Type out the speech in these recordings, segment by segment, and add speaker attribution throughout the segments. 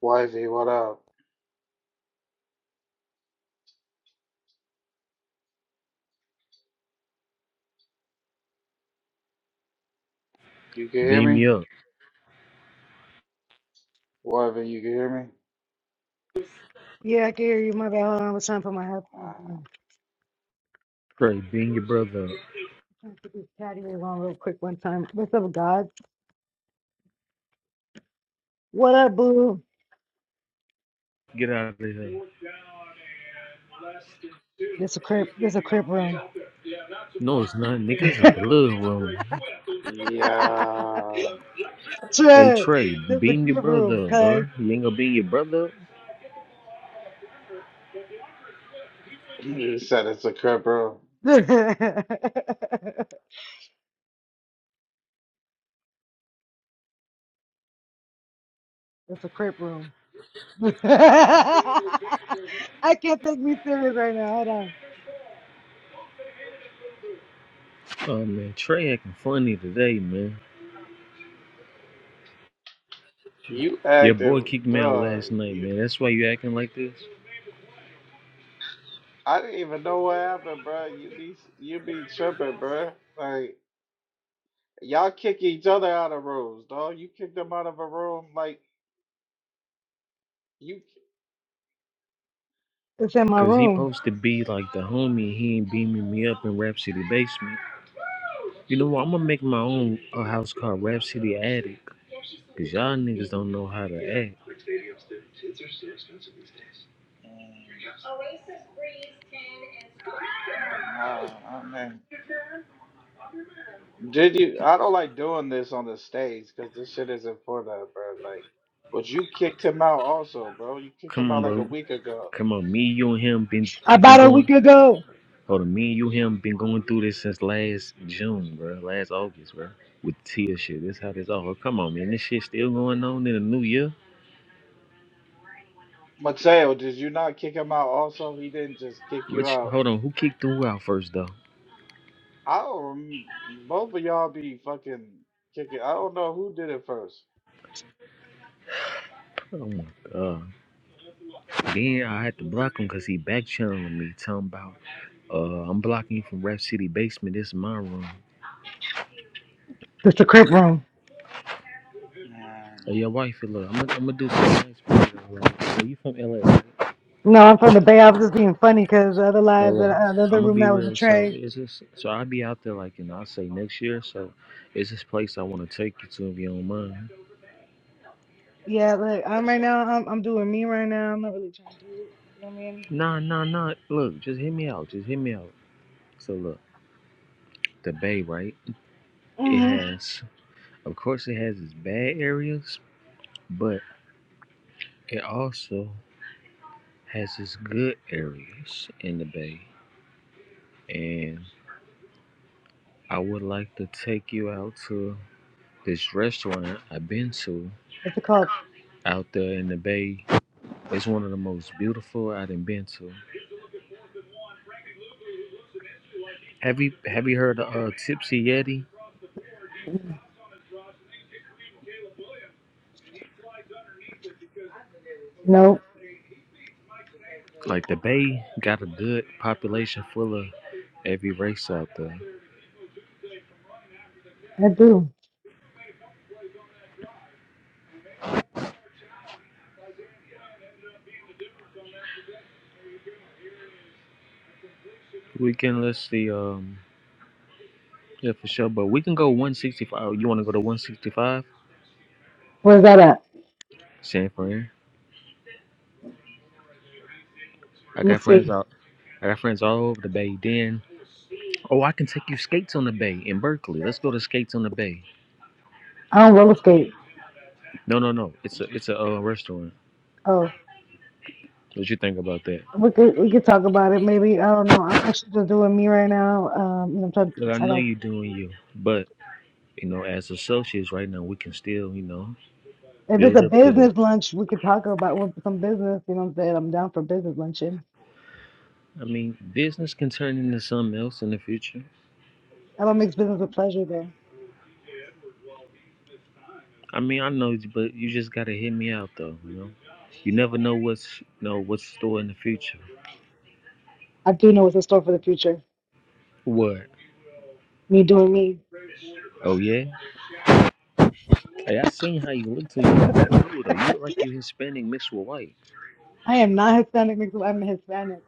Speaker 1: Wifey, what up? You can hear
Speaker 2: Beam me
Speaker 1: me?
Speaker 2: up.
Speaker 1: Wifey, you can hear me?
Speaker 3: Yeah, I can hear you. My bad. Hold on, I was trying to put my headphones
Speaker 1: Uh,
Speaker 3: on.
Speaker 2: Trey, beam your brother up.
Speaker 3: I'm Trying to get this patio wave on real quick one time. What's up, God? What up, boo?
Speaker 2: Get out of here.
Speaker 3: This a crib. This a crib room.
Speaker 2: No, it's not. Niggas a blood room.
Speaker 1: yeah.
Speaker 2: Hey,
Speaker 3: Trey,
Speaker 2: Trey,
Speaker 3: this a
Speaker 2: beam your
Speaker 3: crib room,
Speaker 2: brother up, bro.
Speaker 3: cuz.
Speaker 2: You ain't gonna beam your brother up?
Speaker 1: You said it's a crib, bro.
Speaker 3: it's a crib room. I can't take me serious right now. Hold on.
Speaker 2: Oh, man, Trey acting funny today, man.
Speaker 1: You
Speaker 2: Your boy
Speaker 1: active,
Speaker 2: kicked me out
Speaker 1: dog.
Speaker 2: last night,
Speaker 1: You,
Speaker 2: man. That's why you acting like this?
Speaker 1: I didn't even know what happened, bro. You be, you be tripping, bro. Like y'all kick each other out of rooms, dog. You kick them out of a room, like you.
Speaker 3: It's in my
Speaker 2: Because he
Speaker 3: room.
Speaker 2: supposed to be like the homie. He ain't beaming me up in Rhapsody Basement. You know what? I'm gonna make my own a house called Rap City Attic. Cause y'all niggas don't know how to act.
Speaker 1: Mm, Nah, I mean. Did you? I don't like doing this on the stage because this shit isn't for that, bro. Like, but you kicked him out also, bro. You kicked
Speaker 2: Come
Speaker 1: him
Speaker 2: on,
Speaker 1: out like a
Speaker 2: bro.
Speaker 1: week ago.
Speaker 2: Come on. Me, you, and him been
Speaker 3: I
Speaker 2: been
Speaker 3: bought it a
Speaker 2: going.
Speaker 3: week ago.
Speaker 2: Hold on. Me and you, him been going through this since last June, bro. Last August, bro. With Tia shit. This how this all. Come on, man. This shit still going on in the new year.
Speaker 1: Mateo, did you not kick him out also? He didn't just kick you
Speaker 2: Which
Speaker 1: out.
Speaker 2: hold on. Who kicked who out first though?
Speaker 1: I don't. Rem- both of y'all be fucking kicking. I don't know who did it first.
Speaker 2: Oh my god. Then I had to block him because he back channeling me, talking about, uh, I'm blocking you from Rap City Basement. This is my room.
Speaker 3: It's a crib room.
Speaker 1: Mm.
Speaker 2: Hey, your wife, is look, I'm gonna I'm gonna do some things for you. Like, so you from LA, right?
Speaker 3: No, I'm from the Bay. I was just being funny because the other live, the,
Speaker 2: So uh,
Speaker 3: uh, the
Speaker 2: I'm
Speaker 3: other
Speaker 2: gonna
Speaker 3: room
Speaker 2: be
Speaker 3: that was with
Speaker 2: real. So
Speaker 3: Trey.
Speaker 2: is this? So I'll be out there, like, you know, I say next year. So is this place I want to take you to if you don't mind?
Speaker 3: Yeah, look, I'm right now. I'm I'm doing me right now. I'm not really trying to do it. You know what I mean?
Speaker 2: Nah, nah, nah. Look, just hit me out. Just hit me out. So look, the Bay, right? It
Speaker 3: Mm-hmm.
Speaker 2: has, of course, it has its bad areas, but it also has its good areas in the Bay. And I would like to take you out to this restaurant I've been to
Speaker 3: What's it called?
Speaker 2: out there in the bay. It's one of the most beautiful I've been to. Have you have you heard of uh, Tipsy Yeti?
Speaker 3: No,
Speaker 2: Like the bay got a good population full of every race out there.
Speaker 3: I do.
Speaker 2: We can let's see, um, yeah for sure. But we can go 165. You want to go to 165?
Speaker 3: Where's that at?
Speaker 2: San Fran. I got
Speaker 3: Let's
Speaker 2: friends
Speaker 3: see.
Speaker 2: out. I got friends all over the bay. Then oh, I can take you skates on the bay in Berkeley. Let's go to skates on the bay.
Speaker 3: I don't roller skate.
Speaker 2: No, no, no. It's a it's a uh, restaurant.
Speaker 3: Oh,
Speaker 2: What you think about that?
Speaker 3: we could we could talk about it maybe. I don't know. I'm actually just doing me right now. Um, you know, I'm trying
Speaker 2: Look, I
Speaker 3: to, I
Speaker 2: know
Speaker 3: got,
Speaker 2: you doing you, but you know, as associates right now, we can still you know
Speaker 3: if it's
Speaker 2: build
Speaker 3: a
Speaker 2: up to the.
Speaker 3: business lunch, we could talk about what some business. You know what I'm saying? I'm down for business luncheon.
Speaker 2: I mean, business can turn into something else in the future.
Speaker 3: I don't mix business with pleasure though.
Speaker 2: I mean, I know, but you just gotta hit me out though. You know, you never know what's you know what's store in the future.
Speaker 3: I do know what's in store for the future.
Speaker 2: What?
Speaker 3: Me doing me.
Speaker 2: Oh yeah. Hey, I seen how you look to you. look that cool, though. You look like you Hispanic mixed with white.
Speaker 3: I am not Hispanic mixed. with- I'm Hispanic.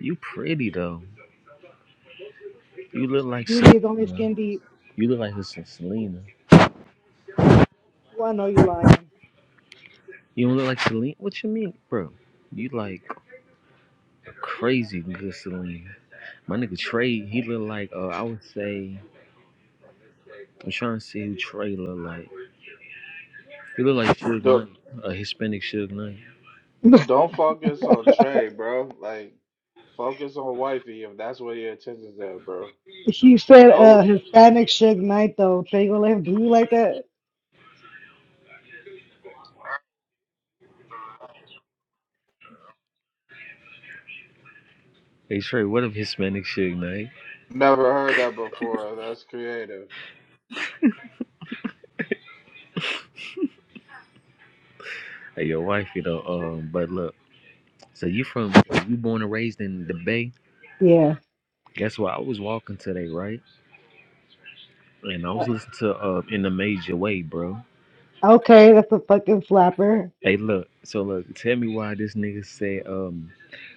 Speaker 2: You pretty though. You look like
Speaker 3: Beauty is only
Speaker 2: Selena.
Speaker 3: skin deep.
Speaker 2: You look like Selena.
Speaker 3: Well, I know you lying.
Speaker 2: You don't look like Celine? What you mean, bro? You like crazy good Celine. My nigga Trey, he look like uh, I would say I'm trying to see who Trey look like. He look like Suge Knight,
Speaker 1: Don't
Speaker 2: a Hispanic Suge Knight.
Speaker 1: don't focus on Trey, bro. Like, focus on wifey if that's where your attention's at, bro.
Speaker 3: She said uh
Speaker 1: Don't
Speaker 3: Hispanic Suge Knight though. Trey you gonna let him do you like that?
Speaker 2: Hey Trey, what if Hispanic Suge Knight?
Speaker 1: never heard that before. That's creative.
Speaker 2: Hey, your wife, you know. Um, but look, so you from you born and raised in the Bay?
Speaker 3: Yeah.
Speaker 2: Guess what? I was walking today, right? And I was
Speaker 3: Uh,
Speaker 2: listening to uh, in a major way, bro.
Speaker 3: okay, that's a fucking slapper.
Speaker 2: Hey, look. So look. Tell me why this nigga said. Um.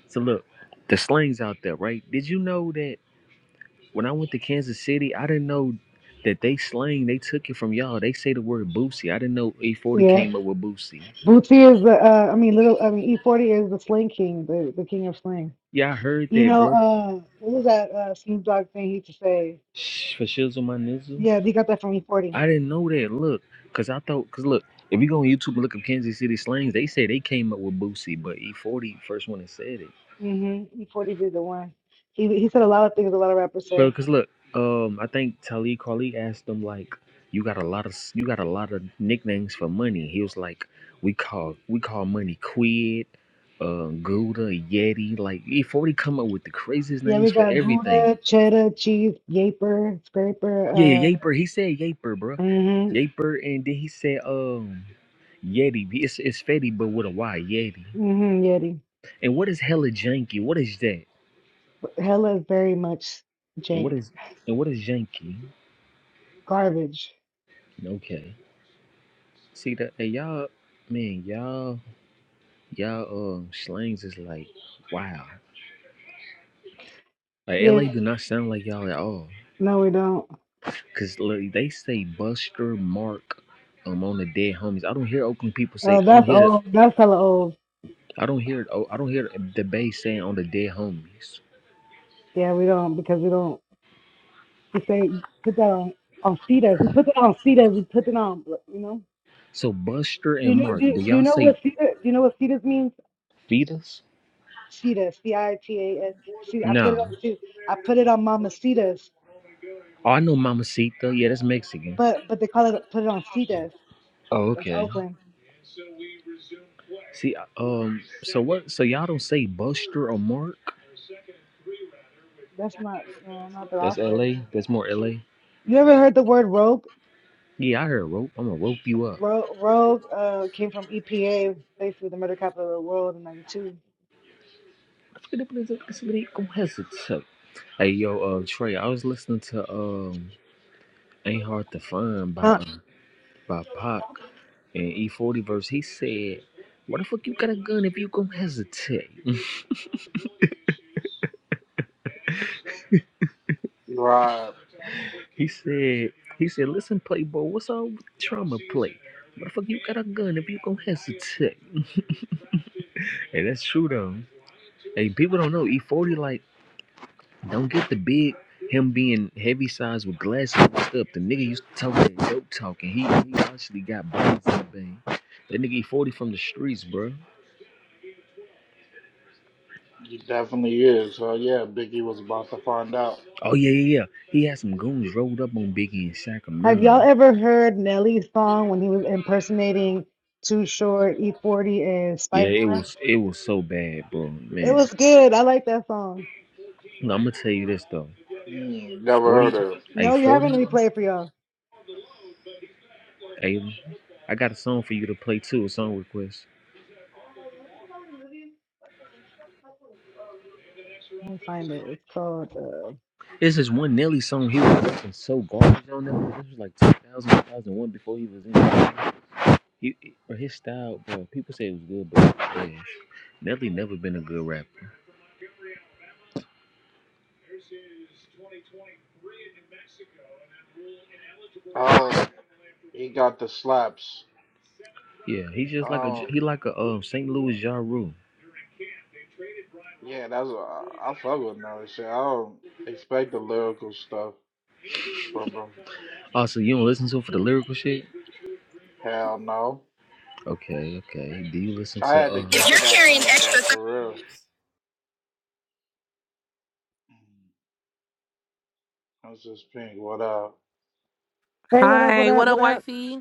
Speaker 2: So look, the slang's out there, right? Did you know that when I went to Kansas City, I didn't know that they slang. They took it from y'all. They say the word boosie. I didn't know A40
Speaker 3: Yeah.
Speaker 2: came up with boosie.
Speaker 3: Bootsy is the uh I mean little I mean E forty is the sling king, the, the king of sling.
Speaker 2: Yeah, I heard
Speaker 3: You
Speaker 2: that,
Speaker 3: know,
Speaker 2: bro.
Speaker 3: uh what was that uh Snoop Dogg thing he used to say?
Speaker 2: Sh- For shizzle my nizzle.
Speaker 3: Yeah, he got that from E forty.
Speaker 2: I didn't know that. Look, cause I thought, cause look, if you go on YouTube and look up Kansas City slangs, they say they came up with boosie, but E40 first one that said it.
Speaker 3: Mm-hmm. E forty did the one. He he said a lot of things a lot of rappers
Speaker 2: Bro,
Speaker 3: say.
Speaker 2: cause look, um, I think Talib Kweli asked him like, "You got a lot of s- you got a lot of nicknames for money." He was like, "We call we call money quid, uh, Gouda, Yeti." Like, he forty come up with the craziest
Speaker 3: Yeah,
Speaker 2: names
Speaker 3: we
Speaker 2: for
Speaker 3: got
Speaker 2: everything.
Speaker 3: Gouda, cheddar, cheese, yaper, scraper,
Speaker 2: Yeah,
Speaker 3: uh
Speaker 2: Yaper. He said Yaper, bro.
Speaker 3: mm-hmm,
Speaker 2: Yaper, and then he said um Yeti. It's it's Fetty, but with a Y, Yeti.
Speaker 3: mm-hmm, Yeti.
Speaker 2: And what is hella janky? What is that?
Speaker 3: Hella is very much
Speaker 2: And what
Speaker 3: jank.
Speaker 2: is and what is janky?
Speaker 3: Garbage.
Speaker 2: Okay. See that? Hey, y'all, man, y'all. y'all um slangs is like wow. Like
Speaker 3: Yeah,
Speaker 2: LA do not sound like y'all at all.
Speaker 3: no, we don't.
Speaker 2: Cause look, they say Buster Mark um on the dead homies. I don't hear Oakland people say
Speaker 3: Oh,
Speaker 2: I don't
Speaker 3: that's
Speaker 2: hear the,
Speaker 3: old. That's hella old.
Speaker 2: I don't hear oh I don't hear the Bay saying on the dead homies.
Speaker 3: Yeah, we don't because we don't. We say put that on on Cetus. We put that on Cetus. We put it on. You know.
Speaker 2: So Buster
Speaker 3: Do
Speaker 2: and
Speaker 3: you know? Do,
Speaker 2: Mark, do
Speaker 3: you do you
Speaker 2: y'all
Speaker 3: know
Speaker 2: say
Speaker 3: what Cetus? Do you know what Cetus means?
Speaker 2: fetus?
Speaker 3: Cetus. C I T A S. She. I put it
Speaker 2: No.
Speaker 3: on. Cetus. I put it on Mama Cetus.
Speaker 2: Oh, I know Mamacita. Yeah, that's Mexican.
Speaker 3: But but they call it put it on Cetus.
Speaker 2: Oh,
Speaker 3: That's
Speaker 2: okay.
Speaker 3: Oakland.
Speaker 2: See, uh, um, so what? So y'all don't say Buster or Mark?
Speaker 3: That's not you know, not that
Speaker 2: That's
Speaker 3: often.
Speaker 2: L.A. That's more L.A.
Speaker 3: You ever heard the word rogue?
Speaker 2: Yeah, I heard rope. I'm gonna rope you up.
Speaker 3: Ro- Rogue uh, came from EPA, basically the murder capital of the world in '92.
Speaker 2: Hey yo, uh Trey, I was listening to um Ain't Hard to Find by
Speaker 3: Huh.
Speaker 2: uh, by Pac and E forty verse. He said, Why the fuck you got a gun if you gonna hesitate?
Speaker 1: Right.
Speaker 2: he said he said, Listen, Playboy, what's all with trauma play? Why the fuck you got a gun if you gonna hesitate? And that's true though. Hey, people don't know E40 like Don't get the big him being heavy size with glasses and stuff. The nigga used to talk that dope talking. He he actually got brains in the bang. That nigga he 40 from the streets, bro.
Speaker 1: He definitely is. So yeah, Biggie was about to find out.
Speaker 2: Oh yeah, yeah, yeah. He had some goons rolled up on Biggie in
Speaker 3: Have
Speaker 2: Sacramento.
Speaker 3: y'all ever heard Nelly's song when he was impersonating Too Short, E40, and
Speaker 2: Yeah,
Speaker 3: Spice
Speaker 2: it
Speaker 3: One?
Speaker 2: was it was so bad, bro.
Speaker 3: It
Speaker 2: Man.
Speaker 3: was good. I like that song.
Speaker 2: No, I'm gonna tell you this though.
Speaker 1: Mm, never heard
Speaker 2: 40,
Speaker 1: of. Him.
Speaker 2: hey,
Speaker 3: No, you haven't.
Speaker 2: 40,
Speaker 3: Let me play it for y'all.
Speaker 2: hey, I got a song for you to play too, a song request.
Speaker 3: Let me find it. It's called. Uh...
Speaker 2: This is one Nelly song he was rapping so garbage on that. This was like 2000, 2001 before he was in. He, or his style, bro. People say it was good, but yeah, Nelly never been a good rapper.
Speaker 1: Um, he got the slaps.
Speaker 2: Yeah, he's just like a
Speaker 1: Um,
Speaker 2: he like a um St. Louis Ja Rule.
Speaker 1: yeah, that's I, I fuck with another shit. I don't expect the lyrical stuff from him.
Speaker 2: Oh, so you don't listen to him for the lyrical shit?
Speaker 1: Hell no.
Speaker 2: Okay, okay. Do you listen
Speaker 1: I
Speaker 2: to
Speaker 1: had to
Speaker 2: um?
Speaker 3: If
Speaker 1: get
Speaker 3: you're
Speaker 1: to that
Speaker 3: carrying
Speaker 1: point though,
Speaker 3: extra.
Speaker 1: for real. That's just pink. What up?
Speaker 3: Hey, what up, what
Speaker 4: Hi,
Speaker 3: up,
Speaker 4: what up,
Speaker 3: what up?
Speaker 4: wifey?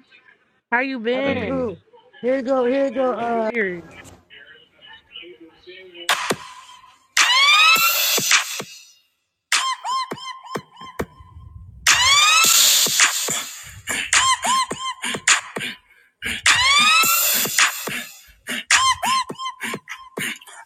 Speaker 4: How you
Speaker 3: I've been
Speaker 4: been?
Speaker 2: Hey,
Speaker 3: cool. Here you go, here you go. Uh.
Speaker 4: Period.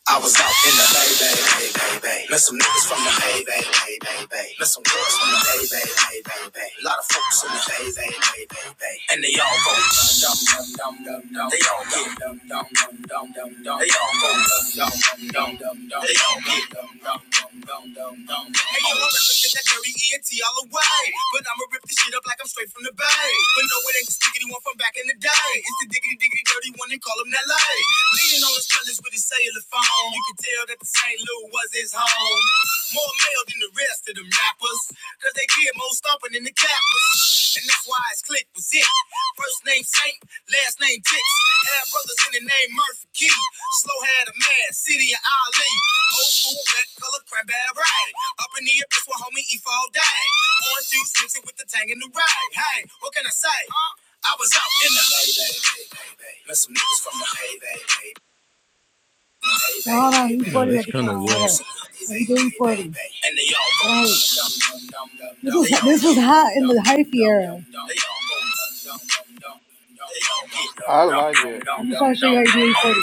Speaker 3: I was out in the bay, bay, bay, bay, bay. Met some niggas from the bay, bay, bay, bay, bay. Met some girls from the bay, bay, bay, bay, bay. A lot of folks in the bay, bay, bay, bay, bay. And they all go dum dum dum dum dum. They all get dum dum dum dum dum dum. They all go dum dum dum dum dum They all get dum dum dum dum dum dum. Hey yo, I am represent that dirty ENT all the way, but I'ma rip this shit up like I'm straight from the bay. But no, it ain't the stickety one from back in the day. It's the diggity diggity dirty one they call him LA. Leaning on his college with his cellular phone. You can tell that the St. Louis was his home. More male than the rest of them rappers. Cause they did more stomping than the clappers. And that's why his clique was it. First name Saint, last name Tix. Had brothers in the name Murphy Key. Slow had a man, City of Ali. Old school red color cranberry. ride. Up in the air, this one homie E4 died. Orange juice mixing with the tang in the ride. Hey, what can I say? huh? I was out in the Bay, Bay, Bay, Bay, Bay. Met some niggas from the Bay, Bay, Bay. Ahora es
Speaker 2: No,
Speaker 3: 40
Speaker 2: that's
Speaker 3: at the
Speaker 2: kind of
Speaker 3: on.
Speaker 2: whack.
Speaker 3: I'm doing 40. Right. This was, this was hot in the hype era.
Speaker 1: I like it.
Speaker 3: I'm just trying to show you how you do 40.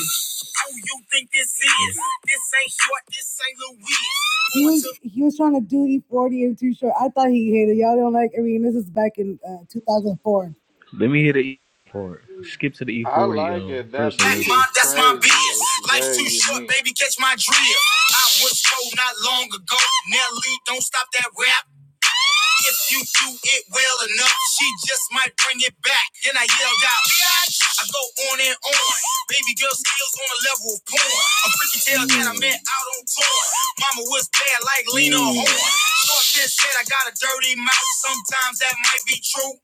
Speaker 3: He was, he was trying to do E40 and too short. I thought he hated Y'all don't like, I mean, this is back in uh, 2004.
Speaker 2: let me hear the E part. Skip to the E
Speaker 1: I
Speaker 2: forty
Speaker 1: like
Speaker 2: um
Speaker 1: it. That
Speaker 3: Hat
Speaker 1: beat
Speaker 3: my,
Speaker 2: impersonation.
Speaker 1: is
Speaker 3: that's my
Speaker 1: crazy.
Speaker 3: biz.
Speaker 1: It's
Speaker 3: Life's
Speaker 1: very
Speaker 3: too short,
Speaker 1: unique.
Speaker 3: baby, catch my drift. I was told not long ago, Nelly, don't stop that rap. If you do it well enough, she just might bring it back. Then I yelled out, "Bitch!" I go on and on. Baby girl skills on a level of porn. A freaky tale that I
Speaker 1: Mm.
Speaker 3: met out on tour. Mama was bad like Lena
Speaker 1: mm.
Speaker 3: Horne. Short this said I got a dirty mouth. Sometimes that might be true.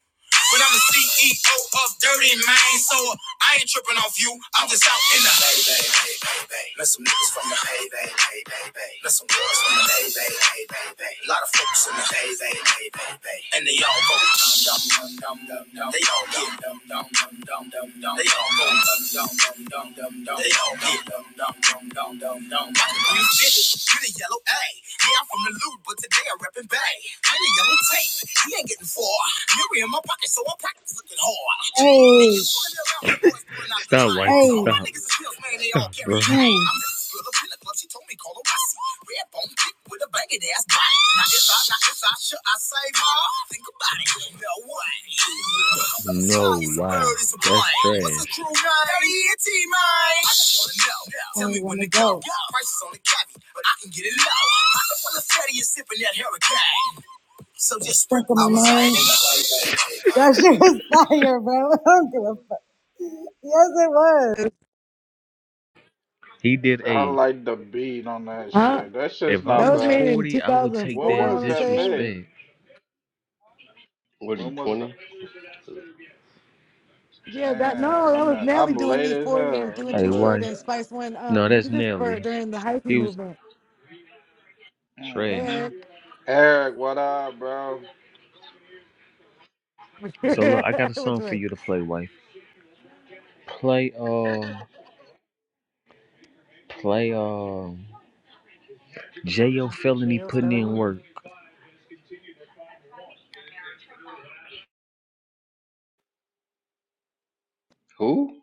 Speaker 3: But I'm the CEO of Dirty Mind, so a I ain't tripping off you. I'm just out in the bay, bay, bay, bay, bay. Let some niggas from the bay, bay, bay, bay, bay. Let some girls from the bay, bay, bay, bay, bay. A lot of folks in the bay, bay, bay, bay, bay. And they all go dum dum dum dum dum They all get dum dum dum dum dum dum. They all go dum dum dum dum dum dum. They all get dum dum dum dum dum dum. You did it. You the yellow A. Yeah, I'm from the loot, but today I'm repping Bay. I'm the yellow tape. He ain't getting far. Fury in my pocket, so I'm practicing looking hard. Hey.
Speaker 2: Stop,
Speaker 3: Hey.
Speaker 2: wifey.
Speaker 3: Mm.
Speaker 2: Stop. Stop, bro. No, wow, that's trash.
Speaker 3: Tell me when to go. Prices on the cabbie, but I can get it low. I can feel the fatty and sippin' that hurricane. So just Sprinkle I my name. That shit was fire, bro. I don't give a fuck. Yes, it was.
Speaker 2: He did
Speaker 1: I
Speaker 2: a.
Speaker 1: like the beat on that
Speaker 3: Huh?
Speaker 1: shit. That shit's
Speaker 2: If I
Speaker 1: not
Speaker 3: That was
Speaker 2: was
Speaker 1: bad.
Speaker 3: made in
Speaker 2: forty, I would take
Speaker 1: When
Speaker 2: that
Speaker 3: 2004, I
Speaker 2: as
Speaker 1: was
Speaker 3: want to
Speaker 1: that
Speaker 3: say.
Speaker 1: made?
Speaker 2: disrespect.
Speaker 5: What are you,
Speaker 1: When was the
Speaker 5: 20?
Speaker 3: Yeah, that no,
Speaker 1: damn?
Speaker 3: that
Speaker 1: I'm,
Speaker 3: was
Speaker 1: not,
Speaker 3: Nelly
Speaker 1: I'm
Speaker 3: doing
Speaker 1: late as
Speaker 3: E40 and
Speaker 1: hell. I
Speaker 3: doing
Speaker 2: Hey,
Speaker 1: never
Speaker 3: Too
Speaker 1: heard
Speaker 3: Short
Speaker 2: wife.
Speaker 3: and
Speaker 1: that.
Speaker 3: Spice One.
Speaker 2: No,
Speaker 3: Um, he
Speaker 2: that's
Speaker 3: did this for
Speaker 2: Nelly.
Speaker 3: during the hyphy
Speaker 2: He was
Speaker 3: movement. Hey,
Speaker 2: trash.
Speaker 1: hmm
Speaker 3: Eric.
Speaker 1: Eric, what up, bro?
Speaker 2: So look, I got a
Speaker 3: which
Speaker 2: song for
Speaker 3: one?
Speaker 2: you to play, wife. Play uh play uh J.O. Felony
Speaker 3: Dale
Speaker 2: putting in
Speaker 3: Stephanie.
Speaker 2: work.
Speaker 5: Who?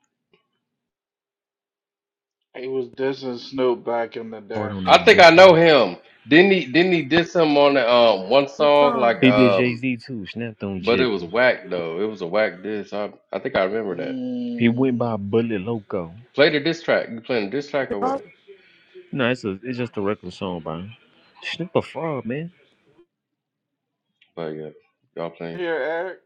Speaker 1: He was dissing Snoop back in the
Speaker 2: Hard
Speaker 1: day.
Speaker 2: on
Speaker 5: I
Speaker 2: that
Speaker 5: think
Speaker 2: bitch.
Speaker 5: I
Speaker 2: man.
Speaker 5: know him. Didn't he didn't he diss him on the, um one
Speaker 3: Which
Speaker 5: song like
Speaker 3: song?
Speaker 2: He did Jay
Speaker 5: um
Speaker 2: Z too, snapped on
Speaker 5: but it was
Speaker 2: Jigga.
Speaker 5: whack though. It was a whack diss. I I think I remember that.
Speaker 2: He went
Speaker 1: Mm.
Speaker 2: by Bullet Loco.
Speaker 5: Play the diss track. You playing the diss track
Speaker 3: The
Speaker 5: or what?
Speaker 3: call
Speaker 2: No, it's a it's just a regular song by him. Snip a frog, man.
Speaker 5: But yeah, y'all playing.
Speaker 1: Here, Eric.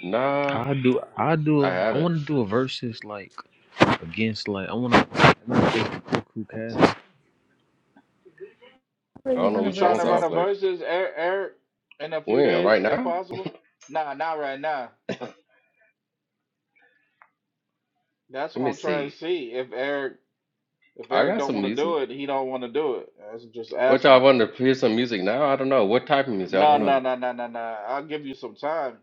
Speaker 5: Nah,
Speaker 2: I do I do
Speaker 5: I
Speaker 2: a, I
Speaker 5: haven't.
Speaker 2: wanna do a versus like against like I wanna I wanna face the Cuckoo Cast.
Speaker 3: for
Speaker 5: I
Speaker 3: you
Speaker 5: don't know
Speaker 3: when the
Speaker 1: You
Speaker 5: what
Speaker 1: trying
Speaker 5: songs
Speaker 1: to
Speaker 5: I'll
Speaker 1: run a
Speaker 3: verses.
Speaker 5: play.
Speaker 1: versus, Eric, Eric, in a few
Speaker 5: When?
Speaker 1: days,
Speaker 5: Right
Speaker 1: if
Speaker 5: now?
Speaker 1: possible? Nah, not right now. That's
Speaker 5: Let
Speaker 1: what
Speaker 5: me
Speaker 1: I'm trying
Speaker 5: see.
Speaker 1: to see. If Eric, if
Speaker 5: I
Speaker 1: Eric
Speaker 5: got
Speaker 1: don't
Speaker 5: some
Speaker 1: want to
Speaker 5: music.
Speaker 1: do it, he don't want to do it. That's just
Speaker 5: What
Speaker 1: asking
Speaker 5: y'all
Speaker 1: him.
Speaker 5: want to hear some music now? I don't know. What type of music? I
Speaker 1: No,
Speaker 5: don't
Speaker 3: Yeah.
Speaker 5: know.
Speaker 1: no, no, no, no, no. I'll give you some time.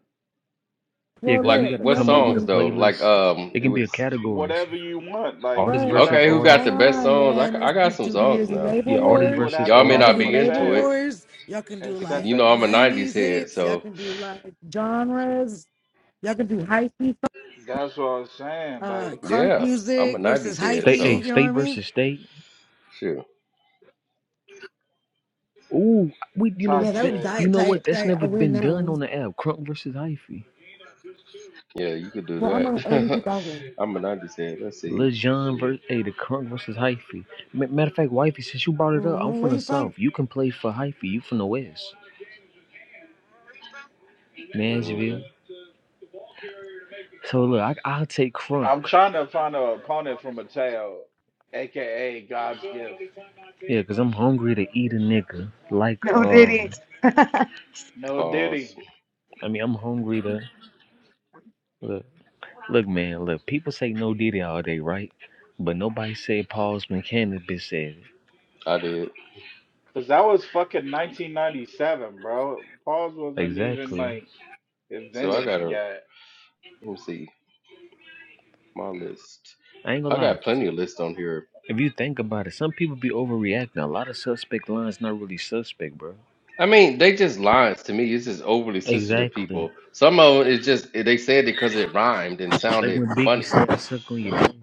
Speaker 2: Yeah,
Speaker 3: Well,
Speaker 2: cause we
Speaker 5: Like
Speaker 3: look,
Speaker 2: gotta
Speaker 5: what
Speaker 3: y'all
Speaker 2: come up
Speaker 3: can
Speaker 2: with a
Speaker 5: songs
Speaker 3: do.
Speaker 5: though? Like
Speaker 2: playlist.
Speaker 5: um
Speaker 2: It
Speaker 5: it
Speaker 2: can be a
Speaker 5: was
Speaker 2: categories.
Speaker 1: Whatever you want. Like
Speaker 2: Artist
Speaker 1: you
Speaker 3: But
Speaker 1: would
Speaker 2: versus
Speaker 1: have
Speaker 5: Okay,
Speaker 1: to
Speaker 5: who
Speaker 1: talk
Speaker 5: got
Speaker 2: artist.
Speaker 3: hold
Speaker 5: the best
Speaker 3: on,
Speaker 5: songs? I,
Speaker 3: man. Let's
Speaker 5: I got
Speaker 3: just
Speaker 5: some
Speaker 3: do
Speaker 5: songs
Speaker 3: videos of
Speaker 5: now.
Speaker 3: label
Speaker 5: I
Speaker 2: Yeah, artist
Speaker 5: mean,
Speaker 1: you
Speaker 3: wars.
Speaker 1: would
Speaker 2: versus
Speaker 1: have to
Speaker 5: y'all may
Speaker 3: Y'all
Speaker 1: talk
Speaker 3: can
Speaker 2: artist.
Speaker 5: not
Speaker 1: to
Speaker 3: do
Speaker 5: be
Speaker 3: label
Speaker 5: into it
Speaker 1: Mattel
Speaker 3: wars. Y'all can
Speaker 1: and
Speaker 3: do
Speaker 5: because
Speaker 1: set
Speaker 5: you
Speaker 3: like
Speaker 5: know
Speaker 1: the
Speaker 5: I'm a '90s
Speaker 3: '90s
Speaker 5: head.
Speaker 3: hits. Y'all
Speaker 5: So
Speaker 3: can do like genres. Y'all can do hyphy,
Speaker 1: that's what I'm saying,
Speaker 3: uh,
Speaker 1: like
Speaker 3: crunk
Speaker 5: yeah, I'm a
Speaker 3: music versus
Speaker 5: '90s head.
Speaker 2: State hey,
Speaker 3: hyphy.
Speaker 5: So
Speaker 3: You know what
Speaker 2: state
Speaker 3: I mean?
Speaker 2: versus state.
Speaker 5: sure,
Speaker 2: Ooh, we you know
Speaker 1: type
Speaker 3: Yeah, that
Speaker 2: that
Speaker 3: would be
Speaker 1: shit.
Speaker 2: you
Speaker 3: tight.
Speaker 2: know what?
Speaker 3: Tight.
Speaker 2: That's
Speaker 3: I
Speaker 2: never
Speaker 3: win
Speaker 2: been
Speaker 3: that
Speaker 2: done
Speaker 3: one.
Speaker 2: on the app. Crunk versus hyphy.
Speaker 5: yeah, you could do
Speaker 3: Well, I'm on early
Speaker 5: that.
Speaker 3: 2000s.
Speaker 5: I'm a '90s head. Let's see,
Speaker 2: Lil John
Speaker 5: shoot,
Speaker 2: versus hey, the Crunk versus hyphy. Ma- Matter of fact, wifey, since you brought it up, I'm
Speaker 3: Mm-hmm.
Speaker 2: from
Speaker 3: Where
Speaker 2: the
Speaker 3: you
Speaker 2: south.
Speaker 3: from?
Speaker 2: You can play for hyphy. You from the west,
Speaker 5: mm-hmm.
Speaker 2: Nashville. So look, I, I'll take Crunk.
Speaker 1: I'm trying to find an opponent for Mattel, aka God's gift.
Speaker 2: Yeah, cause I'm hungry to eat a nigga. Like,
Speaker 3: No
Speaker 2: uh,
Speaker 3: diddy.
Speaker 1: No
Speaker 5: false.
Speaker 1: Diddy.
Speaker 2: I mean, I'm hungry to. Look. Look, man, look, people say no Diddy all day, right? But nobody said Paul's McCannabis said it.
Speaker 5: I did.
Speaker 1: Cause that was fucking nineteen ninety seven, bro. Pause wasn't even
Speaker 2: Exactly.
Speaker 1: like
Speaker 5: So I
Speaker 1: invented
Speaker 5: got a.
Speaker 1: yet.
Speaker 5: Let me see my list.
Speaker 2: I ain't gonna
Speaker 5: I
Speaker 2: lie.
Speaker 5: got plenty of lists on here.
Speaker 2: If you think about it, some people be overreacting. A lot of suspect lines not really suspect, bro.
Speaker 5: I mean, they just lines to me. It's just overly sensitive
Speaker 2: Exactly.
Speaker 5: people. Some of them, it's just they said it because it rhymed and
Speaker 2: Like
Speaker 5: sounded
Speaker 2: when Biggie
Speaker 5: funny
Speaker 2: said I suck on your daddy.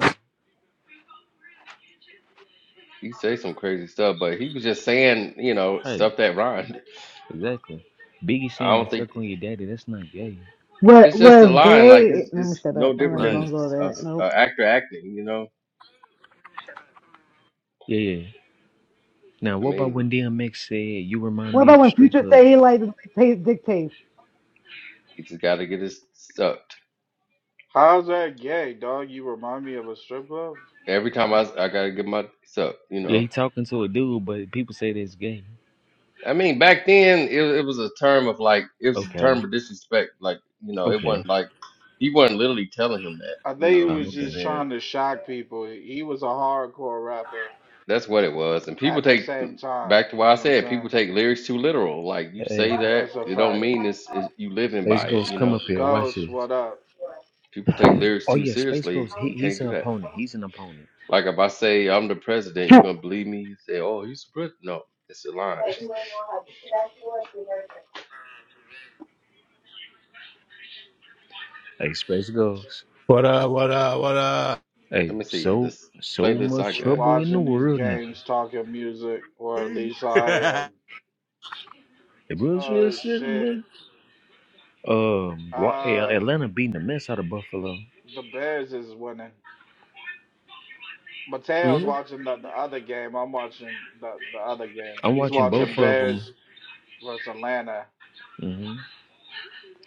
Speaker 5: He say some crazy stuff, but he was just saying, you know,
Speaker 2: Right.
Speaker 5: stuff that rhymed.
Speaker 2: Exactly. Biggie
Speaker 5: I
Speaker 2: saying I
Speaker 5: don't think
Speaker 2: suck on your daddy, that's not gay.
Speaker 3: what
Speaker 5: it's just a
Speaker 3: was
Speaker 5: line. Like
Speaker 3: gay?
Speaker 5: it's
Speaker 3: Let me
Speaker 5: it's
Speaker 3: shut
Speaker 5: no
Speaker 3: up. I'm not
Speaker 5: different
Speaker 3: even
Speaker 5: than
Speaker 2: Right.
Speaker 3: gonna go
Speaker 5: a,
Speaker 3: there.
Speaker 5: a
Speaker 3: Nope.
Speaker 5: actor acting. You know,
Speaker 2: Yeah, yeah. Now
Speaker 5: I
Speaker 2: what about
Speaker 5: mean,
Speaker 2: when DMX said you remind
Speaker 3: What
Speaker 2: me
Speaker 3: about
Speaker 2: of a
Speaker 3: when
Speaker 2: strip
Speaker 3: Future
Speaker 2: club?
Speaker 3: say he likes dictate?
Speaker 5: he just got to get his sucked.
Speaker 1: How's that gay, dog? You remind me of a strip club?
Speaker 5: Every time I I gotta get my sucked. You
Speaker 2: Yeah,
Speaker 5: know,
Speaker 2: he talking to a dude, but people say that's gay.
Speaker 5: I mean, back then it, it was a term of like it was a
Speaker 2: Okay.
Speaker 5: term of disrespect. Like you know, it
Speaker 2: Okay.
Speaker 5: wasn't like he wasn't literally telling him that.
Speaker 1: I
Speaker 5: You
Speaker 1: think
Speaker 5: know,
Speaker 2: Oh,
Speaker 1: he
Speaker 5: he
Speaker 1: was
Speaker 5: just
Speaker 2: okay.
Speaker 1: just
Speaker 5: saying.
Speaker 1: trying to shock people. He was a hardcore rapper
Speaker 5: That's what it was. And people
Speaker 1: at the
Speaker 5: take
Speaker 1: same time.
Speaker 5: back to
Speaker 1: You
Speaker 5: what
Speaker 1: know
Speaker 5: I
Speaker 1: what I'm
Speaker 5: said. People
Speaker 1: saying?
Speaker 5: take lyrics too literal. Like you
Speaker 2: Hey,
Speaker 5: say that,
Speaker 1: That's a
Speaker 5: it don't
Speaker 1: fact.
Speaker 5: mean it's, it's you living
Speaker 2: Space
Speaker 5: by it.
Speaker 2: Ghost,
Speaker 5: You
Speaker 2: come
Speaker 5: know,
Speaker 2: up here. Watch
Speaker 1: Ghost,
Speaker 2: this.
Speaker 1: what up?
Speaker 5: people take lyrics
Speaker 2: Oh
Speaker 5: too
Speaker 2: yeah, Space Ghost.
Speaker 5: seriously.
Speaker 2: He
Speaker 5: You can't
Speaker 2: he's
Speaker 5: do
Speaker 2: an
Speaker 5: that.
Speaker 2: opponent. He's an opponent.
Speaker 5: Like if I say I'm the president, you gonna believe me? You say, oh, he's the president. No, it's a line.
Speaker 2: Hey, Space Ghost.
Speaker 6: What up? What up? What
Speaker 5: Let
Speaker 2: Hey,
Speaker 5: me see
Speaker 2: so
Speaker 5: this
Speaker 2: so
Speaker 5: playlist I
Speaker 2: much
Speaker 1: We
Speaker 5: got.
Speaker 2: trouble in the
Speaker 1: watching these
Speaker 2: world, nigga.
Speaker 1: games, talking music, or at least I am.
Speaker 6: up?
Speaker 2: The Brownsville
Speaker 1: Oh
Speaker 2: shit,
Speaker 1: shit.
Speaker 2: man. Um, wa- hey,
Speaker 1: Uh,
Speaker 2: Atlanta beating the mess out of Buffalo.
Speaker 1: the Bears is winning. Mateo's
Speaker 2: Really?
Speaker 1: watching the, the other game. I'm watching the, the other game.
Speaker 2: I'm
Speaker 1: He's
Speaker 2: watching both
Speaker 1: watching
Speaker 2: of them.
Speaker 1: Bears versus Atlanta.
Speaker 2: hmm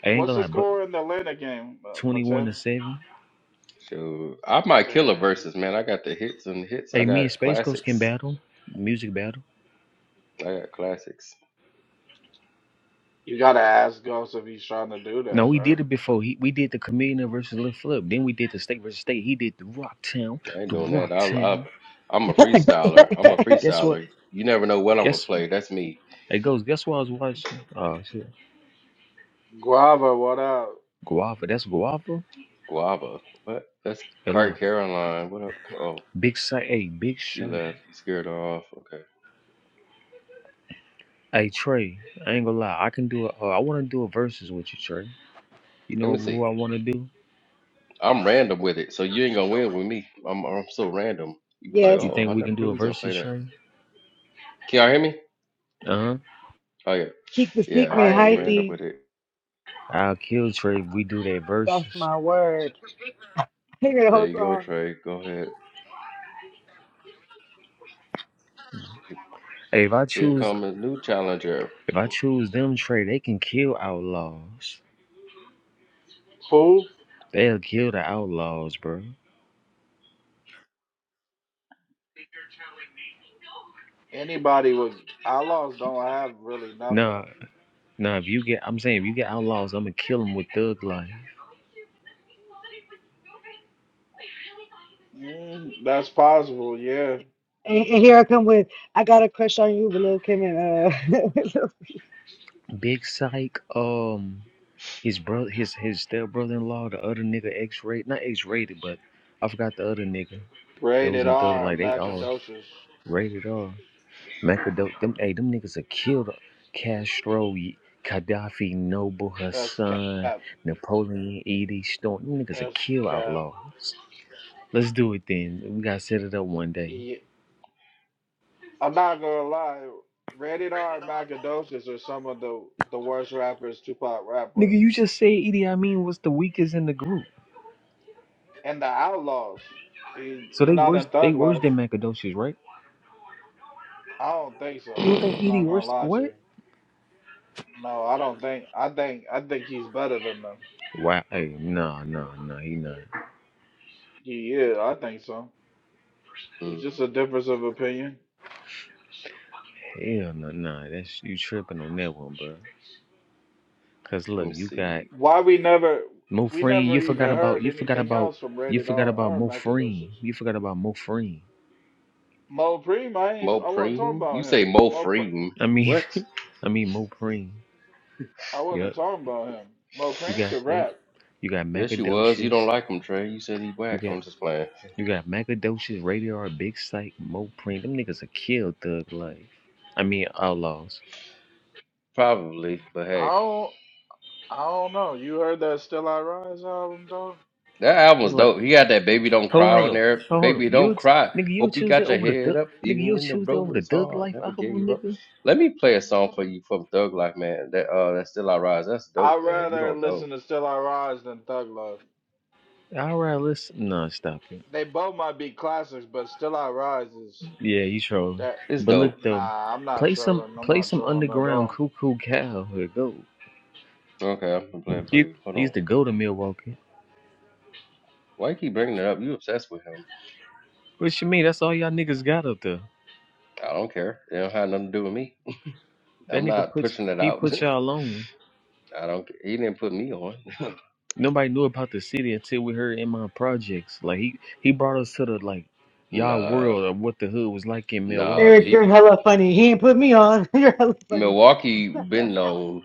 Speaker 2: I ain't
Speaker 1: What's
Speaker 2: gonna
Speaker 1: the
Speaker 2: lie, but
Speaker 1: score in the Atlanta game, uh,
Speaker 2: twenty-one to
Speaker 1: Mateo?
Speaker 2: seven.
Speaker 5: So I might kill a
Speaker 1: Damn.
Speaker 5: verses, man. I got the hits and hits. I
Speaker 2: Hey, me
Speaker 5: got
Speaker 2: and Space Ghost can
Speaker 5: classics.
Speaker 2: battle, music battle.
Speaker 5: I got classics.
Speaker 1: You gotta ask Ghost if he's trying to do
Speaker 2: No,
Speaker 1: that,
Speaker 2: we
Speaker 1: bro.
Speaker 2: did it before. He, we did the Chameleon versus Lil Flip. Then we did the State versus State. He did the Rock Town,
Speaker 5: I ain't
Speaker 2: the
Speaker 5: doing that.
Speaker 2: Rock
Speaker 5: I,
Speaker 2: Town.
Speaker 5: I I'm a freestyler. I'm a
Speaker 6: Hey,
Speaker 2: Guess what?
Speaker 5: freestyler. You never know what I'm gonna
Speaker 2: Guess
Speaker 5: play. That's me.
Speaker 2: it goes. guess what I was watching? Oh shit.
Speaker 1: Guava, what up?
Speaker 2: Guava. That's guava?
Speaker 5: Guava. What? That's
Speaker 2: Hey
Speaker 5: Cart
Speaker 2: look.
Speaker 5: Caroline. What up? Oh,
Speaker 2: Big Sight hey, big
Speaker 5: she
Speaker 2: Sight.
Speaker 5: left. You scared her off. Okay.
Speaker 2: Hey Trey, I ain't gonna lie, I can do a uh, I wanna do a versus with you, Trey. You
Speaker 5: Let
Speaker 2: know
Speaker 5: me see.
Speaker 2: who I wanna do?
Speaker 5: I'm random with it, so you ain't gonna win with me. I'm I'm so random. You be like,
Speaker 2: You
Speaker 3: yes,
Speaker 5: oh, I
Speaker 2: think we
Speaker 5: never
Speaker 2: can
Speaker 5: knew
Speaker 2: do
Speaker 5: he
Speaker 2: a
Speaker 5: was gonna play
Speaker 2: versus,
Speaker 5: that.
Speaker 2: Trey?
Speaker 5: Can y'all hear me?
Speaker 2: Uh-huh.
Speaker 5: Oh yeah.
Speaker 3: keep the sneak
Speaker 5: Yeah,
Speaker 3: me
Speaker 5: I'm
Speaker 1: Hey,
Speaker 5: random
Speaker 3: healthy.
Speaker 5: with it.
Speaker 2: I'll kill Trey if we do that
Speaker 3: That's
Speaker 2: versus.
Speaker 3: my word. I hear the
Speaker 5: There
Speaker 3: whole
Speaker 5: you go,
Speaker 3: song.
Speaker 5: Trey. Go ahead. Here
Speaker 2: Hey, if I
Speaker 5: here
Speaker 2: choose
Speaker 5: come a new challenger.
Speaker 2: if I choose them, Trey, they can kill outlaws.
Speaker 1: who?
Speaker 2: They'll kill the outlaws, bro.
Speaker 1: Anybody with outlaws don't have really nothing.
Speaker 2: Nah, nah, if you get I'm saying if you get outlaws, I'm gonna kill them with thug life.
Speaker 1: Mm, that's possible, yeah.
Speaker 3: And, and here I come with I got a crush on you, with Lil Kim and uh,
Speaker 2: Big Psych, um, his brother, his his step brother in law, the other nigga X rated, not X rated, but I forgot the other nigga that was
Speaker 1: Rated
Speaker 2: in third.
Speaker 1: R,
Speaker 2: Like they all
Speaker 1: Macadocious.
Speaker 2: rated all. Macadoke, them hey, them niggas have killed Castro, Gaddafi, Noble,
Speaker 1: That's cap.
Speaker 2: Hassan, Napoleon, E.D. Storm. Them niggas have
Speaker 1: That's
Speaker 2: killed
Speaker 1: cap.
Speaker 2: outlaws. Let's do it then. We gotta set it up one day.
Speaker 1: Yeah. I'm not gonna lie. Rated R, Macadocious are some of the the worst rappers Tupac rap with.
Speaker 2: Nigga, you just said Edie I mean was the weakest in the group.
Speaker 1: And the Outlaws. He
Speaker 2: So
Speaker 1: he's
Speaker 2: they
Speaker 1: not
Speaker 2: worse
Speaker 1: in
Speaker 2: they
Speaker 1: Thug
Speaker 2: worse
Speaker 1: Life.
Speaker 2: than Macadocious, right?
Speaker 1: I don't think so.
Speaker 2: You don't think
Speaker 1: I'm
Speaker 2: Edie
Speaker 1: not gonna
Speaker 2: worse
Speaker 1: lie to
Speaker 2: what?
Speaker 1: you. No, I don't think. I think. I think he's better than them.
Speaker 2: Why? Hey, no, no, no, he not.
Speaker 1: He is. I think so. It's
Speaker 5: Mm,
Speaker 1: just a difference of opinion.
Speaker 2: Hell no, no. That's you tripping on that one, bro. Cause
Speaker 5: Let
Speaker 2: look,
Speaker 5: me
Speaker 2: you got
Speaker 5: see.
Speaker 1: Why we never,
Speaker 2: Mo
Speaker 1: we
Speaker 2: Freen.
Speaker 1: never
Speaker 2: You
Speaker 1: even
Speaker 2: forgot about.
Speaker 1: heard
Speaker 2: You forgot
Speaker 1: anything
Speaker 2: about.
Speaker 1: else from
Speaker 2: You
Speaker 1: Rated
Speaker 2: forgot
Speaker 1: R
Speaker 2: about
Speaker 1: or
Speaker 2: Mo Freen.
Speaker 1: Macadocious.
Speaker 2: You forgot about Mo Freen.
Speaker 1: Mo Preem, I ain't,
Speaker 5: Mo
Speaker 1: I wasn't talking
Speaker 5: Preem? You
Speaker 1: about him.
Speaker 5: say Mo
Speaker 1: Mo Pre,
Speaker 5: Freem.
Speaker 2: I mean,
Speaker 5: What?
Speaker 2: I mean Mo Freen.
Speaker 1: I wasn't
Speaker 2: Yep.
Speaker 1: talking about him. Mo
Speaker 2: You
Speaker 1: Preem
Speaker 2: got.
Speaker 1: could
Speaker 2: Yep.
Speaker 1: rap.
Speaker 2: You got
Speaker 5: Yes, you was. You
Speaker 2: Macadocious.
Speaker 5: don't like him, Trey. You said he
Speaker 2: You
Speaker 5: whack.
Speaker 2: got.
Speaker 5: I'm just playing.
Speaker 2: You got Macadocious, Radar, Big Psych, Mo Freen. Them niggas are killed thug life. I mean outlaws.
Speaker 5: Probably, but hey.
Speaker 1: I don't. I don't know. You heard that Still I Rise album, though?
Speaker 5: That
Speaker 2: They're
Speaker 5: album's
Speaker 2: like
Speaker 5: dope. He got that "Baby Don't Cry"
Speaker 2: Hold
Speaker 5: on
Speaker 2: on,
Speaker 5: there.
Speaker 2: so hold
Speaker 5: "Baby
Speaker 2: on.
Speaker 5: Don't
Speaker 2: You
Speaker 5: Cry."
Speaker 2: nigga, you
Speaker 5: Hope you
Speaker 2: choose that
Speaker 5: got your
Speaker 2: over the
Speaker 5: head
Speaker 2: Doug,
Speaker 5: up,
Speaker 2: nigga,
Speaker 5: even
Speaker 2: you
Speaker 5: when the
Speaker 2: choose that
Speaker 5: road
Speaker 2: over the
Speaker 5: was
Speaker 2: Doug
Speaker 5: hard.
Speaker 2: Life
Speaker 5: Never
Speaker 2: album,
Speaker 5: gave up.
Speaker 2: nigga.
Speaker 5: Let me play a song for you from Thug Life, man. That uh, that still I rise. That's
Speaker 1: I'd
Speaker 5: dope, man. You
Speaker 1: rather
Speaker 5: don't know.
Speaker 1: listen to Still I Rise than Thug Love.
Speaker 2: All right, listen. No, stop it.
Speaker 1: They both might be classics, but Still I Rise is.
Speaker 2: Yeah, you trolling.
Speaker 1: That
Speaker 5: It's
Speaker 2: But look
Speaker 5: dope.
Speaker 2: though,
Speaker 1: nah, I'm not
Speaker 2: play some
Speaker 1: trolling. I'm
Speaker 2: play
Speaker 1: not
Speaker 2: some
Speaker 1: trolling at
Speaker 2: underground
Speaker 1: all.
Speaker 2: cuckoo cow. Here it go.
Speaker 5: Okay, I'm gonna play it for
Speaker 2: He
Speaker 5: you. Hold
Speaker 2: he's
Speaker 5: on.
Speaker 2: the go to Milwaukee.
Speaker 5: Why you keep bringing it up? You obsessed with him.
Speaker 2: What you mean? That's all y'all niggas got up there.
Speaker 5: I don't care. It don't have nothing to do with me.
Speaker 2: That
Speaker 5: I'm
Speaker 2: nigga
Speaker 5: not
Speaker 2: puts
Speaker 5: pushing it
Speaker 2: he
Speaker 5: out.
Speaker 2: put y'all on.
Speaker 5: I don't. He didn't put me on.
Speaker 2: Nobody knew about the city until we heard in my projects. Like he he brought us to the like y'all
Speaker 5: nah,
Speaker 2: world of what the hood was like in
Speaker 5: nah.
Speaker 3: Eric.
Speaker 2: Milwaukee.
Speaker 3: You're
Speaker 5: People,
Speaker 3: hella funny. He ain't put me on. you're hella funny.
Speaker 5: Milwaukee been known.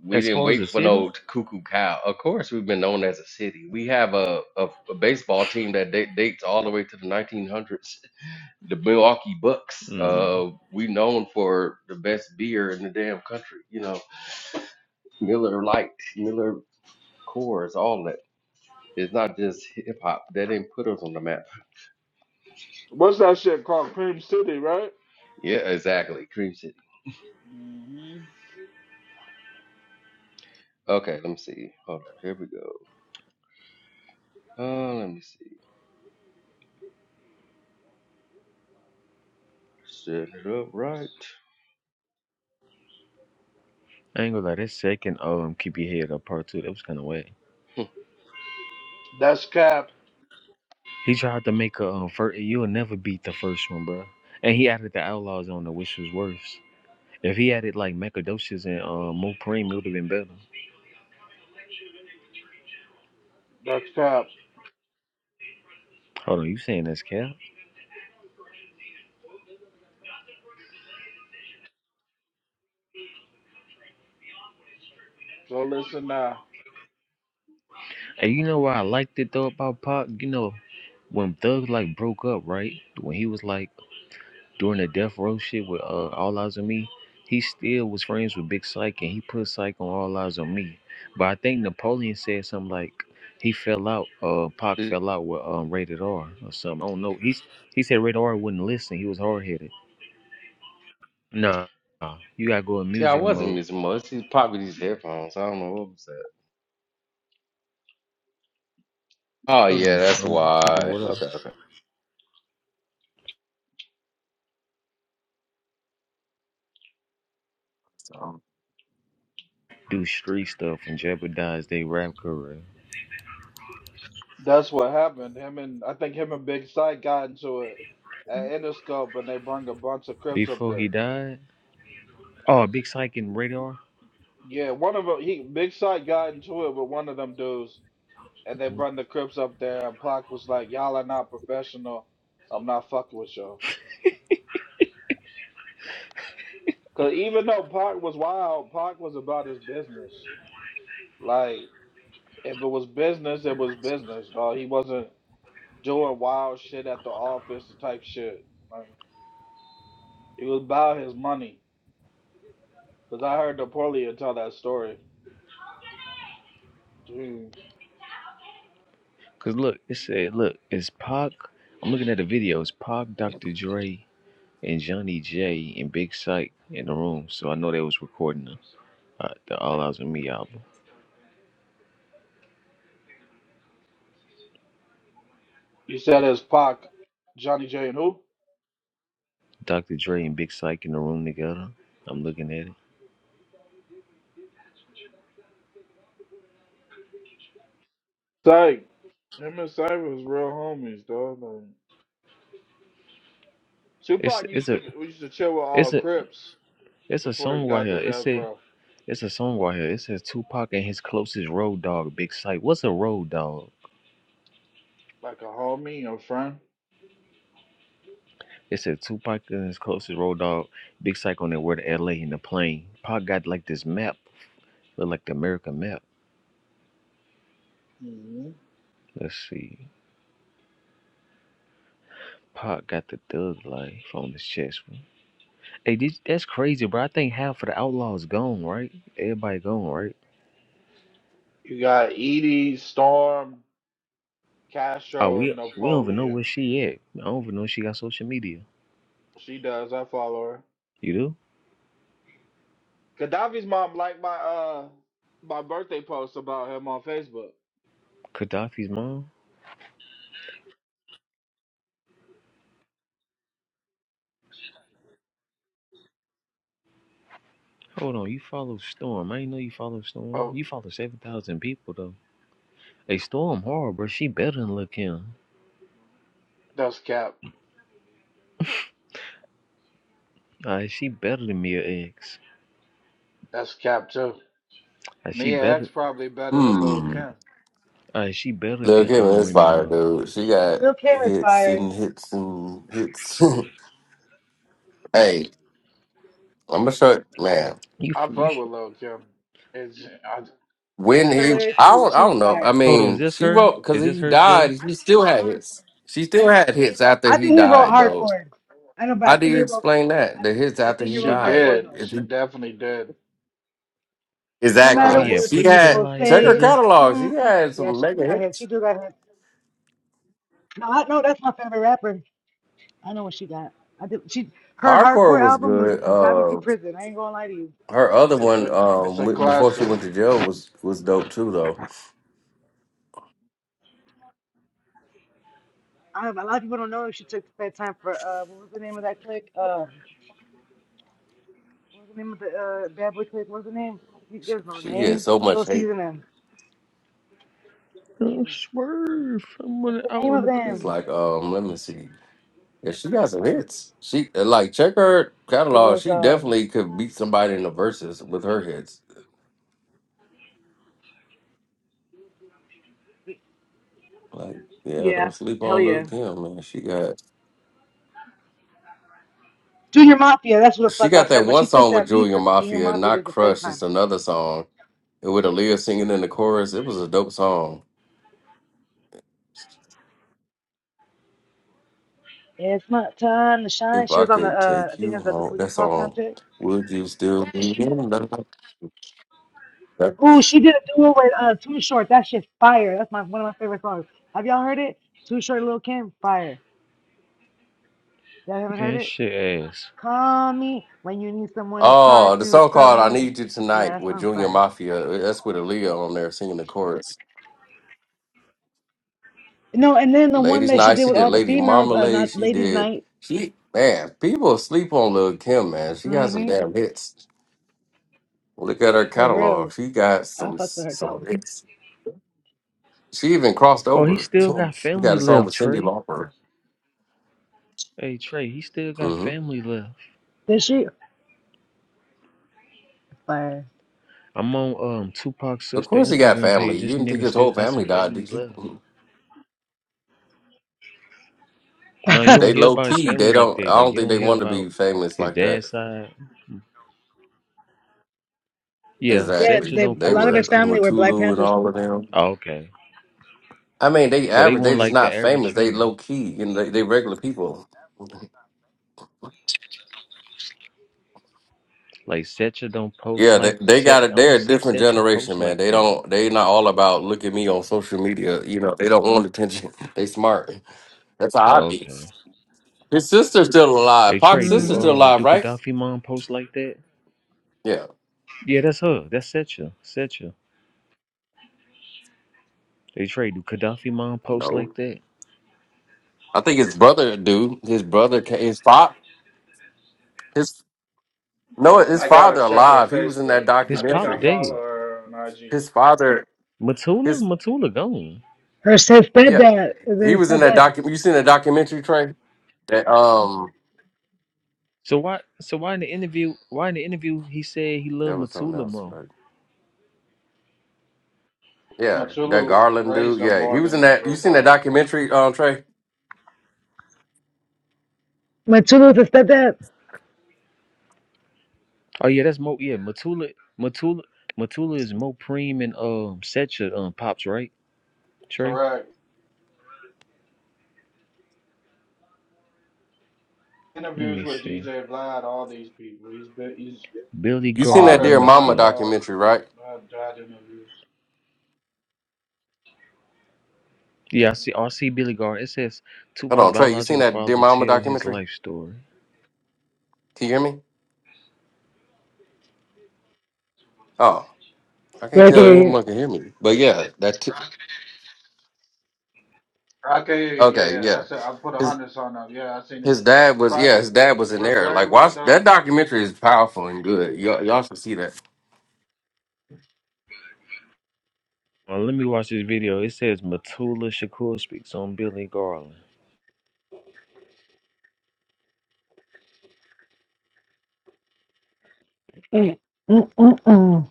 Speaker 5: We
Speaker 2: As
Speaker 5: didn't
Speaker 2: far as
Speaker 5: wait
Speaker 2: the
Speaker 5: for
Speaker 2: city.
Speaker 5: no cuckoo cow. Of course, we've been known as a city. We have a, a, a baseball team that date, dates all the way to the 1900s. The Milwaukee Bucks.
Speaker 2: Mm.
Speaker 5: Uh, we known for the best beer in the damn country. You know, Miller Lite, Miller Coors, all that. It's not just hip hop. That didn't put us on the map.
Speaker 1: What's that shit called? Cream City, right?
Speaker 5: Yeah, exactly. Cream City.
Speaker 1: hmm
Speaker 5: Okay, let me see. Hold on. Here we go. Uh, let me see. Setting it up right.
Speaker 2: I ain't gonna lie, that second um keep your head up part two, that was kinda wet.
Speaker 1: That's Cap.
Speaker 2: He tried to make a um first you'll never beat the first one, bro. And he added the outlaws on the which was worse. If he added like Macadocious and uh Mo Preem, it would have been better.
Speaker 1: That's Cap.
Speaker 2: Hold on, you saying that's cap?
Speaker 1: So listen, uh,
Speaker 2: And you know why I liked it though about Pop? You know, when Thug like broke up, right? When he was like during the death row shit with uh, All Eyes on Me, he still was friends with Big Psych and he put Psych on All Eyes on Me. But I think Napoleon said something like he fell out, uh, Pac fell out with um, Rated R or something. I don't know. He's, he said Rated R wouldn't listen. He was hard headed. Nah, you gotta go in
Speaker 5: Yeah, I
Speaker 2: music
Speaker 5: wasn't
Speaker 2: mode.
Speaker 5: missing much. He's probably these headphones. I don't know what was that. Oh
Speaker 2: Plug
Speaker 5: yeah,
Speaker 2: 'em
Speaker 5: that's
Speaker 2: on Bluetooth and
Speaker 5: why.
Speaker 2: whatever.
Speaker 5: Okay, okay. So,
Speaker 2: Do street stuff and jeopardize their rap career.
Speaker 1: that's what happened. Him and I think him and Big Sight got into it at Interscope, and they bring a bunch of Crips up
Speaker 2: Before
Speaker 1: there.
Speaker 2: he died, oh, Big Psych and Radar.
Speaker 1: Yeah, one of them. He Big Sight got into it with one of them dudes, and they brought the Crips up there. And Pac was like, "Y'all are not professional. I'm not fucking with y'all." Cause even though Pac was wild, Pac was about his business. Like if it was business, it was business. Dog. He wasn't doing wild shit at the office type shit. Like he was about his money. Cause I heard Napoleon tell that story. Dude,
Speaker 2: Cause look, it said, look, it's Pac. I'm looking at the videos. Pac, Dr. Dre, and Johnny J and Big Sight in the room. So I know they was recording the, uh, the All Eyes on Me album.
Speaker 1: you said it's Pac, Johnny J, and who?
Speaker 2: Dr. Dre and Big Sight in the room together. I'm looking at it.
Speaker 1: Say, him and Cypher was real homies, dog. Like,
Speaker 2: It's
Speaker 1: Tupac
Speaker 2: it's
Speaker 1: used
Speaker 2: a
Speaker 1: to we used to chill with
Speaker 2: it's
Speaker 1: all
Speaker 2: a
Speaker 1: Crips
Speaker 2: it's a
Speaker 1: before he
Speaker 2: song right
Speaker 1: got
Speaker 2: here.
Speaker 1: to
Speaker 2: It
Speaker 1: death
Speaker 2: said
Speaker 1: row,
Speaker 2: it's a song right here. It says Tupac and his closest road dog, Big Sight. What's a road dog?
Speaker 1: like a homie, a friend.
Speaker 2: It said Tupac and his closest road dog, Big Sight on their way to LA in the plane. Pac got like this map, look like the American map.
Speaker 1: Mm-hmm.
Speaker 2: Let's see. Pac got the thug life on his chest. Hey, this, that's crazy, bro. I think half of the outlaws gone, right? Everybody gone, right?
Speaker 1: You got Edie, Storm,
Speaker 2: Oh,
Speaker 1: Castro,
Speaker 2: we
Speaker 1: and
Speaker 2: we don't even know
Speaker 1: Napoleon.
Speaker 2: where she at. I don't even know if she got social media.
Speaker 1: She does. I follow her.
Speaker 2: You do?
Speaker 1: Gaddafi's mom liked my uh my birthday post about him on Facebook.
Speaker 2: Gaddafi's mom? Hold on, you follow Storm. I didn't know you follow Storm.
Speaker 1: Oh,
Speaker 2: You follow seven thousand people though. Hey, Storm hard, bro. She better than Lil Kim.
Speaker 1: that's Cap.
Speaker 2: Uh, she better than Mia X.
Speaker 1: That's Cap too.
Speaker 2: Uh, she
Speaker 1: Mia X
Speaker 2: better.
Speaker 1: probably better than Lil
Speaker 5: hmm.
Speaker 1: Kim.
Speaker 2: Uh, she better
Speaker 5: Lil
Speaker 2: than
Speaker 5: Kim
Speaker 2: uh
Speaker 5: is
Speaker 2: Remy
Speaker 5: fire,
Speaker 2: Ma.
Speaker 5: dude. She got
Speaker 3: Lil Kim is
Speaker 5: hits
Speaker 3: fire.
Speaker 5: and hits and hits. hey, I'm gonna show it, man.
Speaker 2: You
Speaker 1: I
Speaker 2: f- you.
Speaker 1: fuck
Speaker 2: Sh-
Speaker 1: with Lil Kim. It's I,
Speaker 5: When he,
Speaker 3: Hilarious.
Speaker 5: I don't, I
Speaker 3: she's
Speaker 5: don't know. I
Speaker 3: fire.
Speaker 2: Hold on, is
Speaker 5: mean,
Speaker 2: this
Speaker 5: she
Speaker 2: her?
Speaker 5: wrote because
Speaker 2: Is this
Speaker 5: he
Speaker 2: her, Jay?
Speaker 5: died. She still had hits. She still had hits after
Speaker 3: I
Speaker 5: he
Speaker 3: think he wrote
Speaker 5: died, though.
Speaker 3: hardcore. I know, but I
Speaker 5: How do
Speaker 3: think
Speaker 5: you
Speaker 3: he wrote.
Speaker 5: explain that?
Speaker 3: I,
Speaker 5: The hits
Speaker 3: I
Speaker 5: after
Speaker 3: think he
Speaker 5: he
Speaker 1: she
Speaker 3: wrote
Speaker 5: died.
Speaker 3: hardcore
Speaker 1: did.
Speaker 3: though.
Speaker 5: If-
Speaker 1: She definitely did.
Speaker 3: No
Speaker 2: Oh
Speaker 3: matter
Speaker 5: Exactly.
Speaker 2: yeah,
Speaker 1: Right.
Speaker 3: what
Speaker 5: She
Speaker 2: put your
Speaker 5: had
Speaker 3: people
Speaker 5: check her
Speaker 2: lighters
Speaker 3: say.
Speaker 2: up.
Speaker 5: catalog. She
Speaker 3: Mm-mm-mm.
Speaker 5: had
Speaker 3: Yeah,
Speaker 5: some
Speaker 3: she do
Speaker 5: mega
Speaker 3: got
Speaker 5: hits.
Speaker 3: hit. She do got hit. No, I, no, that's my favorite rapper. I know what she got. I did. She her
Speaker 5: Hardcore
Speaker 3: hardcore
Speaker 5: was
Speaker 3: album was,
Speaker 5: good.
Speaker 3: uh, got me through
Speaker 5: Uh,
Speaker 3: prison. I ain't gonna lie to you.
Speaker 5: her other
Speaker 1: It's
Speaker 5: one,
Speaker 1: a it's
Speaker 5: um,
Speaker 1: a
Speaker 5: w- before she
Speaker 1: classic.
Speaker 5: went to jail, was was dope too. Though
Speaker 3: I, a lot of people don't know she took that time for uh, what was the name of that clique? Um, what was the name of the uh, bad boy clique? What was the name? He
Speaker 5: she,
Speaker 3: gives no
Speaker 5: she gets
Speaker 3: name.
Speaker 5: so
Speaker 3: Little
Speaker 5: much hate.
Speaker 3: season and okay,
Speaker 2: Don't swerve. I'm
Speaker 3: what's
Speaker 2: running
Speaker 3: the
Speaker 2: out
Speaker 3: name
Speaker 2: on
Speaker 3: of
Speaker 2: the
Speaker 5: It's
Speaker 3: them?
Speaker 2: curb.
Speaker 5: like, um, let me see. Yeah, she got some hits. She uh, like check her
Speaker 3: It
Speaker 5: catalog.
Speaker 3: was
Speaker 5: She
Speaker 3: um,
Speaker 5: definitely could beat somebody in the verses with her hits. Like, yeah,
Speaker 3: yeah,
Speaker 5: don't sleep
Speaker 3: hell
Speaker 5: on
Speaker 3: yeah,
Speaker 5: Lil Kim, man. She got
Speaker 3: Junior Mafia. That's what the
Speaker 5: she
Speaker 3: fuck I
Speaker 5: got
Speaker 3: was
Speaker 5: that
Speaker 3: talking about.
Speaker 5: one
Speaker 3: She took
Speaker 5: song with
Speaker 3: that beat
Speaker 5: Julian
Speaker 3: for Junior
Speaker 5: Mafia,
Speaker 3: Mafia to
Speaker 5: not
Speaker 3: the Fed
Speaker 5: Crush.
Speaker 3: time.
Speaker 5: It's another song, and with Aaliyah singing in the chorus. It was a dope song.
Speaker 3: It's my time to shine.
Speaker 5: If
Speaker 3: She
Speaker 5: I
Speaker 3: was on the
Speaker 5: could
Speaker 3: uh, I
Speaker 5: take
Speaker 3: think
Speaker 5: you
Speaker 3: that's at the
Speaker 5: home,
Speaker 3: Booty
Speaker 5: that's
Speaker 3: Call
Speaker 5: all.
Speaker 3: soundtrack.
Speaker 5: Would you still be in love?
Speaker 3: Ooh,
Speaker 5: That's-
Speaker 3: she did a duo with uh Too Short. That shit's fire. That's my one of my favorite songs. Have y'all heard it? Too Short, Lil Kim, fire. Y'all haven't heard
Speaker 2: Man,
Speaker 3: it?
Speaker 2: shit ass.
Speaker 3: Call me when you need someone to
Speaker 5: Oh,
Speaker 3: talk
Speaker 5: the
Speaker 3: to,
Speaker 5: song called I
Speaker 3: someone to.
Speaker 5: Need You
Speaker 3: Yeah,
Speaker 5: Tonight
Speaker 3: that
Speaker 5: with
Speaker 3: sounds
Speaker 5: Junior
Speaker 3: fire.
Speaker 5: Mafia. That's with Aaliyah on there singing the chorus.
Speaker 3: No, and then the one
Speaker 5: Ladies
Speaker 3: that she
Speaker 5: Night,
Speaker 3: did
Speaker 5: she
Speaker 3: with
Speaker 5: did
Speaker 3: all the
Speaker 5: Lady
Speaker 3: females, uh,
Speaker 5: Marmalade.
Speaker 3: not
Speaker 5: She
Speaker 3: Ladies
Speaker 5: did,
Speaker 3: Night.
Speaker 5: she, man, people sleep on Lil Kim, man. She got some
Speaker 3: hmm
Speaker 5: damn hits. Look at her
Speaker 3: For
Speaker 5: catalog.
Speaker 3: real,
Speaker 5: She got
Speaker 3: I
Speaker 5: some,
Speaker 3: fucked with her too.
Speaker 5: some hits. She even crossed
Speaker 2: Oh, he
Speaker 5: over.
Speaker 2: still
Speaker 5: she
Speaker 2: got family
Speaker 5: got a song
Speaker 2: left,
Speaker 5: with Cindy
Speaker 2: Trey.
Speaker 5: Lauper.
Speaker 2: Hey Trey, he still got
Speaker 5: hmm
Speaker 2: family left.
Speaker 3: Did she? Fire.
Speaker 2: I'm on um Tupac's
Speaker 5: Of
Speaker 2: sister
Speaker 5: course, he got
Speaker 2: Instagram
Speaker 5: family.
Speaker 2: page. This
Speaker 5: You didn't think
Speaker 2: nigga
Speaker 5: his
Speaker 2: still
Speaker 5: whole
Speaker 2: got
Speaker 5: family
Speaker 2: some
Speaker 5: died,
Speaker 2: family
Speaker 5: did
Speaker 2: left.
Speaker 5: you?
Speaker 2: Now you
Speaker 3: yeah,
Speaker 5: They
Speaker 2: don't hear
Speaker 5: low
Speaker 2: about his
Speaker 5: key.
Speaker 2: family
Speaker 5: They
Speaker 2: like
Speaker 5: don't. I
Speaker 2: that. Like
Speaker 5: don't
Speaker 2: you
Speaker 5: think
Speaker 2: don't
Speaker 5: they
Speaker 2: hear
Speaker 5: want to
Speaker 2: about
Speaker 5: be famous
Speaker 2: his
Speaker 5: like that.
Speaker 2: dad's side. Yeah,
Speaker 5: Exactly.
Speaker 2: Setcha
Speaker 3: they
Speaker 2: don't
Speaker 3: a
Speaker 5: They
Speaker 3: lot
Speaker 2: post
Speaker 3: of
Speaker 5: were
Speaker 3: his
Speaker 2: like that.
Speaker 3: family were Black
Speaker 5: Matulu and
Speaker 3: Panthers.
Speaker 5: all of them.
Speaker 2: Oh, okay.
Speaker 5: I mean, they
Speaker 2: So they
Speaker 5: average. They
Speaker 2: want
Speaker 5: just
Speaker 2: like the
Speaker 5: not
Speaker 2: average
Speaker 5: famous. They
Speaker 2: family.
Speaker 5: low key. You know, they, they regular people.
Speaker 2: Like Setcha don't post
Speaker 5: Yeah, they
Speaker 2: like
Speaker 5: they
Speaker 2: Set.
Speaker 5: got
Speaker 2: I
Speaker 5: it. They're
Speaker 2: don't
Speaker 5: a
Speaker 2: see
Speaker 5: different
Speaker 2: Setcha
Speaker 5: generation,
Speaker 2: post
Speaker 5: man.
Speaker 2: like
Speaker 5: They
Speaker 2: that.
Speaker 5: don't. They not all about look at me on social media. You know, they don't want attention. They smart. That's how I
Speaker 2: Oh,
Speaker 5: be.
Speaker 2: okay.
Speaker 5: His sister's still
Speaker 2: Hey
Speaker 5: alive. Pac's
Speaker 2: Trey, do
Speaker 5: sister's
Speaker 3: Mm-hmm.
Speaker 5: still
Speaker 2: um
Speaker 5: alive,
Speaker 2: do
Speaker 5: right?
Speaker 2: Gaddafi mom post like that?
Speaker 5: Yeah.
Speaker 2: Yeah, that's her. That's Setcha. Setcha. Hey Trey, do Gaddafi mom post like
Speaker 5: No,
Speaker 2: that?
Speaker 5: I think his brother do. His brother, ca- his pop. His No, his
Speaker 1: I gotta
Speaker 5: father
Speaker 1: check her
Speaker 5: alive. He was in that
Speaker 1: Facebook.
Speaker 2: His
Speaker 1: I think
Speaker 2: pop's
Speaker 1: I
Speaker 5: documentary.
Speaker 1: follow
Speaker 2: dead.
Speaker 1: her on IG
Speaker 5: His father,
Speaker 2: Matula,
Speaker 5: his
Speaker 2: Matula gone.
Speaker 3: Her said
Speaker 5: yeah,
Speaker 3: stepdad. Is
Speaker 5: he
Speaker 3: it
Speaker 5: was in that
Speaker 3: stepdad?
Speaker 5: document. You seen that documentary, Trey? That um,
Speaker 2: So why so why in the interview why in the interview he said he
Speaker 5: that
Speaker 2: loved
Speaker 5: was something
Speaker 2: Matula
Speaker 5: else,
Speaker 2: more?
Speaker 5: but yeah, that
Speaker 1: Matulu
Speaker 5: Garland
Speaker 1: raised
Speaker 5: dude.
Speaker 1: him
Speaker 5: Yeah, he
Speaker 1: more
Speaker 5: was
Speaker 1: than
Speaker 5: in
Speaker 1: his
Speaker 5: that. You
Speaker 1: real
Speaker 5: seen that
Speaker 1: father did.
Speaker 5: documentary, um, Trey?
Speaker 3: My Tulu's a stepdad.
Speaker 2: Oh yeah, that's Mo yeah, Matula Matula Matula is Mo Preem and um Setcha um pops, right? Trey?
Speaker 1: Correct.
Speaker 2: Let
Speaker 1: Interviews
Speaker 2: me
Speaker 1: with
Speaker 2: see.
Speaker 1: DJ Vlad, all these people. He's been, he's
Speaker 2: Billy
Speaker 5: You seen
Speaker 1: art
Speaker 5: that
Speaker 2: Garland, let
Speaker 5: Dear
Speaker 1: of
Speaker 2: me
Speaker 5: Mama
Speaker 2: see.
Speaker 1: dialogue.
Speaker 5: documentary,
Speaker 1: He's
Speaker 5: right?
Speaker 1: had dad interviews.
Speaker 2: Yeah, I see I see Billy Garland. It says
Speaker 5: Hold
Speaker 2: Tupac's
Speaker 5: on, Trey. You seen
Speaker 2: biological
Speaker 5: that Dear
Speaker 2: father
Speaker 5: Mama
Speaker 2: tell his
Speaker 5: documentary?
Speaker 2: life story.
Speaker 5: Can you hear me? Oh, I
Speaker 3: Yeah,
Speaker 5: can't
Speaker 3: I can
Speaker 5: tell if
Speaker 3: hear you.
Speaker 5: anyone can hear me. But yeah, that. T-
Speaker 1: Okay, yeah,
Speaker 5: okay,
Speaker 1: yeah. I
Speaker 5: yeah.
Speaker 1: said I put a
Speaker 5: His
Speaker 1: hundred song up. Yeah, I seen it.
Speaker 5: his dad was yeah. His
Speaker 1: Classic,
Speaker 5: dad was in
Speaker 1: Re-
Speaker 5: there.
Speaker 1: very
Speaker 5: Like
Speaker 1: well
Speaker 5: watch
Speaker 1: done.
Speaker 5: that documentary is powerful and good. Y'all y'all should see that.
Speaker 2: Well, let me watch this video. It says Matula Shakur speaks on Billy Garland.
Speaker 3: Mm, mm, mm. mm.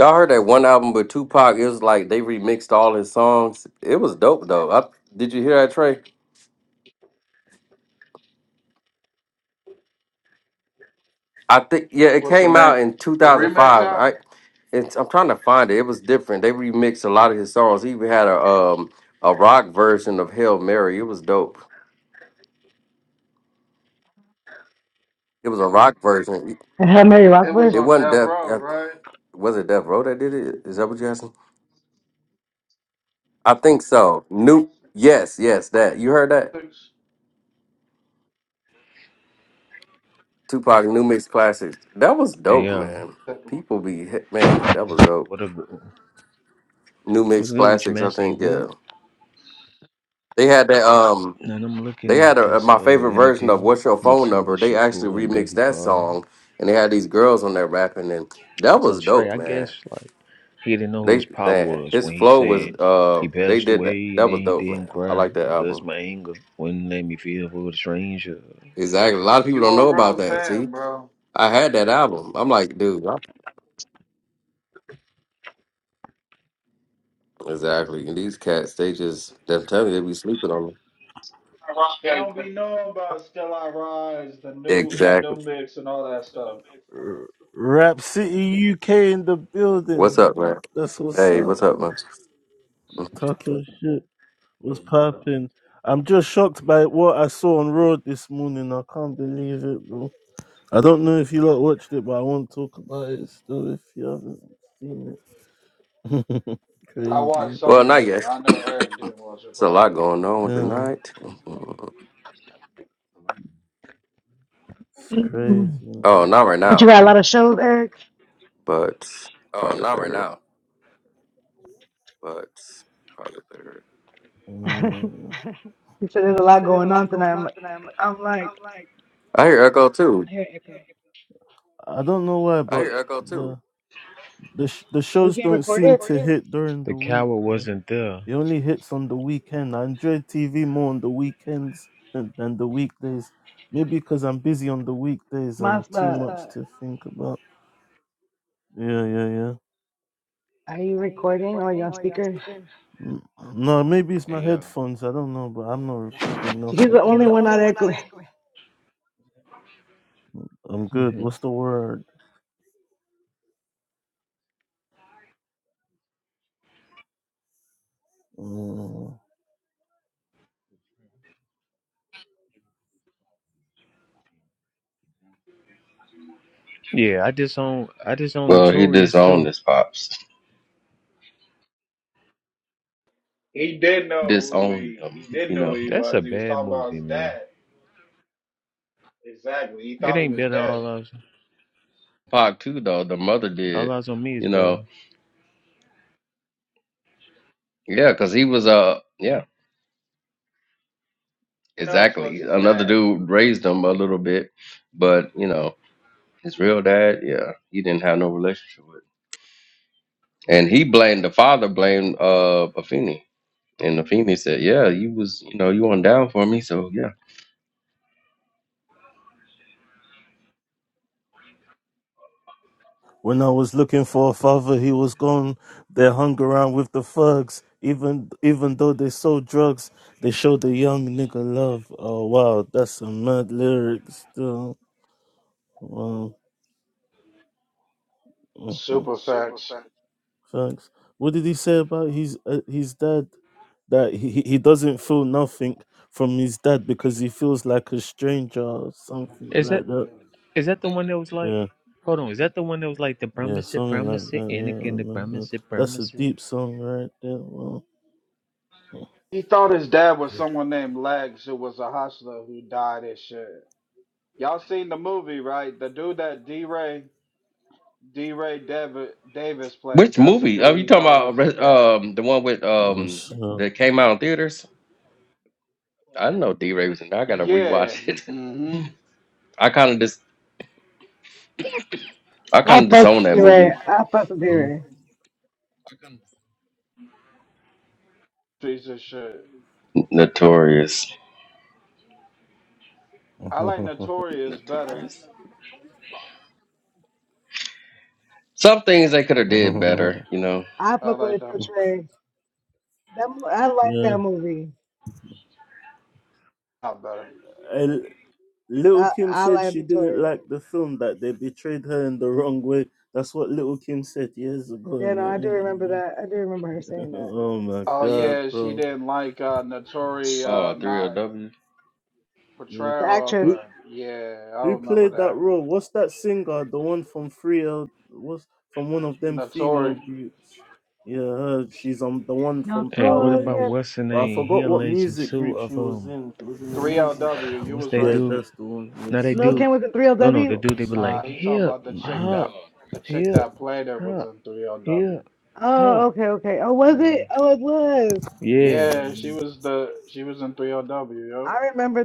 Speaker 5: Y'all heard that one album with Tupac? It was like they remixed all his songs. It was dope though. I, did you hear that Trey? I think yeah, it
Speaker 1: What's the
Speaker 5: came out
Speaker 1: name?
Speaker 5: in
Speaker 1: The remix
Speaker 5: 2005. I
Speaker 1: album.
Speaker 5: it's, I'm trying to find it. It was different. They remixed a lot of his songs. He even had a um a rock version of Hail Mary. It was dope. It was a rock version.
Speaker 3: And have Mary
Speaker 1: It was
Speaker 5: It
Speaker 3: Rockford.
Speaker 1: on
Speaker 5: wasn't
Speaker 1: Death
Speaker 5: Death.
Speaker 1: Row,
Speaker 5: uh,
Speaker 1: right?
Speaker 5: Was it Death Row that did it? Is that what you asking? I think so. New. Yes, yes. That you heard that?
Speaker 1: Six,
Speaker 5: Tupac New Mix Classics. That was
Speaker 2: Hey
Speaker 5: dope,
Speaker 2: yo,
Speaker 5: man.
Speaker 1: second one.
Speaker 5: People be hit, man. That was
Speaker 2: Master,
Speaker 5: dope.
Speaker 2: what up?
Speaker 5: New Mix
Speaker 2: What's good with you,
Speaker 5: Classics. I
Speaker 2: Master? You
Speaker 5: think yeah.
Speaker 2: good?
Speaker 5: They had that. Um,
Speaker 2: And I'm looking
Speaker 5: they had
Speaker 2: at
Speaker 5: a,
Speaker 2: this
Speaker 5: my
Speaker 2: uh
Speaker 5: favorite version
Speaker 2: interview,
Speaker 5: of "What's Your Phone
Speaker 2: Matula
Speaker 5: Number." They actually
Speaker 2: Shakur and
Speaker 5: remixed
Speaker 2: Billy
Speaker 5: that
Speaker 2: Garland.
Speaker 5: song, and they had these girls on there rapping, and that
Speaker 2: So
Speaker 5: was
Speaker 2: Trey,
Speaker 5: dope,
Speaker 2: I
Speaker 5: man.
Speaker 2: guess like he didn't know who
Speaker 5: They
Speaker 2: his pop
Speaker 5: man,
Speaker 2: was
Speaker 5: his
Speaker 2: when he
Speaker 5: flow was
Speaker 2: said
Speaker 5: uh,
Speaker 2: he
Speaker 5: they
Speaker 2: passed
Speaker 5: did that.
Speaker 2: away and
Speaker 5: That
Speaker 2: then
Speaker 5: was
Speaker 2: he
Speaker 5: dope, man.
Speaker 2: didn't
Speaker 5: I
Speaker 2: cry.
Speaker 5: like that
Speaker 2: Guess
Speaker 5: album.
Speaker 2: my anger wouldn't let me feel for the stranger.
Speaker 5: Exactly. A lot of people
Speaker 1: You
Speaker 5: don't know
Speaker 1: a
Speaker 5: about
Speaker 1: real
Speaker 5: that.
Speaker 1: fan,
Speaker 5: See,
Speaker 1: bro.
Speaker 5: I had that album. I'm like, dude, I- exactly. And these cats, they just, they're telling you, they be sleeping on them.
Speaker 1: They don't be knowing about Still I Rise, the new, the new
Speaker 5: Exactly.
Speaker 1: mix, and all that stuff.
Speaker 7: Rap City UK in the
Speaker 5: What's up, man?
Speaker 7: building. That's what's
Speaker 5: Hey,
Speaker 7: up.
Speaker 5: what's up, man?
Speaker 7: Talking shit. What's popping? I'm just shocked by what I saw on Road this morning. I can't believe it, bro. I don't know if you lot watched it, but I won't talk about it still if you haven't seen it.
Speaker 1: I watched
Speaker 7: crazy.
Speaker 5: Well,
Speaker 1: some of
Speaker 5: not
Speaker 1: it.
Speaker 5: yet.
Speaker 1: I know Eric didn't watch it,
Speaker 5: It's a
Speaker 1: bro.
Speaker 5: lot going on
Speaker 7: Damn.
Speaker 5: tonight. Mhm.
Speaker 7: It's crazy,
Speaker 3: Mm.
Speaker 5: Oh,
Speaker 7: man.
Speaker 5: not right
Speaker 3: But you
Speaker 5: now,
Speaker 3: got a lot
Speaker 7: Crazy.
Speaker 3: of shows, Eric.
Speaker 5: but probably later.
Speaker 3: you
Speaker 7: Mm.
Speaker 3: said there's a lot going on tonight. I'm like, I'm like,
Speaker 5: I hear Echo too.
Speaker 3: I hear echo.
Speaker 7: I don't know why, I but the the sh- the
Speaker 3: Are we
Speaker 7: shows
Speaker 3: being
Speaker 7: don't seem
Speaker 3: recorded?
Speaker 7: to hit during
Speaker 2: The
Speaker 7: the
Speaker 2: coward
Speaker 7: week,
Speaker 2: wasn't there.
Speaker 7: It only hits on the weekend. I enjoy TV more on the weekends than, than the weekdays. Maybe because I'm busy on the weekdays and too Man's
Speaker 3: Master,
Speaker 7: much to think about. Yeah, yeah, yeah.
Speaker 3: are you recording or are you on speaker?
Speaker 7: Mm, No, maybe it's my Hey, headphones. I don't know, but I'm not recording
Speaker 3: He's
Speaker 7: nothing,
Speaker 3: the
Speaker 7: man.
Speaker 3: only one not echoing.
Speaker 7: I'm good.
Speaker 2: hmm
Speaker 7: What's the word? Mm.
Speaker 2: Yeah, I disown I disown
Speaker 5: Well, he
Speaker 2: Notorious
Speaker 5: disowned
Speaker 2: too.
Speaker 5: his pops.
Speaker 1: He did know who
Speaker 5: Disowned
Speaker 1: he
Speaker 5: him,
Speaker 1: he did
Speaker 5: you
Speaker 1: know who
Speaker 5: know.
Speaker 1: he
Speaker 2: That's a
Speaker 1: was. He was
Speaker 2: bad
Speaker 1: talking about
Speaker 2: movie,
Speaker 1: his
Speaker 2: man.
Speaker 1: dad. Exactly. He
Speaker 2: It
Speaker 1: thought he
Speaker 2: ain't
Speaker 1: was
Speaker 2: better than
Speaker 1: dead.
Speaker 2: all eyes.
Speaker 5: Pop too, though. The mother
Speaker 2: All
Speaker 5: did,
Speaker 2: eyes on me is
Speaker 5: you
Speaker 2: better.
Speaker 5: know. Yeah, because he was uh, yeah,
Speaker 1: Who else was
Speaker 5: exactly.
Speaker 1: his
Speaker 5: Another
Speaker 1: dad?
Speaker 5: dude raised him a little bit, but you know, his real dad, yeah, he didn't have no relationship with. And he blamed the father blamed uh Afeni. And Afeni said, Yeah, you was you know, you on down for me, so yeah.
Speaker 7: When I was looking for a father, he was gone. They hung around with the thugs. Even even though they sold drugs, they showed the young nigga love. Oh wow, that's some mad lyrics still. Wow. hmm
Speaker 1: Super facts.
Speaker 7: Thanks. What did he say about his uh, his dad? That he, he he doesn't feel nothing from his dad because he feels like a stranger or something
Speaker 2: Is that
Speaker 7: like that.
Speaker 2: is that the one that was like?
Speaker 7: Yeah,
Speaker 2: Hold on, is that the one that was like the
Speaker 7: yeah,
Speaker 2: promise it,
Speaker 7: something
Speaker 2: promise
Speaker 7: like
Speaker 2: it,
Speaker 7: that. Yeah, I
Speaker 2: Anakin, the
Speaker 7: remember.
Speaker 2: promise it,
Speaker 7: That's a
Speaker 2: promise it?
Speaker 7: deep song right there. Wow.
Speaker 1: He thought his dad was someone named Legs who was a hustler who died and shit. Y'all seen the movie, right? The dude that D Ray D Ray Davi- Davis plays,
Speaker 5: Which
Speaker 1: that's the
Speaker 5: movie? Are
Speaker 1: dude
Speaker 5: you
Speaker 1: he
Speaker 5: talking
Speaker 1: thought was
Speaker 5: about
Speaker 1: his
Speaker 5: re-
Speaker 1: dad.
Speaker 5: um the one with um
Speaker 7: Yes.
Speaker 5: that came out in theaters? I know D Ray was in there. I gotta
Speaker 1: Yeah.
Speaker 5: rewatch it.
Speaker 1: Mm-hmm.
Speaker 5: I kinda just I
Speaker 3: I
Speaker 5: kinda
Speaker 3: fuck
Speaker 5: disown
Speaker 3: with
Speaker 5: that
Speaker 3: you, Ray.
Speaker 5: movie
Speaker 3: I fuck with you, Ray.
Speaker 1: Piece of shit.
Speaker 5: Notorious.
Speaker 1: I like Notorious better.
Speaker 5: Some things they could have did better, you know.
Speaker 3: I
Speaker 1: I
Speaker 3: fuck
Speaker 1: like
Speaker 3: with
Speaker 1: that
Speaker 3: you,
Speaker 1: one.
Speaker 3: Trey. That mo- I like
Speaker 7: yeah.
Speaker 3: that movie.
Speaker 1: Not better.
Speaker 7: And Little
Speaker 3: I
Speaker 7: Kim
Speaker 3: I
Speaker 7: said
Speaker 3: like
Speaker 7: she didn't
Speaker 3: Notorious.
Speaker 7: like the film that they betrayed her in the wrong way. That's what Little Kim said years ago
Speaker 3: Yeah,
Speaker 7: in
Speaker 3: no,
Speaker 7: the
Speaker 3: I do remember
Speaker 7: interview.
Speaker 3: that. I do remember her saying that.
Speaker 7: oh my
Speaker 1: Oh
Speaker 7: god,
Speaker 1: yeah, she
Speaker 7: bro.
Speaker 1: didn't like uh Notori
Speaker 3: She,
Speaker 5: Oh,
Speaker 1: uh
Speaker 5: Three
Speaker 1: not
Speaker 5: 3LW.
Speaker 7: Yeah.
Speaker 3: the
Speaker 1: portrayal of
Speaker 3: actress.
Speaker 7: Who
Speaker 1: her. Yeah, I
Speaker 7: who
Speaker 1: remember
Speaker 7: played that
Speaker 1: that.
Speaker 7: role? What's that singer? The one from Free L what's from one of them female
Speaker 1: Notori.
Speaker 7: groups. Yeah, her, she's on the one from
Speaker 2: Hey, what
Speaker 7: Power in
Speaker 2: about
Speaker 3: Notorious.
Speaker 7: it.
Speaker 2: what's the
Speaker 7: But I
Speaker 2: name? He
Speaker 7: forgot
Speaker 2: a
Speaker 7: what
Speaker 2: legend
Speaker 7: music
Speaker 2: too
Speaker 7: group she
Speaker 2: of
Speaker 7: was
Speaker 2: um,
Speaker 7: in. She was in the
Speaker 1: Three L
Speaker 7: music.
Speaker 1: W, you
Speaker 2: what's
Speaker 1: was
Speaker 2: they
Speaker 7: Yeah,
Speaker 1: right.
Speaker 2: do?
Speaker 7: that's the one. Yes,
Speaker 2: No, they
Speaker 7: sir.
Speaker 3: Lil
Speaker 2: do.
Speaker 3: Kim was in
Speaker 2: No, no, they
Speaker 3: 3LW.
Speaker 2: do. They be like
Speaker 1: Nah,
Speaker 7: So,
Speaker 1: he talking
Speaker 2: hip
Speaker 1: about the
Speaker 7: mm,
Speaker 1: chick
Speaker 7: mm,
Speaker 2: hop,
Speaker 1: that the chick
Speaker 2: hip
Speaker 1: that played her was
Speaker 2: hop,
Speaker 1: in three L W.
Speaker 2: hip
Speaker 3: Oh,
Speaker 2: hop.
Speaker 3: okay, okay. Oh, was
Speaker 7: mm,
Speaker 3: it? Oh, it was.
Speaker 2: Yeah.
Speaker 1: Yeah, she
Speaker 7: mm,
Speaker 1: was the she was in three L W, yo.
Speaker 3: I remember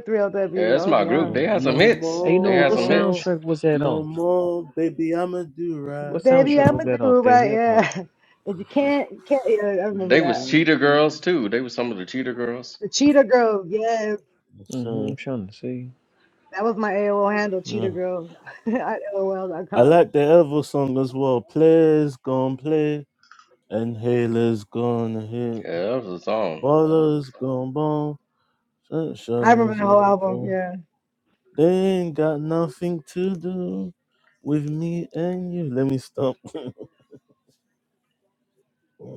Speaker 5: Yeah,
Speaker 3: 3LW.
Speaker 5: that's
Speaker 3: I
Speaker 5: my
Speaker 3: was
Speaker 7: Yeah.
Speaker 5: group.
Speaker 7: Yeah.
Speaker 3: young.
Speaker 5: They had some
Speaker 7: No
Speaker 5: hits.
Speaker 2: Hey, you
Speaker 5: They
Speaker 2: know
Speaker 5: had
Speaker 2: what
Speaker 5: some
Speaker 7: more,
Speaker 5: hits.
Speaker 2: soundtrack was that
Speaker 7: no
Speaker 2: off?
Speaker 7: more, baby. I'm a do right.
Speaker 2: What
Speaker 3: Baby,
Speaker 2: soundtrack
Speaker 3: I'm
Speaker 2: was
Speaker 3: a dude,
Speaker 2: that off? That
Speaker 3: right?
Speaker 2: hip hop.
Speaker 3: Yeah. If you can't, you can't. Yeah, I remember
Speaker 5: They
Speaker 3: that.
Speaker 5: was
Speaker 7: Okay,
Speaker 5: cheater
Speaker 7: okay.
Speaker 5: girls too. They was some of the cheater girls.
Speaker 3: The Cheetah Girls. Yes.
Speaker 2: Mm-hmm. I'm
Speaker 7: so,
Speaker 2: trying to see.
Speaker 3: That was my AOL handle, Cheetah
Speaker 7: yeah.
Speaker 3: Girls at
Speaker 7: I
Speaker 3: AOL.com.
Speaker 7: like the Elvis song as well. Players gone play, inhalers gone hit,
Speaker 5: Yeah, that was a song.
Speaker 7: ballers gone bone,
Speaker 3: I remember
Speaker 7: shutters
Speaker 3: the whole
Speaker 7: gone
Speaker 3: album.
Speaker 7: bone.
Speaker 3: Yeah.
Speaker 7: They ain't got nothing to do with me and you. Let me stop.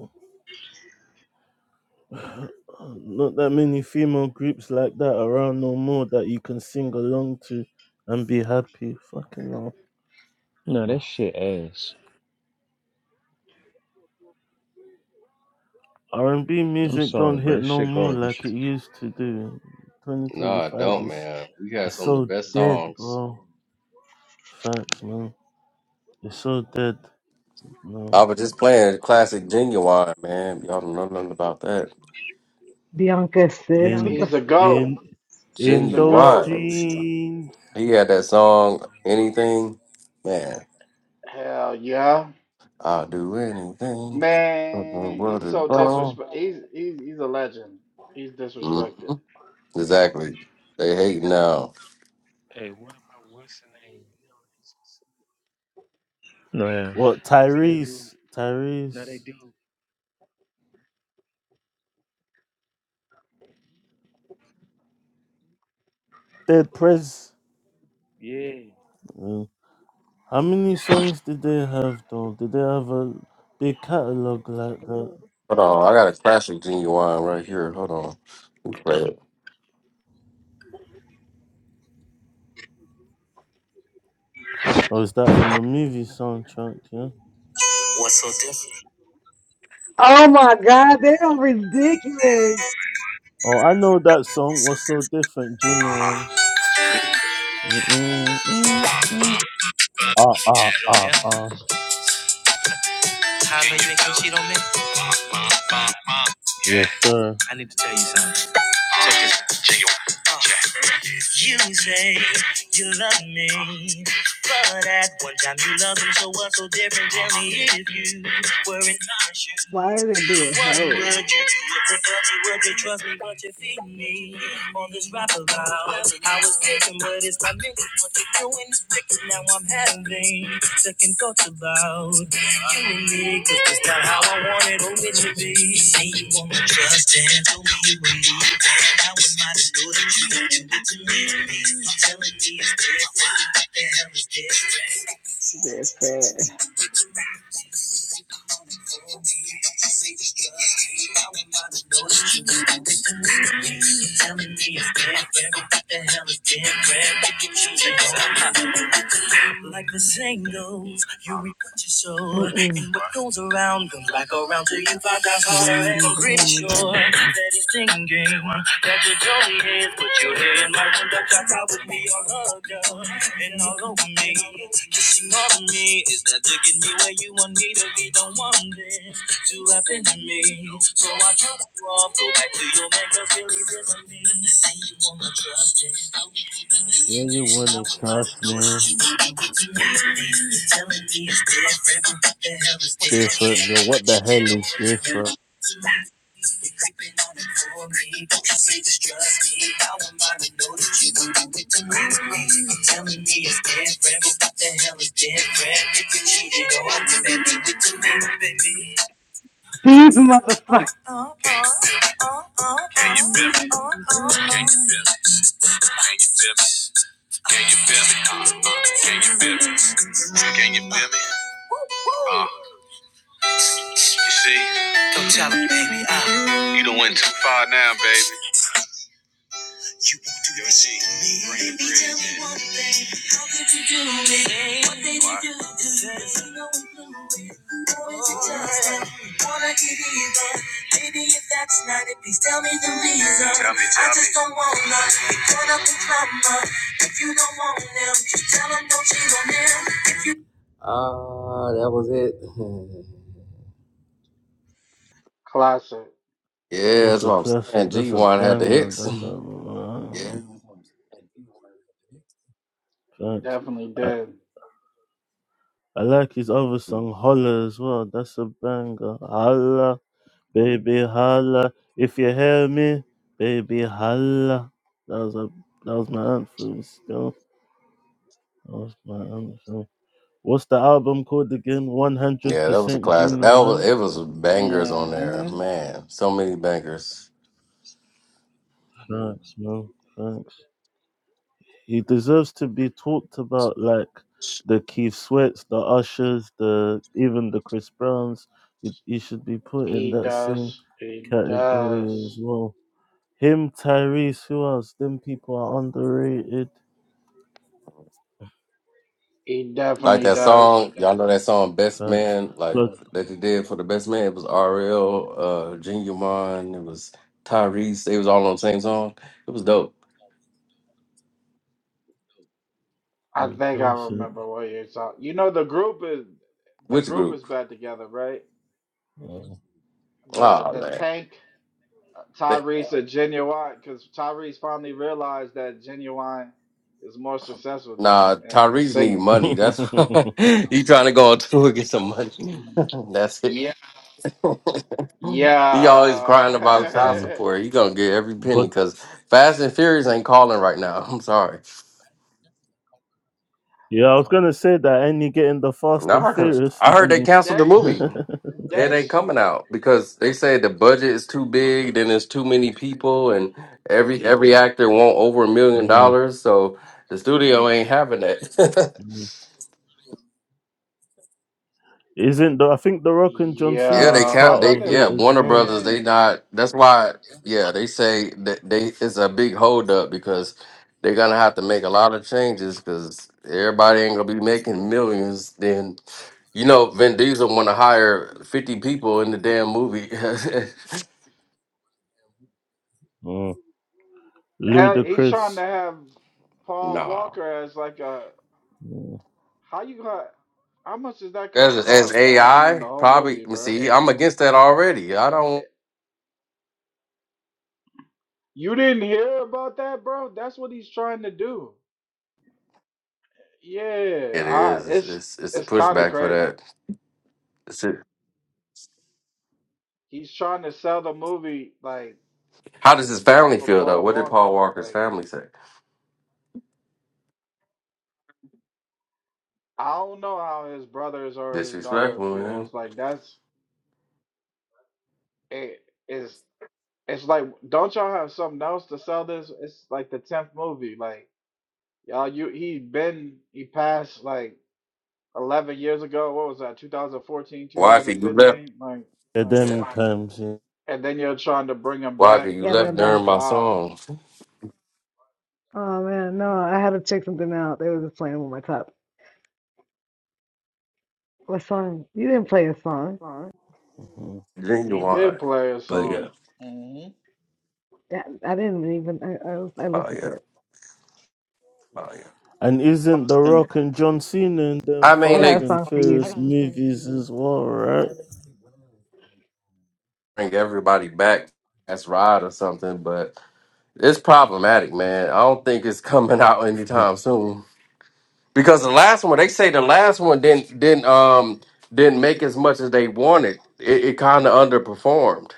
Speaker 7: Not that many female groups like that around no more that you can sing along to and be happy. Fucking hell.
Speaker 2: No, that shit ass.
Speaker 7: R and B
Speaker 2: I'm
Speaker 7: music don't
Speaker 2: sorry,
Speaker 7: hit
Speaker 2: bro.
Speaker 7: no
Speaker 2: Shit
Speaker 7: more
Speaker 2: garbage.
Speaker 7: like it used to do. Twenty
Speaker 5: No,
Speaker 7: twenty
Speaker 5: I
Speaker 7: five
Speaker 5: don't,
Speaker 7: is
Speaker 5: man. We had
Speaker 7: it's
Speaker 5: some of the
Speaker 7: so
Speaker 5: best
Speaker 7: dead,
Speaker 5: songs.
Speaker 7: bro. Facts, man. It's so dead.
Speaker 5: I
Speaker 7: No.
Speaker 5: was just playing classic Genuine, man. Y'all don't know nothing about that.
Speaker 3: Bianca
Speaker 7: In
Speaker 3: Sis. What the?
Speaker 1: He's
Speaker 3: F-
Speaker 1: a goat.
Speaker 7: in
Speaker 1: He's
Speaker 7: in
Speaker 1: a
Speaker 7: those
Speaker 1: goat.
Speaker 5: Genuine.
Speaker 7: jeans.
Speaker 5: He had that song, Anything. Man,
Speaker 1: Hell yeah.
Speaker 5: I'll do anything. for the
Speaker 1: Man,
Speaker 5: world
Speaker 1: he's
Speaker 5: is
Speaker 1: so
Speaker 5: wrong.
Speaker 1: disrespect he's he's he's a legend. He's
Speaker 5: hmm
Speaker 1: disrespected.
Speaker 5: Exactly. They hate now.
Speaker 2: No, yeah.
Speaker 7: What Tyrese? Tyrese. Dead Prez. Mm. How many songs did they have though? Did they have a big catalog like that?
Speaker 5: Hold on, I got a classic Genuine right here. Hold on. Let me play it.
Speaker 7: Or is that from a movie soundtrack? Yeah.
Speaker 5: What's so different?
Speaker 3: oh my God. They're ridiculous.
Speaker 7: Oh, I know that song. What's so different, genuine? Mm-mm, mm-mm. Ah, ah,
Speaker 5: Cheated on
Speaker 7: ah,
Speaker 5: him.
Speaker 7: ah.
Speaker 5: How I know you ain't come cheat on me? I
Speaker 7: Yes, sir.
Speaker 5: need to tell you something. You say you love me, but at one time you loved him. So what's so different? Tell me if you were in my
Speaker 3: Why
Speaker 5: shoes,
Speaker 3: are they being
Speaker 5: what
Speaker 3: hoes?
Speaker 5: would you do? If they cut me, would you trust me? Would you feed me on this rap about? I was thinking, but it's my mix. What you're doing is fixing. Now I'm having second thoughts about doing me, cause that's not how I wanted it with to be. You say you want to trust and told me you believe that I was not as good as you, you were too me. I'm telling you it's different, what the hell is this?
Speaker 3: They're
Speaker 5: Like
Speaker 3: fat.
Speaker 5: the saying goes, you reap what you sow, and what goes around comes back around to you five times
Speaker 3: Cause they
Speaker 5: harder.
Speaker 3: ran
Speaker 5: And I'm
Speaker 3: over
Speaker 5: pretty sure that he's thinking that you're totally his, but you're like when the clock out with be all hugged and all over me. Kissing all of me. Is that to get me where you want me to be? Don't want this to happen to me. So I cut you off, go back to your man, really this ain't me. Say you wanna trust it. Okay, we get
Speaker 7: Well, you
Speaker 5: it. How
Speaker 7: wanna
Speaker 5: am I to
Speaker 7: trust
Speaker 5: know that
Speaker 7: me?
Speaker 5: you wanna get me? You're telling me it's different. What the hell is this? I
Speaker 7: Different. Though.
Speaker 5: want
Speaker 7: What the
Speaker 5: you
Speaker 7: hell is
Speaker 5: to know
Speaker 7: different?
Speaker 5: what you do. You're creeping on it for me. Don't you say just trust me. I want mine to know that you gon' do it to me. You're telling me it's different, but what the hell is different? If you cheated on me, then do it to me, baby.
Speaker 3: You
Speaker 5: Oh,
Speaker 3: motherfucker.
Speaker 5: oh, oh, oh, oh, oh, oh, oh, oh. Don't tell him, baby. Baby, tell me one thing. How could you do it? What did you do? There's no improvement. Or is it just that wanna get even? Baby, if that's not it, please tell me the reason. Tell me, tell I just me. don't wanna get caught up in drama. If you don't want them, just tell them don't cheat on them. Ah, that was it.
Speaker 1: Classic.
Speaker 5: yeah,
Speaker 7: That's
Speaker 5: that's
Speaker 7: a
Speaker 5: what I'm saying.
Speaker 7: classic. That's
Speaker 5: G
Speaker 7: a
Speaker 5: One had the
Speaker 7: banger.
Speaker 5: hits.
Speaker 7: That's a
Speaker 1: He
Speaker 7: tracks.
Speaker 1: definitely
Speaker 7: I,
Speaker 1: did.
Speaker 7: I like his other song, "Holla" as well. That's a banger. Holla. Baby holla. If you hear me, baby holla. That was a that was my influence though. That was my influence. What's the album called again? One hundred
Speaker 5: Yeah, that was a
Speaker 7: percent
Speaker 5: classic.
Speaker 7: Junior
Speaker 5: That was
Speaker 7: One.
Speaker 5: it was bangers on there,
Speaker 1: hmm
Speaker 5: man. So many bangers.
Speaker 7: Thanks, man. Thanks. He deserves to be talked about like the Keith Sweats, the Ushers, the even the Chris Browns. He, he should be put in
Speaker 1: He
Speaker 7: that same
Speaker 1: does. He
Speaker 7: category as
Speaker 1: does.
Speaker 7: well. Him, Tyrese, who else? Them people are underrated.
Speaker 1: He
Speaker 5: Like
Speaker 1: definitely
Speaker 5: that
Speaker 1: does.
Speaker 5: song, y'all know that song Best
Speaker 7: Thanks.
Speaker 5: Man, like that they did for the best man. It was RL, uh Genuine, it was Tyrese, they was all on the same song. It was dope.
Speaker 1: I think I
Speaker 7: Okay, shit.
Speaker 1: remember what you're talking. You know the group is the
Speaker 5: Which
Speaker 1: group is
Speaker 5: group?
Speaker 1: bad together, right? The
Speaker 5: Oh
Speaker 1: the
Speaker 5: man. That-
Speaker 1: tank, uh, Tyrese and Genuine, because Tyrese finally realized that Genuine is more successful than
Speaker 5: Nah,
Speaker 1: him in, in
Speaker 5: Tyrese need
Speaker 1: singing.
Speaker 5: money. That's he trying to go on tour and get some money.
Speaker 1: Mhm.
Speaker 5: That's it. Yeah. he always
Speaker 1: Yeah,
Speaker 5: crying about child
Speaker 7: Mm.
Speaker 5: support. He gonna get every penny
Speaker 7: but
Speaker 5: because Fast and Furious ain't calling right now. I'm sorry.
Speaker 7: yeah, I was gonna say that any getting the Fast
Speaker 5: Now
Speaker 7: and
Speaker 5: I heard
Speaker 7: Furious
Speaker 5: I heard they
Speaker 7: money.
Speaker 5: canceled the
Speaker 1: that's uh,
Speaker 5: movie. It ain't
Speaker 1: that's
Speaker 5: coming out because they say the budget is too big, then there's too many people, and every every actor want over a million
Speaker 7: Mm,
Speaker 5: dollars, so the studio ain't having that.
Speaker 7: mm. Isn't the I think The Rock and John
Speaker 5: yeah, they
Speaker 7: Cena's
Speaker 1: yeah. I
Speaker 5: can't.
Speaker 7: part
Speaker 1: thought
Speaker 5: They
Speaker 7: of
Speaker 1: they were
Speaker 5: yeah,
Speaker 7: it as
Speaker 5: Warner
Speaker 7: well.
Speaker 5: Brothers. They
Speaker 1: damn.
Speaker 5: not. That's why. Yeah, they say that they it's a big holdup because they're gonna have to make a lot of changes because everybody ain't gonna be making millions. Then you know, Vin Diesel want to hire fifty people in the damn movie.
Speaker 7: Mm.
Speaker 1: ha he's trying to
Speaker 7: Ludicrous.
Speaker 1: have Paul
Speaker 5: nah.
Speaker 1: Walker as like a
Speaker 7: Mm.
Speaker 1: how you got how much is that
Speaker 5: As
Speaker 1: gonna
Speaker 5: as
Speaker 1: cost to have him in
Speaker 5: AI,
Speaker 1: the whole
Speaker 5: probably
Speaker 1: movie,
Speaker 5: let me
Speaker 1: bro?
Speaker 5: see, I'm
Speaker 1: Like
Speaker 5: against that already. I
Speaker 1: eh,
Speaker 5: don't.
Speaker 1: you didn't hear about that, bro? That's what he's trying to do. Yeah,
Speaker 5: It
Speaker 1: I
Speaker 5: is. It's
Speaker 1: it's
Speaker 5: it's, it's a
Speaker 1: it's kind of
Speaker 5: pushback for
Speaker 1: crazy.
Speaker 5: that. It's it.
Speaker 1: He's trying to sell the movie like
Speaker 5: How does his family
Speaker 1: off of
Speaker 5: feel though?
Speaker 1: Paul
Speaker 5: What did
Speaker 1: Walker.
Speaker 5: Paul Walker's
Speaker 1: Like
Speaker 5: family say?
Speaker 1: I don't know how his brothers or his daughter
Speaker 5: Disrespectful, man.
Speaker 1: feels. Like that's it is it's it's like don't y'all have something else to sell this? It's like the tenth movie. Like Y'all, you he been he passed like 11 years ago. What was that? 2014, two
Speaker 5: Why if
Speaker 1: thousand
Speaker 5: you left?
Speaker 1: fifteen. Like,
Speaker 7: At them times, yeah.
Speaker 1: and then you're trying to bring him
Speaker 5: Why if
Speaker 1: back.
Speaker 5: you
Speaker 3: Yeah, but
Speaker 1: Like,
Speaker 5: left
Speaker 3: I'm
Speaker 1: that's
Speaker 5: during
Speaker 3: back.
Speaker 5: my
Speaker 1: wild.
Speaker 5: song?
Speaker 3: Oh man, no, I had to check something out. They were just playing with my cup. What song? You didn't play a song.
Speaker 7: Mhm.
Speaker 1: He did
Speaker 5: Genuine.
Speaker 1: play a
Speaker 5: But
Speaker 1: song.
Speaker 5: yeah.
Speaker 1: hmm
Speaker 3: Yeah, I didn't even. I, I was- I
Speaker 5: Oh
Speaker 3: listened to
Speaker 5: yeah.
Speaker 3: it.
Speaker 7: And isn't The Rock and John Cena in them
Speaker 5: I
Speaker 3: I
Speaker 5: mean,
Speaker 7: Fast
Speaker 3: got a
Speaker 5: they
Speaker 7: and
Speaker 3: song for you,
Speaker 7: Furious movies as well, right?
Speaker 5: bring everybody back. That's right or something, but it's problematic, man. I don't think it's coming out anytime soon. Because the last one, they say the last one didn't didn't um didn't make as much as they wanted. It, it kind of underperformed.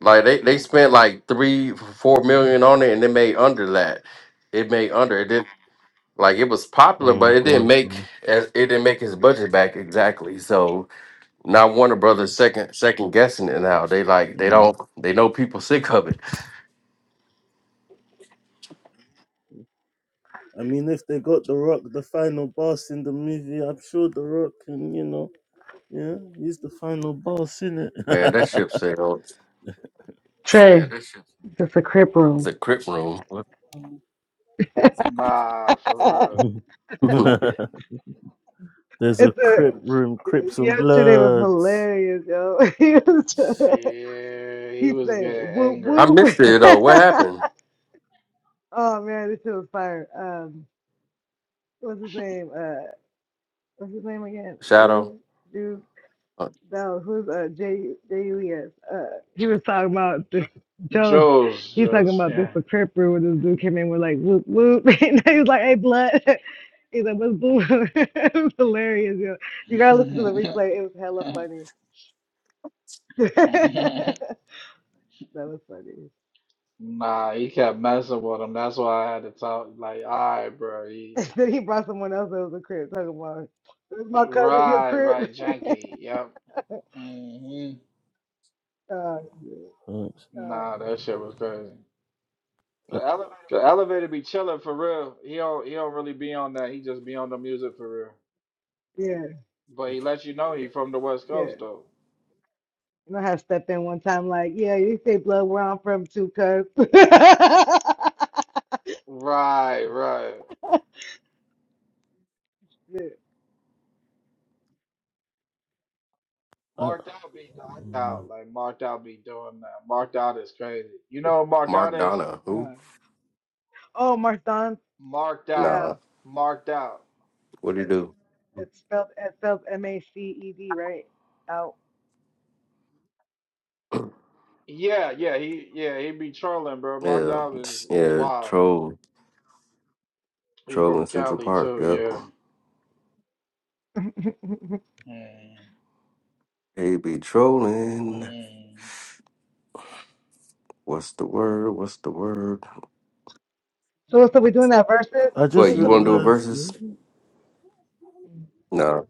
Speaker 5: Like they, they spent like three four
Speaker 7: Mhm.
Speaker 5: million on it, and it made under that. It made under. It didn't like it was
Speaker 7: Oh
Speaker 5: popular,
Speaker 7: my
Speaker 5: but it didn't make
Speaker 7: god.
Speaker 5: as it didn't make his budget back exactly. So now Warner Brothers second second guessing it now. They like they don't they know people sick of it.
Speaker 7: I mean, if they got The Rock, the final boss in the movie, I'm sure The Rock can, you know, yeah, he's the final boss in
Speaker 5: Man, that ship sailed.
Speaker 3: Trey. It's a crip
Speaker 5: It's
Speaker 3: room.
Speaker 5: a crip room.
Speaker 1: Nah, for
Speaker 7: it.
Speaker 1: real.
Speaker 7: There's a
Speaker 3: It's a.
Speaker 7: Crip room, Crips and
Speaker 3: Yesterday was
Speaker 7: Bloods.
Speaker 3: hilarious, yo. He was just.
Speaker 1: Yeah, he
Speaker 3: he
Speaker 1: was
Speaker 3: said
Speaker 1: getting
Speaker 3: whoop
Speaker 1: angry.
Speaker 5: I
Speaker 3: whoop.
Speaker 5: missed it though. What happened,
Speaker 3: Oh man, this shit was fire. Um, what's his name? Uh, what's his name again?
Speaker 5: Shadow?
Speaker 3: Drew. Drew.
Speaker 5: Uh,
Speaker 3: No, who's uh J J-U-E-S. Uh he was talking about the Joe's
Speaker 1: Jules,
Speaker 3: he's talking
Speaker 1: Jules,
Speaker 3: about this
Speaker 1: yeah.
Speaker 3: for Crip Brew where this dude came in with like whoop whoop and he was like, Hey blood He's like, What's blue? it was hilarious, yo. You gotta listen to the replay, it was hella funny. that was funny.
Speaker 1: Nah, he kept messing with him. That's why I had to talk. Like, all right, bro. He,
Speaker 3: then he brought someone else that was a crip talking about this is my cousin, he a
Speaker 1: right,
Speaker 3: crip.
Speaker 1: right, janky. Yep.
Speaker 3: uh, yeah,
Speaker 7: Thanks.
Speaker 1: Nah, that shit was crazy.
Speaker 7: Uh,
Speaker 1: The elevator be chilling for real. He don't he don't really be on that. He just be on the music for real.
Speaker 3: yeah.
Speaker 1: But he lets you know he from the West
Speaker 3: yeah.
Speaker 1: Coast though.
Speaker 3: You know how I stepped in one time like, yeah, you say blood where I'm from too, cuz.
Speaker 1: Right, right.
Speaker 3: Shit.
Speaker 7: I, Mm.
Speaker 1: Out like marked out be doing that. Marked out is crazy. You know what marked out
Speaker 5: Mark
Speaker 1: is?
Speaker 5: Donna. Who?
Speaker 3: nah. Oh, Marathon.
Speaker 1: Marked out.
Speaker 3: Yeah.
Speaker 5: Nah.
Speaker 1: Marked out.
Speaker 5: What'd he do?
Speaker 3: It's spelled it's spelled M A C E D, right? Out.
Speaker 1: Yeah, yeah, he yeah, he be trolling, bro. Marked
Speaker 5: Yeah.
Speaker 1: out is is
Speaker 5: Yeah.
Speaker 1: wild.
Speaker 5: Troll.
Speaker 1: He from
Speaker 5: Trolling Central
Speaker 1: Cali
Speaker 5: Park.
Speaker 1: too,
Speaker 5: Yep.
Speaker 1: yeah.
Speaker 3: so
Speaker 1: Mm,
Speaker 5: He be trolling.
Speaker 1: mm.
Speaker 5: What's the word? What's the word?
Speaker 3: so We're doing that versus,
Speaker 7: I
Speaker 5: What,
Speaker 7: just
Speaker 5: you wanna do a
Speaker 7: realized,
Speaker 5: versus?
Speaker 7: yeah.
Speaker 5: Nah.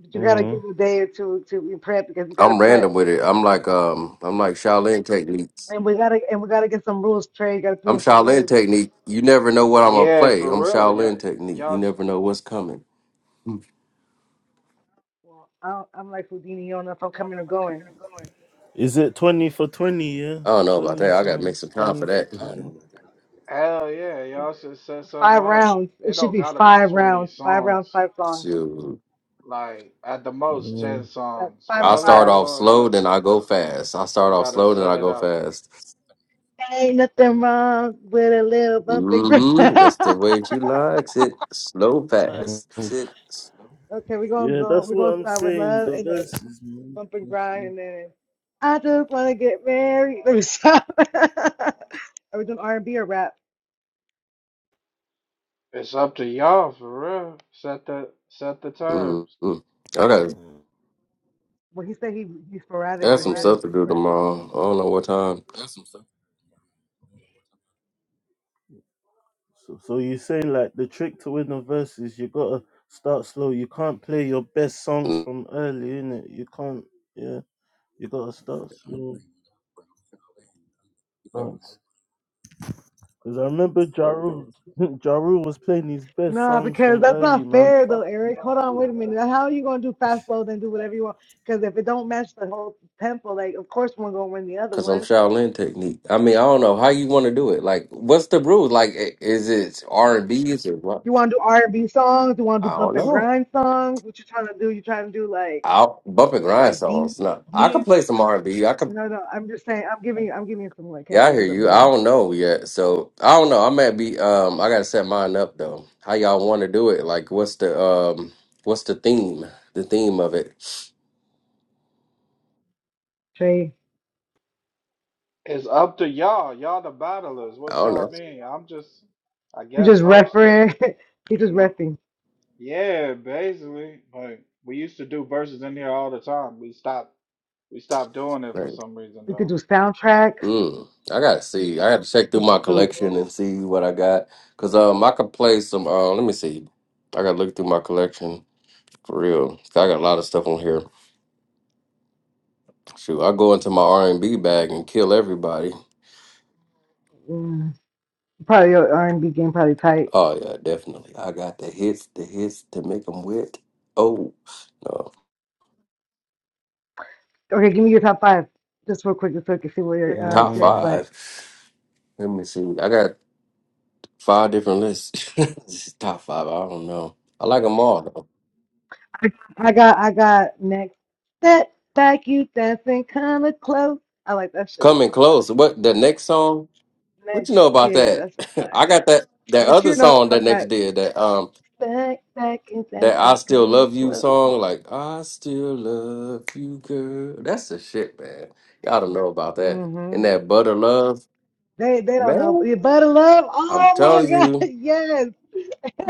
Speaker 3: but you gotta
Speaker 7: Mm.
Speaker 3: give a day or two to prep because you gotta
Speaker 5: I'm random
Speaker 3: prep,
Speaker 5: with it. I'm like um I'm like Shaolin techniques.
Speaker 3: and we gotta and we gotta get some rules. Trey, you gotta put
Speaker 5: I'm
Speaker 3: in some
Speaker 5: Shaolin
Speaker 3: rules.
Speaker 5: technique. You never know what I'm gonna
Speaker 1: Yeah,
Speaker 5: play.
Speaker 1: for
Speaker 5: I'm
Speaker 1: real. Y'all,
Speaker 5: Shaolin technique. You
Speaker 1: y'all
Speaker 5: never know what's coming. Hmm.
Speaker 3: Well, I don't- I'm like Houdini. You don't know if I'm coming or going.
Speaker 7: Is it 20 for 20, yeah?
Speaker 5: I don't know about
Speaker 7: 20
Speaker 5: that. I gotta make
Speaker 7: songs,
Speaker 5: some time for
Speaker 7: 20 for
Speaker 5: that.
Speaker 7: 20.
Speaker 1: Hell yeah, y'all should set something
Speaker 3: Five
Speaker 1: up.
Speaker 3: rounds. It
Speaker 1: It
Speaker 3: should
Speaker 1: don't
Speaker 3: be
Speaker 1: gotta be
Speaker 3: five
Speaker 1: 20
Speaker 3: rounds. Five rounds,
Speaker 1: songs.
Speaker 3: five songs.
Speaker 5: Shoot.
Speaker 1: Like, at the most, 10
Speaker 7: Mm.
Speaker 3: That's
Speaker 1: songs.
Speaker 3: five
Speaker 5: I
Speaker 3: and
Speaker 1: Whatever
Speaker 5: start
Speaker 1: y'all
Speaker 3: five.
Speaker 5: off
Speaker 1: wanna
Speaker 5: slow,
Speaker 1: do,
Speaker 5: then I go fast. I start
Speaker 1: y'all
Speaker 5: off
Speaker 1: gotta
Speaker 5: slow, then
Speaker 1: set
Speaker 5: I
Speaker 1: it
Speaker 5: go
Speaker 1: up.
Speaker 5: fast.
Speaker 3: Ain't nothing wrong with a little bump and grind.
Speaker 5: hmm That's the way she likes it. Slow
Speaker 7: Mm.
Speaker 5: fast.
Speaker 3: okay, we're gonna
Speaker 7: Yeah,
Speaker 3: go.
Speaker 7: that's
Speaker 3: We're
Speaker 7: what
Speaker 3: gonna
Speaker 7: I'm
Speaker 3: start with
Speaker 7: saying.
Speaker 3: love
Speaker 7: The
Speaker 3: and then
Speaker 7: verses,
Speaker 3: bump and grind,
Speaker 7: man.
Speaker 3: and then I just wanna get married. Let me stop. Are we doing R&B or rap.
Speaker 1: It's up to y'all, for real. Set the, set the terms.
Speaker 5: Mm-hmm. I got
Speaker 3: Well, he said he he's
Speaker 5: I
Speaker 3: sporadic
Speaker 5: got
Speaker 3: with
Speaker 5: some
Speaker 3: his.
Speaker 5: stuff to
Speaker 3: He's
Speaker 5: do
Speaker 3: sporadic.
Speaker 5: tomorrow. I don't know what time.
Speaker 7: So, so you say like the trick to win the verse is you gotta start slow. You can't play your best songs
Speaker 5: Mm,
Speaker 7: from early, innit? You can't. Yeah, you gotta start slow. Because I remember Jaru, Jaru was playing his best
Speaker 3: Nah,
Speaker 7: songs
Speaker 3: because
Speaker 7: from
Speaker 3: that's
Speaker 7: early,
Speaker 3: not
Speaker 7: man.
Speaker 3: fair though,
Speaker 7: Fucking
Speaker 3: Eric.
Speaker 7: hell,
Speaker 3: Hold on,
Speaker 7: bro,
Speaker 3: wait a
Speaker 7: man.
Speaker 3: minute. How are you gonna do fast forward then do whatever you want? Because if it don't match the whole tempo, like of course one gonna win the other
Speaker 5: Cause I'm
Speaker 3: one.
Speaker 5: Shaolin technique. I mean, I don't know how you want to do it. Like, what's the rules? Like, i- is it R and B? Is it what?
Speaker 3: You wanna do R and B songs? You wanna do
Speaker 5: I
Speaker 3: bump
Speaker 5: don't
Speaker 3: and
Speaker 5: know.
Speaker 3: grind songs? What you trying to do? You trying to do like
Speaker 5: I'll bump and grind
Speaker 3: like deep
Speaker 5: songs. No, I could
Speaker 3: deep?
Speaker 5: play some R and B. I could.
Speaker 3: No, no. I'm just saying. I'm giving you. I'm giving you some like
Speaker 5: Yeah, I hear
Speaker 3: categories. I
Speaker 5: you. I
Speaker 3: mean,
Speaker 5: don't know yet. So I don't know. I might be. Um, I gotta set mine up though. How y'all want to do it? Like, what's the um, what's the theme? The theme of it.
Speaker 3: Trey,
Speaker 1: It's up to y'all. Y'all the battlers.
Speaker 5: I
Speaker 1: What
Speaker 5: don't
Speaker 1: y'all
Speaker 5: know.
Speaker 1: mean? I'm just, I
Speaker 3: you
Speaker 1: guess,
Speaker 3: just
Speaker 1: host it,
Speaker 3: referring. you
Speaker 1: you
Speaker 3: just
Speaker 1: know?
Speaker 3: repping.
Speaker 1: Yeah, basically. Like, we used to do verses in here all the time. We stopped, we stopped doing it for
Speaker 5: Like,
Speaker 1: some reason,
Speaker 3: We could
Speaker 1: though.
Speaker 3: do soundtracks.
Speaker 5: Mm, I gotta see. I gotta check through
Speaker 3: We could
Speaker 5: my collection
Speaker 3: do
Speaker 5: and see what I got. Cause um, I could play some. Uh, let me see. I gotta look through my collection for real. 'Cause I got a lot of stuff on here. Shoot, I go into my R and B bag and kill everybody.
Speaker 3: mm, probably your R and B game probably tight.
Speaker 5: Oh yeah, definitely. I got the hits, the hits to make them wet. Oh no,
Speaker 3: Okay, give me your top five just real quick, just so I can see what
Speaker 7: Second
Speaker 3: your uh,
Speaker 5: top
Speaker 3: tastes like.
Speaker 5: five. Let me see. I got five different lists. This is top five. I don't know. I like them all though.
Speaker 3: I, I got, I got next. That back you dancing kind of close. I like that shit. That's
Speaker 5: Coming
Speaker 3: my favorite
Speaker 5: close.
Speaker 3: song.
Speaker 5: What the next song? What you
Speaker 3: Next,
Speaker 5: know about
Speaker 3: yeah,
Speaker 5: that?
Speaker 3: that's just
Speaker 5: I
Speaker 3: like
Speaker 5: got that that
Speaker 3: what
Speaker 5: other
Speaker 3: you know
Speaker 5: song that
Speaker 3: about
Speaker 5: next
Speaker 3: that.
Speaker 5: did that um
Speaker 3: Back, back you
Speaker 5: that I
Speaker 3: dancing
Speaker 5: still
Speaker 3: kind of
Speaker 5: love you
Speaker 3: close.
Speaker 5: song like I still love you girl. That's the shit, man. Y'all don't know about that. And
Speaker 3: Mm-hmm.
Speaker 5: that butter love,
Speaker 3: They, they don't know.
Speaker 5: man.
Speaker 3: You better love.
Speaker 5: I'm
Speaker 3: Oh my
Speaker 5: telling
Speaker 3: god,
Speaker 5: you,
Speaker 3: yes,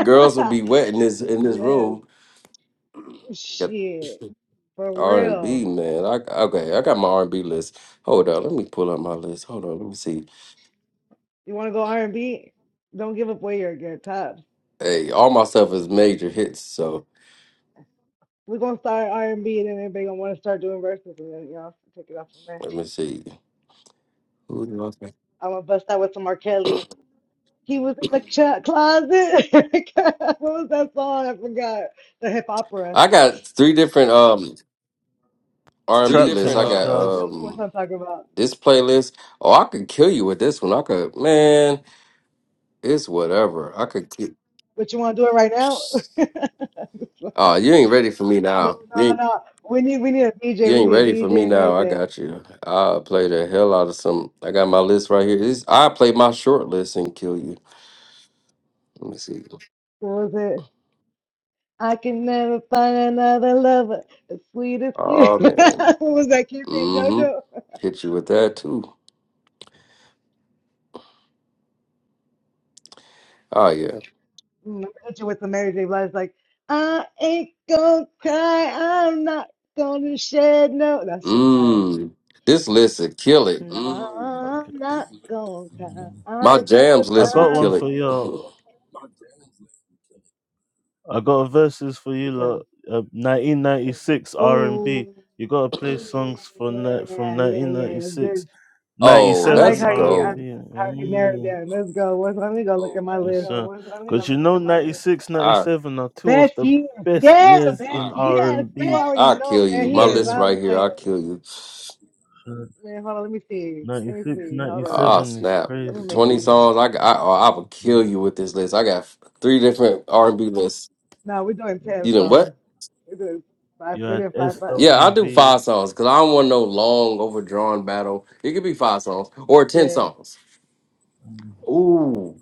Speaker 5: girls will be wet in this in this
Speaker 3: yes,
Speaker 5: room. Got
Speaker 3: shit, for
Speaker 5: R and B,
Speaker 3: real.
Speaker 5: man. I okay, I got my R and B list. Hold on, let me pull up my list. Hold on, let me see.
Speaker 3: You want to go R and B? Don't give up where you're at.
Speaker 5: Hey, all my stuff is major hits, so
Speaker 3: We're gonna start R and B, and then everybody gonna want to start doing verses, and then you know take it off from there.
Speaker 5: let me see. Who do I got?
Speaker 3: I'm gonna bust out with some R. Kelly. He was in the ch- closet. what was that song? I forgot. The hip opera.
Speaker 5: I got three different. Um, R and B
Speaker 7: trapped in
Speaker 5: list. I
Speaker 7: my
Speaker 5: got
Speaker 3: You
Speaker 7: class.
Speaker 3: know what
Speaker 5: um
Speaker 3: I'm talking about.
Speaker 5: this playlist. Oh, I could kill you with this one. I could, man. It's whatever. I could. ki-
Speaker 3: But you want to do it right now? no,
Speaker 5: Oh, you ain't ready for me
Speaker 3: no,
Speaker 5: now. You ain't,
Speaker 3: no. We need we need a DJ.
Speaker 5: you
Speaker 3: We
Speaker 5: ain't
Speaker 3: need a
Speaker 5: ready for
Speaker 3: DJ
Speaker 5: me
Speaker 3: and
Speaker 5: now. I
Speaker 3: anything.
Speaker 5: got you. I'll play the hell out of some. I got my list right here. This I play my short list and kill you. Let me see.
Speaker 3: What was it? I can never find another lover as sweet as you.
Speaker 5: Oh man.
Speaker 3: what was that? Casey and
Speaker 5: Mm-hmm.
Speaker 3: JoJo?
Speaker 5: Hit you with that too. Oh yeah.
Speaker 3: Remember that you with the Mary J. Blige, like, I ain't gonna cry, I'm not gonna shed no. That's just fire.
Speaker 5: Mmm. This list would kill it.
Speaker 3: No,
Speaker 7: Okay.
Speaker 3: I'm not gonna cry.
Speaker 7: Mm.
Speaker 3: I,
Speaker 5: My
Speaker 3: it's not the
Speaker 5: jams
Speaker 7: I
Speaker 5: list
Speaker 7: got
Speaker 5: would
Speaker 3: time.
Speaker 7: one
Speaker 5: kill
Speaker 7: for
Speaker 5: it.
Speaker 7: you. I got a verses for you,
Speaker 3: Your turn.
Speaker 7: lot. Uh, 1996 R&B.
Speaker 3: Oh,
Speaker 7: You gotta play songs from that from
Speaker 3: yeah, yeah, yeah. That's
Speaker 7: 1996.
Speaker 3: good.
Speaker 5: oh,
Speaker 3: I like
Speaker 7: 97
Speaker 5: that's
Speaker 3: how he uh,
Speaker 7: R&B.
Speaker 5: gold.
Speaker 3: how he narrowed
Speaker 7: Mm.
Speaker 3: down. Let's go. What's, let me go look at my
Speaker 7: Yes,
Speaker 3: list.
Speaker 7: sir. Because you know, 96, 97 are two of
Speaker 3: Best
Speaker 7: the
Speaker 3: years.
Speaker 7: best
Speaker 3: Yes,
Speaker 7: years in
Speaker 3: yes. You
Speaker 7: R&B.
Speaker 3: already
Speaker 5: I'll
Speaker 3: know,
Speaker 5: kill
Speaker 3: man.
Speaker 5: you.
Speaker 3: He
Speaker 5: My
Speaker 3: is
Speaker 5: list
Speaker 7: Yeah.
Speaker 3: not
Speaker 5: right here.
Speaker 3: lying.
Speaker 5: I'll kill you.
Speaker 7: sure.
Speaker 3: Man, hold on. Let me see. Let me
Speaker 7: 96,
Speaker 3: see. Hold on.
Speaker 5: Ah,
Speaker 7: 97 is
Speaker 5: snap.
Speaker 3: Let me
Speaker 7: crazy,
Speaker 3: make a
Speaker 5: 20
Speaker 7: man.
Speaker 3: list.
Speaker 5: songs. I, I, I, oh, I
Speaker 7: Mm.
Speaker 5: kill you with this list. I got three different R&B lists.
Speaker 3: No, we're doing ten
Speaker 5: You know
Speaker 3: songs.
Speaker 5: what?
Speaker 3: We're doing five.
Speaker 7: You
Speaker 3: We're
Speaker 7: had
Speaker 3: doing five, five.
Speaker 5: Yeah, I'll do
Speaker 7: SWV.
Speaker 5: five songs because I don't want no long, overdrawn battle. It could be five songs or 10
Speaker 3: Yeah.
Speaker 5: songs.
Speaker 7: mm,
Speaker 5: Ooh,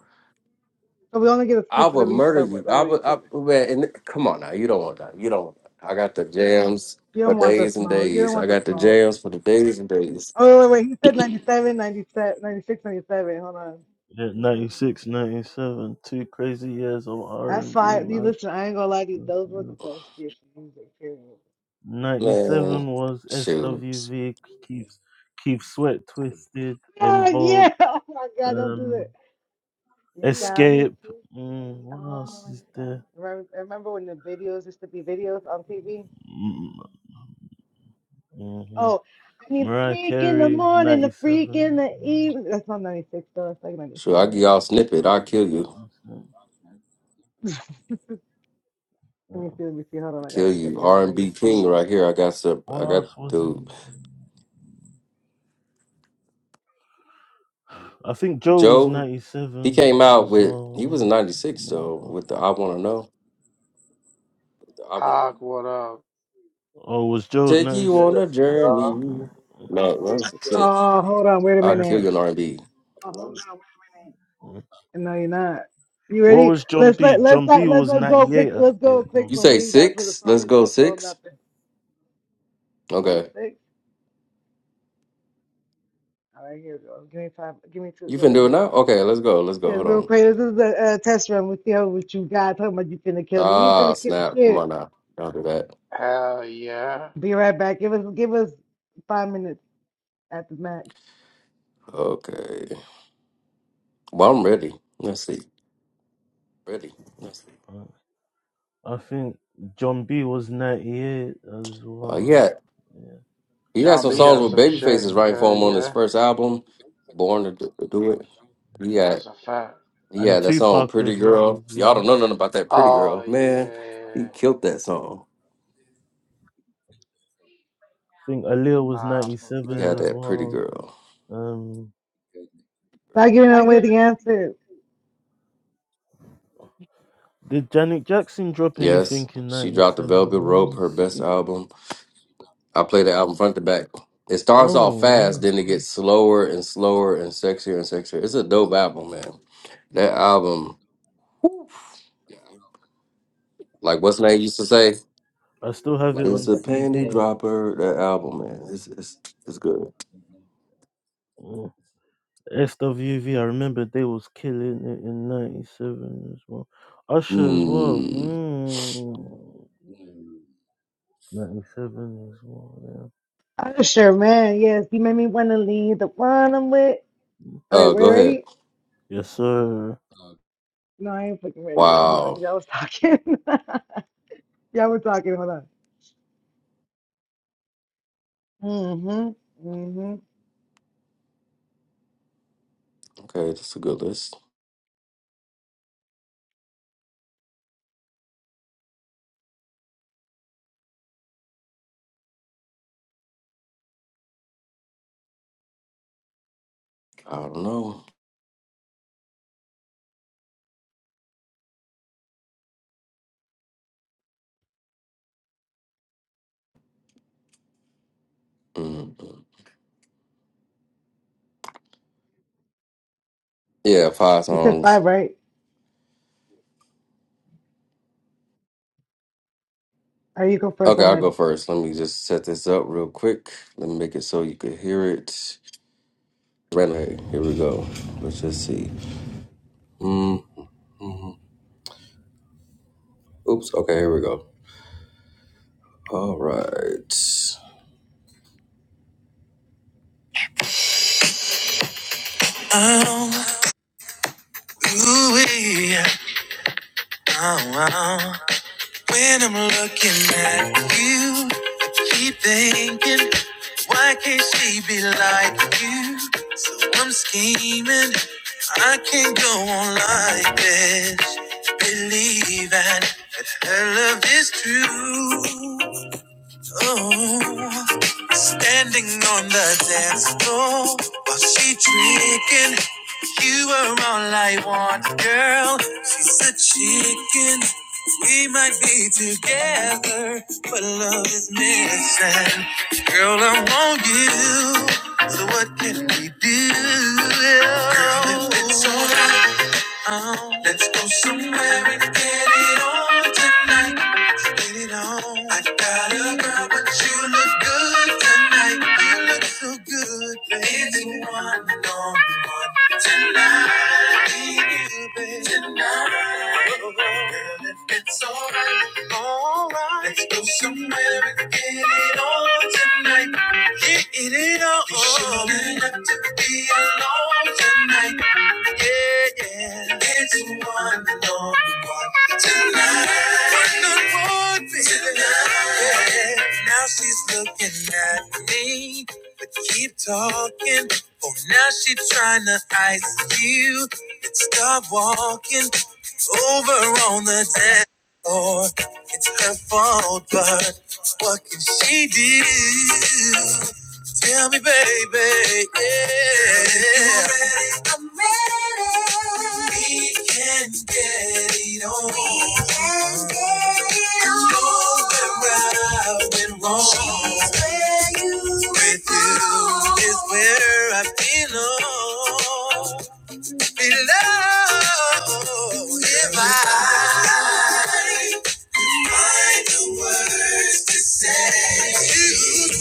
Speaker 3: So we only get a
Speaker 5: I
Speaker 3: snippet
Speaker 5: would
Speaker 3: of each
Speaker 5: murder
Speaker 3: song.
Speaker 5: you.
Speaker 3: That
Speaker 5: I
Speaker 3: way you
Speaker 5: would, I,
Speaker 3: can.
Speaker 5: man, and, come on now. You don't want that. You don't want that. I got the jams
Speaker 3: You
Speaker 5: for
Speaker 3: don't want the
Speaker 5: days and
Speaker 3: smoke. You don't
Speaker 5: days. I
Speaker 3: want the
Speaker 5: got the
Speaker 3: smoke.
Speaker 5: jams for the days and days.
Speaker 3: Oh, wait, wait, wait. He said 97, 97, 96, 97. Hold on.
Speaker 7: Yeah, 96, 97, two crazy years of
Speaker 3: That's
Speaker 7: R&B,
Speaker 3: fine. You
Speaker 7: man.
Speaker 3: listen, I ain't gonna lie to you.
Speaker 7: Fucking
Speaker 3: Those were the
Speaker 7: hell.
Speaker 3: best years for music, period.
Speaker 5: Man,
Speaker 7: 97 was
Speaker 5: shoes.
Speaker 7: SWV, Keeps, Keep Sweat Twisted, and
Speaker 3: Oh, yeah.
Speaker 7: Vogue.
Speaker 3: Oh, my God. Don't do
Speaker 7: Um,
Speaker 3: that. You got me
Speaker 7: Escape.
Speaker 3: twisted.
Speaker 7: Mm, what
Speaker 3: Oh,
Speaker 7: else
Speaker 3: my
Speaker 7: is
Speaker 3: God.
Speaker 7: there?
Speaker 3: Remember, remember when the videos used to be videos on TV?
Speaker 7: Mm, hmm
Speaker 3: Oh, I need a
Speaker 7: Mariah
Speaker 3: freak in the
Speaker 7: Carey,
Speaker 3: morning, a freak
Speaker 7: 97.
Speaker 3: in the evening. That's not 96, though. That's like
Speaker 5: Sure,
Speaker 3: 94,
Speaker 5: I give y'all
Speaker 3: maybe.
Speaker 5: a snippet. I'll kill you.
Speaker 7: Mm-hmm.
Speaker 3: Let me see. Let me see. Hold on. I
Speaker 5: Tell
Speaker 3: gotta check
Speaker 5: you,
Speaker 3: it
Speaker 5: R
Speaker 3: out.
Speaker 5: and B king
Speaker 3: 96.
Speaker 5: right here. I got some.
Speaker 7: What
Speaker 5: I got
Speaker 7: else was
Speaker 5: dude
Speaker 7: it? I think Joe was
Speaker 5: Joe. He
Speaker 7: 97
Speaker 5: came out
Speaker 7: as
Speaker 5: with.
Speaker 7: well.
Speaker 5: He
Speaker 7: Let
Speaker 5: was in
Speaker 7: me
Speaker 5: '96 though
Speaker 7: remember.
Speaker 5: with the I Want to Know.
Speaker 1: Ah, what up?
Speaker 7: Or was Joe
Speaker 5: Take you
Speaker 8: Shit, that's
Speaker 5: on a
Speaker 7: 96
Speaker 8: the
Speaker 7: as
Speaker 5: journey.
Speaker 8: job.
Speaker 7: well?
Speaker 5: No,
Speaker 8: That's
Speaker 5: that
Speaker 8: a gig,
Speaker 5: was a tip.
Speaker 3: Oh, hold on. Wait a
Speaker 5: I'll
Speaker 7: Uh,
Speaker 5: kill
Speaker 3: minute.
Speaker 5: you in R and
Speaker 8: chillin'.
Speaker 5: B.
Speaker 7: uh,
Speaker 3: No, you're not. You
Speaker 7: What
Speaker 3: ready?
Speaker 7: was John
Speaker 3: Let's
Speaker 7: B?
Speaker 3: let let's
Speaker 7: John B
Speaker 3: not, let's
Speaker 7: was
Speaker 3: let's go
Speaker 7: 98.
Speaker 3: quick.
Speaker 7: I
Speaker 3: Let's go quick.
Speaker 5: You
Speaker 3: When
Speaker 5: say
Speaker 3: we ain't gotta put a
Speaker 5: six?
Speaker 3: song,
Speaker 5: Let's
Speaker 3: we just
Speaker 5: go
Speaker 3: gonna throw them
Speaker 5: six.
Speaker 3: out there. You wanna go
Speaker 5: Okay.
Speaker 3: six? All right, here we go. Give me five. Give me two.
Speaker 5: You
Speaker 3: Give
Speaker 5: finna
Speaker 3: me a
Speaker 5: do it now?
Speaker 3: minute.
Speaker 5: Okay, let's go. Let's go.
Speaker 3: Yes,
Speaker 5: Hold
Speaker 3: real
Speaker 5: on.
Speaker 3: quick. This is a, uh test run. We see how what you got. Talking about you finna kill me. You ain't
Speaker 5: Ah,
Speaker 3: finna kill
Speaker 5: snap. Come
Speaker 3: shit.
Speaker 5: on now. Don't do that.
Speaker 1: Hell yeah.
Speaker 3: Be right back. Give us give us five minutes at the max.
Speaker 5: Okay. Well, I'm ready. Let's see.
Speaker 7: think. I think John B was 98 as
Speaker 5: Uh, he
Speaker 7: well.
Speaker 5: had
Speaker 7: Yeah.
Speaker 5: he had
Speaker 1: John
Speaker 5: some
Speaker 1: B
Speaker 7: John
Speaker 5: songs
Speaker 1: has
Speaker 5: with
Speaker 7: B.
Speaker 1: some
Speaker 5: Babyface
Speaker 1: shit.
Speaker 5: is writing for
Speaker 1: Hell
Speaker 5: him on his
Speaker 1: yeah.
Speaker 5: first album, Born to Do Do It. Yeah,
Speaker 1: That's a fact.
Speaker 5: Yeah,
Speaker 7: And
Speaker 5: that song
Speaker 7: Tupac
Speaker 5: Pretty
Speaker 7: as well,
Speaker 5: Girl. Y'all
Speaker 7: isn't
Speaker 5: don't
Speaker 7: it?
Speaker 5: know
Speaker 7: I
Speaker 5: nothing about that Pretty
Speaker 1: Oh
Speaker 5: Girl. Man, he
Speaker 1: yeah.
Speaker 5: killed that song.
Speaker 7: think Aaliyah was
Speaker 1: Nah, for
Speaker 5: He
Speaker 7: 97
Speaker 5: had
Speaker 7: as
Speaker 1: real.
Speaker 5: that Pretty
Speaker 7: well.
Speaker 5: Girl.
Speaker 7: Um,
Speaker 3: Like you know with the answer.
Speaker 7: did Janet Jackson drop
Speaker 5: Yes,
Speaker 7: anything in
Speaker 5: she dropped
Speaker 7: 97?
Speaker 5: the Velvet
Speaker 7: Let
Speaker 5: Rope,
Speaker 7: me
Speaker 5: her best
Speaker 7: see.
Speaker 5: album. I played the album front to back. It starts off
Speaker 7: Oh,
Speaker 5: fast,
Speaker 7: yeah.
Speaker 5: then it gets slower and slower and sexier and sexier. It's a dope album, man. That album, whew, like what's name used to say,
Speaker 7: I still have it
Speaker 5: it's
Speaker 7: on
Speaker 5: a panty
Speaker 7: CD.
Speaker 5: dropper. That album, man, it's it's it's good.
Speaker 7: Uh, SWV, I remember they was killing it in 97 as well. Usher as well.
Speaker 5: Mm.
Speaker 7: Mm, 97 as well, yeah.
Speaker 3: Usher, man, yes, you made me wanna leave the one I'm with. Okay,
Speaker 5: Uh,
Speaker 3: we
Speaker 5: go ahead.
Speaker 3: ready?
Speaker 7: Yes, sir.
Speaker 3: No, I ain't fucking ready yet. Hold on, 'cause
Speaker 5: Wow.
Speaker 3: y'all was talking. y'all were talking. Hold on. Mm-hmm. Mm-hmm.
Speaker 5: Okay, that's a good list. I don't know. Mhm. Yeah, five
Speaker 3: You said
Speaker 5: songs.
Speaker 3: five, right? Are you go first?
Speaker 5: Okay,
Speaker 3: I'm
Speaker 5: I'll go
Speaker 3: ready.
Speaker 5: first. Let me just set this up real quick. Let me make it so you could hear it. Renee, here we go. Let's just see. Mm. Oops. Okay, here we go. All right. When I'm looking at you, I keep thinking, why can't she be like you? So I'm scheming, I can't go on like this. Believing that her love is true. Oh, standing on the dance floor while she drinking. You are all I want, girl. She's a chicken. We might be together, but love is missing. Girl, I want you. So what can we do? Girl, if it's alright on. Let's go somewhere and get it on tonight. Get it on. I got a girl, but you look good tonight. You look so good, baby. It's one on one tonight. You, baby. Tonight. Girl, if it's alright, alright. Let's go somewhere and get it on tonight. Get it on. You shouldn't have to be alone tonight yeah, yeah. It's one and only one tonight. One and only Tonight. Yeah. Now she's looking at me, but keep talking. Oh, now she trying to ice you. and us stop walking over on the dance floor. It's her fault, but what can she do? Tell me, baby, yeah. I'm ready. We can get it on. We can get it on. Know where I've been wrong. She's where you With belong. you is where I belong. Belong. If I Find the words to say. To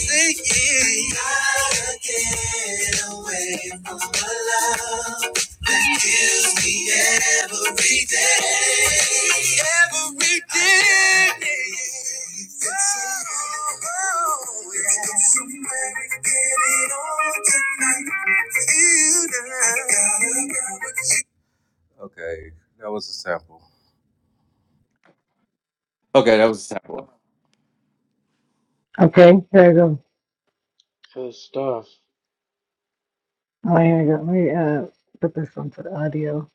Speaker 5: say it. Gotta get away from the love that kills me every day. Every day. Oh, yeah. Somebody to get it on tonight. Okay, that was a sample. Okay, that was a sample.
Speaker 3: Okay, here I go.
Speaker 1: Good stuff.
Speaker 3: Oh, here I go. Let me uh put this onto the audio.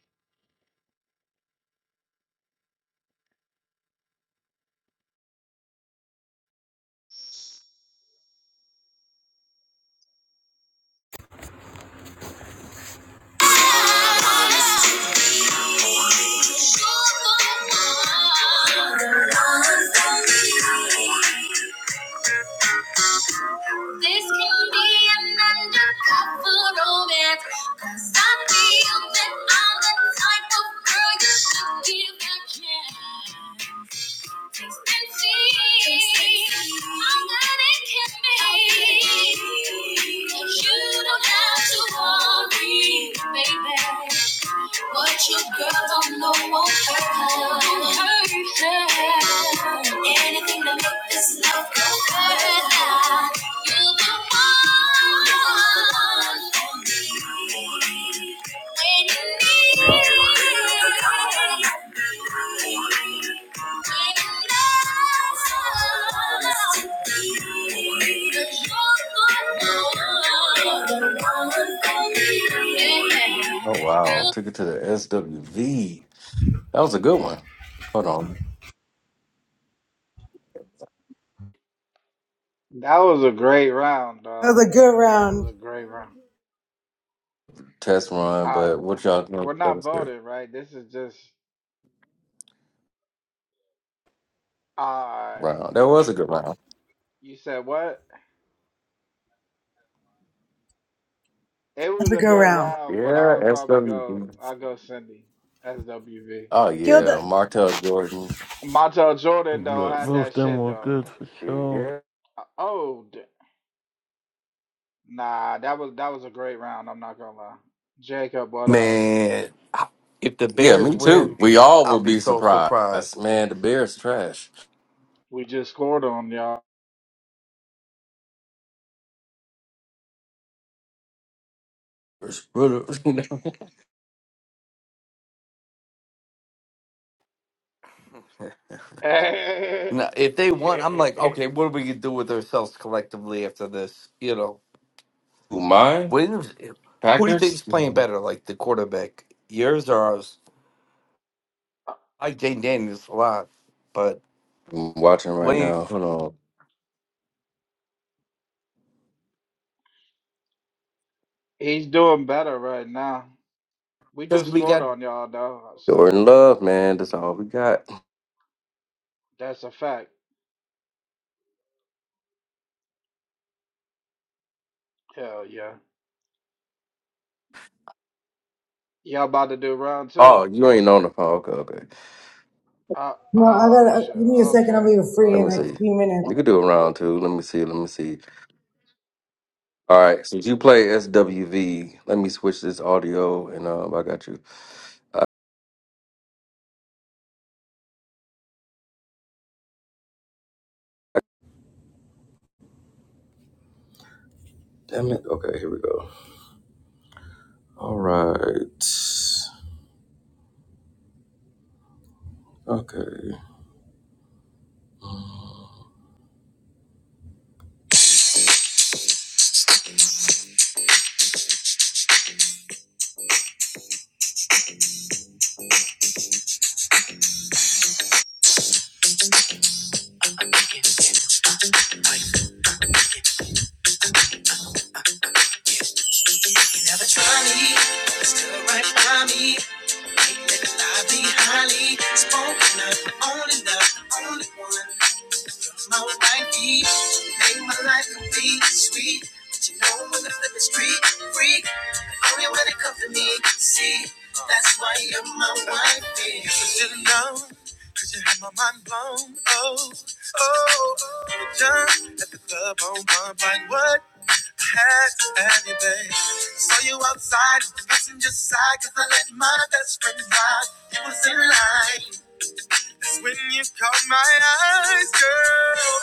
Speaker 3: This can be an undercover romance, 'cause I feel that I'm the type of girl you should give a chance. Taste and see how good it can be. 'Cause you don't have to worry, baby. What your girl don't know won't hurt her. Anything to make this love go further. You're the one for me. When you need me. When you 'cause you're the one. you're the one for me.
Speaker 5: Oh
Speaker 3: You're
Speaker 5: wow, took it to the SWV. That was a good one. Hold on,
Speaker 1: That was a great round, dog.
Speaker 3: That was a good
Speaker 1: That
Speaker 3: round.
Speaker 1: was a great round.
Speaker 5: test run.
Speaker 1: Uh
Speaker 5: But what y'all think?
Speaker 1: we're
Speaker 5: That
Speaker 1: not
Speaker 5: was a good
Speaker 1: voting, right? This is just uh
Speaker 5: round. That was a good round.
Speaker 1: you said what? It
Speaker 3: That's
Speaker 1: was
Speaker 3: a
Speaker 1: a
Speaker 3: good
Speaker 1: good
Speaker 3: round.
Speaker 1: round, but I'll
Speaker 5: Yeah,
Speaker 1: probably go
Speaker 5: SWV.
Speaker 1: I'll go Cindy SWV.
Speaker 5: Oh
Speaker 3: Kill
Speaker 5: yeah,
Speaker 3: the.
Speaker 5: Martell Jordan.
Speaker 1: Montel Jordan though
Speaker 7: But
Speaker 1: had
Speaker 7: both
Speaker 1: that
Speaker 7: of them
Speaker 1: shit
Speaker 7: were
Speaker 1: though.
Speaker 7: good for sure.
Speaker 1: Uh, Oh, d- Nah, that was that was a great round. I'm not gonna lie, Jacob. What up?
Speaker 9: Man, if the
Speaker 5: Yeah,
Speaker 9: Bears
Speaker 5: me too.
Speaker 9: win,
Speaker 5: We all
Speaker 9: I'll
Speaker 5: would
Speaker 9: be
Speaker 5: be
Speaker 9: so
Speaker 5: surprised.
Speaker 9: surprised.
Speaker 5: Man, the Bears trash.
Speaker 1: We just scored on y'all.
Speaker 5: It's really-
Speaker 9: Now, if they won, I'm like, okay, what are we gonna do with ourselves collectively after this? You know,
Speaker 5: Who mine?
Speaker 9: Williams. Who do you think is
Speaker 5: Packers.
Speaker 9: playing better, like the quarterback, yours or ours? I like Jane Daniels a lot, but
Speaker 5: I'm watching right
Speaker 9: Williams
Speaker 5: now. Hold on.
Speaker 1: He's doing better right now. We
Speaker 9: because
Speaker 1: just
Speaker 9: we
Speaker 1: scored
Speaker 9: got
Speaker 1: on y'all though, so
Speaker 5: Jordan Love, man. That's all we got.
Speaker 1: that's a fact. Hell yeah. Y'all about to do round two?
Speaker 5: Oh, you ain't on the phone. Okay, okay.
Speaker 1: Uh,
Speaker 3: No, I
Speaker 1: oh
Speaker 3: gotta
Speaker 1: shit.
Speaker 3: give me a second. I'll
Speaker 1: Okay.
Speaker 3: be free
Speaker 5: Let
Speaker 3: in
Speaker 5: me
Speaker 1: Okay.
Speaker 3: like a
Speaker 5: see.
Speaker 3: few minutes.
Speaker 5: You could do a round two. Let me see. Let me see. All right, since you play SWV, let me switch this audio and um, I got you. Damn it. Okay, here we go. All right. Okay. You never try me, but still right by me. Let the lie be highly spoken of. Only love, only one. You're my right beat. Make my life complete, sweet. But you know I'm a little street freak. Only when it comes to me, see, that's why you're my wife. babe. You should have known, 'cause you had my mind blown. Oh, oh, you were at the club on one like what had have you been? Saw you outside, missing your side, 'cause I let my best friend ride. You was in line it's when you caught my eyes, girl.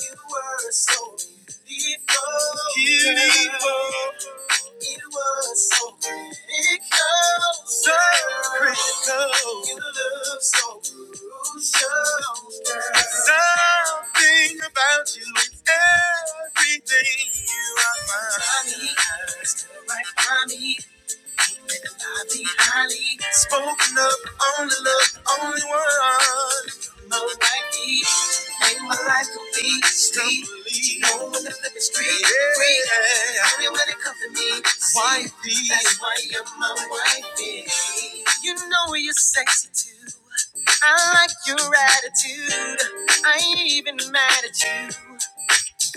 Speaker 5: You were so beautiful. Beautiful. You were so so critical. You look so crucial. Something about you is everything you are. Mine. Right by me, I be highly spoken up. Only love, only one. No like me, make my life complete. Sleep, no one to live the living street. Free, everybody come to me. Wifey, that's why you're my wife. You know you're sexy too. I like your attitude. I ain't even mad at you.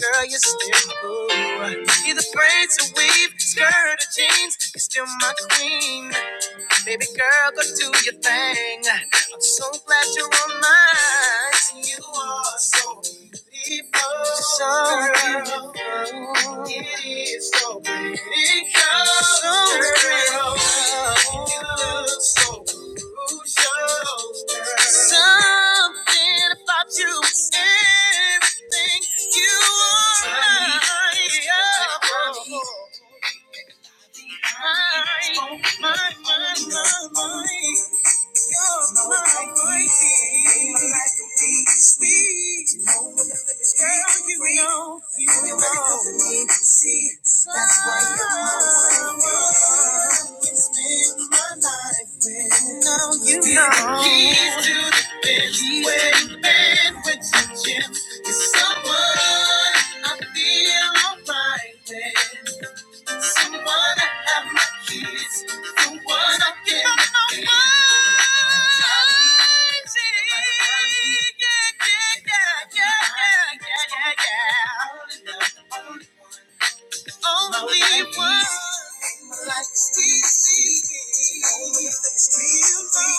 Speaker 5: Girl, you're still cool. Either braids or weave, skirt or jeans, you're my queen. Baby girl, go do your own thing. You are so beautiful. So girl, it is so beautiful. So girl, you look so crucial. So Yeah.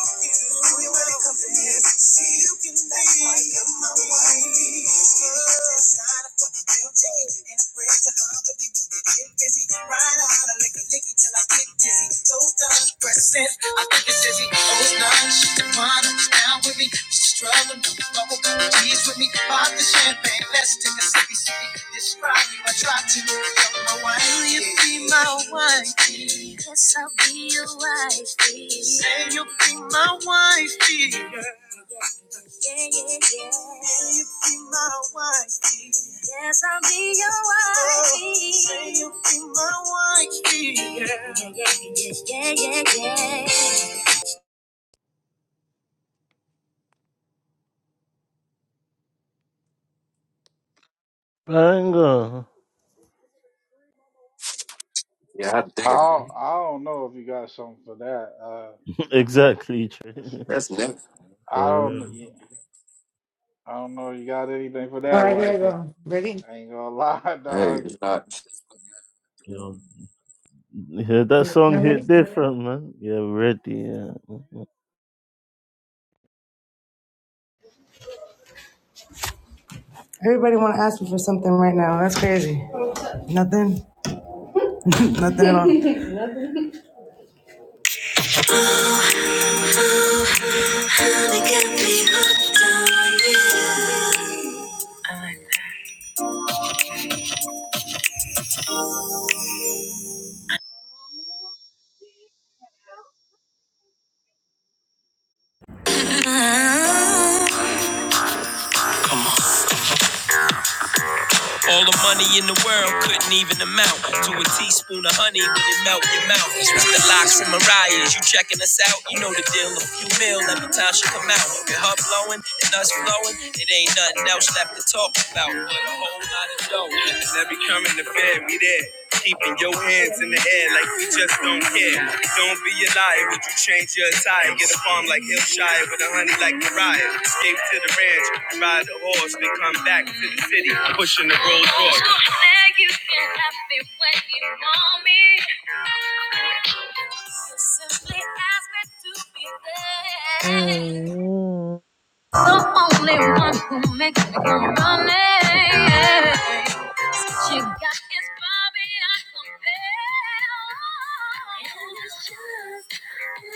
Speaker 5: You can be my wifey. Designer for the real jiggy. And I'm afraid to hardly get busy. Ride out a licky licky till I get dizzy. Those done presents, I think it's dizzy. Those done, she's the partner. Down with me. Struggling, bubble gum, cheese with me. Pop the champagne, let's take a sippy sippy. Describe you, I try to. You're my wine, you be my wine. Yes, I'll be your wifey. Say you'll be my wifey. Yeah, yeah, yeah. Say you'll be my wifey. Yes, I'll be your wifey. Oh, say you'll be my wifey. Yeah, yeah, yeah, yeah, yeah, yeah.
Speaker 7: Banger.
Speaker 1: I don't, I don't know if you got something for that. Uh,
Speaker 7: Exactly. Trey.
Speaker 1: s- s- I
Speaker 7: For
Speaker 1: don't.
Speaker 7: real.
Speaker 1: kn- yeah, I don't know. You got anything for that,
Speaker 3: All right, here I
Speaker 1: wifey?
Speaker 3: go. Ready?
Speaker 1: I ain't gonna lie,
Speaker 5: Hey,
Speaker 1: dog.
Speaker 5: it's not
Speaker 7: Yo, yeah, that song
Speaker 3: Now ready?
Speaker 7: hit different, man. Yeah, ready. Yeah. Mhm.
Speaker 3: Nothing at all. All the money in the world couldn't even amount to a teaspoon of honey when it melt your mouth. It's with the locks and Mariah's. You checking us out? You know the deal. A few mil every time she come out. With her blowing and us flowing, it ain't nothing else left to talk about. But a whole lot of dough. Yo, like we just don't care. Don't be a liar. Would you change? I get a farm like Hillshire with a honey like Mariah. Escape to the ranch, back to the Rolls you can have me when you want me. You simply ask me to be there.
Speaker 7: Mm.
Speaker 3: The only one who makes me go running. Since you got his Bobby, I compare. And it's just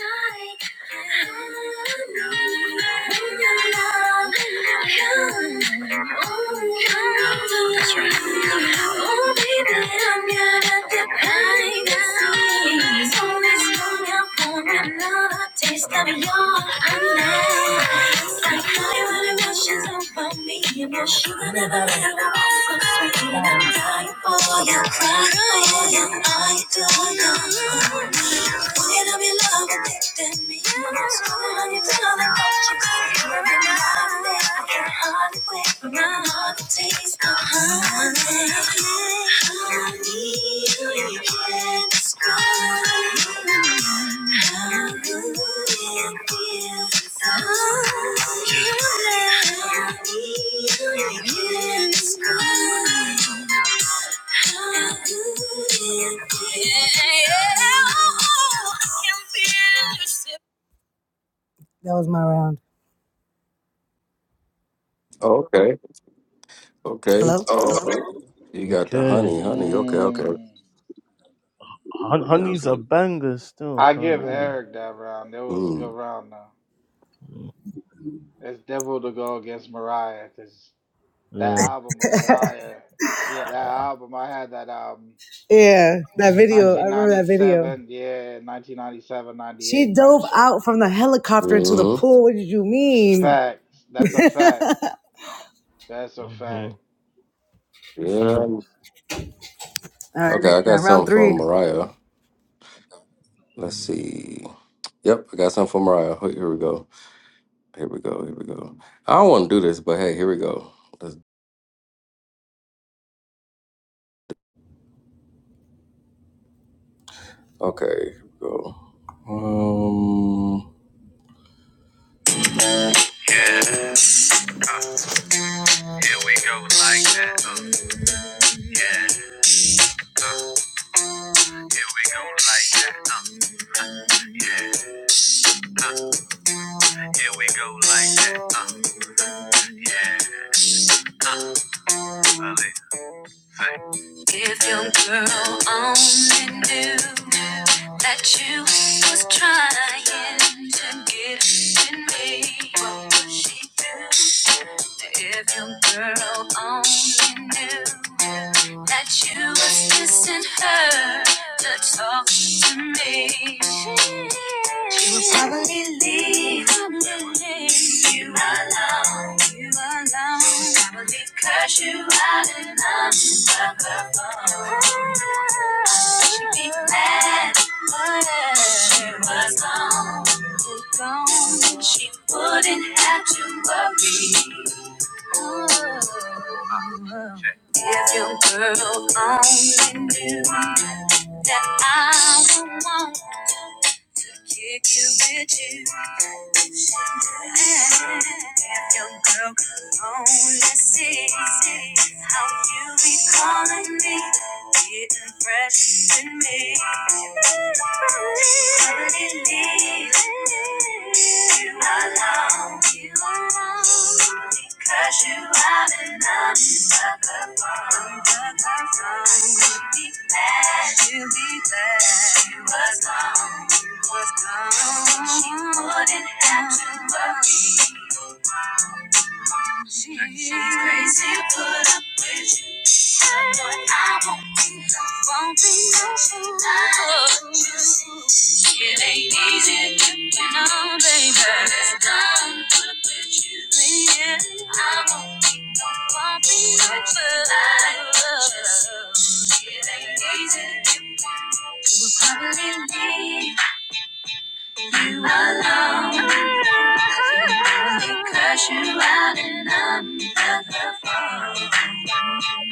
Speaker 3: like honey. That's right. Oh, I'm good at So Like So Need to be love addicting me. When you feel like that, you feel every night and day. I can't hardly wait for another taste of honey. Honey, you you can't describe. How good it feels inside. I need you, you can't describe. That was my round.
Speaker 5: Oh, okay, okay.
Speaker 3: Hello? Oh.
Speaker 5: You got the
Speaker 7: Okay.
Speaker 5: honey, honey. Okay, okay.
Speaker 1: Mm,
Speaker 7: Hon- Honey's a banger still.
Speaker 1: I give
Speaker 7: Kind
Speaker 1: Eric that round. That was a good
Speaker 5: Mm.
Speaker 1: round, though.
Speaker 7: of.
Speaker 1: It's devil to go against Mariah because that
Speaker 7: Yeah.
Speaker 1: album was fire. So, Yeah, that album, I had that album.
Speaker 3: Yeah, that
Speaker 7: Me
Speaker 3: video.
Speaker 7: too.
Speaker 3: I remember that video.
Speaker 1: 1997, yeah, 1997,
Speaker 3: She
Speaker 1: 98 type
Speaker 3: dove
Speaker 1: shit.
Speaker 3: out from the helicopter into the
Speaker 5: Mm-hmm.
Speaker 3: pool. What did you mean?
Speaker 1: Facts. That's a fact. That's a
Speaker 7: Mm-hmm.
Speaker 1: fact.
Speaker 5: Yeah. I'm-
Speaker 7: Facts.
Speaker 3: All right,
Speaker 5: Okay,
Speaker 3: next
Speaker 5: I got
Speaker 3: round, round
Speaker 5: something for
Speaker 3: three.
Speaker 5: Mariah. Let's
Speaker 7: Yeah.
Speaker 5: see. Yep, I got something for Mariah. Here here we go. Here we go. Here we go. I don't want to do this, but hey, here we go. Let's, okay, here we go. Um. Here we go, like that. If your girl only knew that you was trying to get with me, what would she do? If your girl only knew that you was kissing her to talk to me, she would probably leave you alone. You alone. She'd probably curse you out and unplug her phone. She'd be mad, but she was gone. Gone. She wouldn't have to worry. If your girl only knew that I don't want to kick it with you. If your girl could only see how you be calling me, getting fresh with me. Nobody leaves you alone, you alone, because you have an under the wrong, She'll be glad She was gone. She was gone. She wouldn't have to worry. She She's crazy, put up with you. I won't be, long. won't be no fool. It ain't easy to know, baby. But it's done, put up with you. Yeah, I won't be, long. won't be no fool. It ain't easy. to get you will Probably leave you alone. Because you're out and under the phone.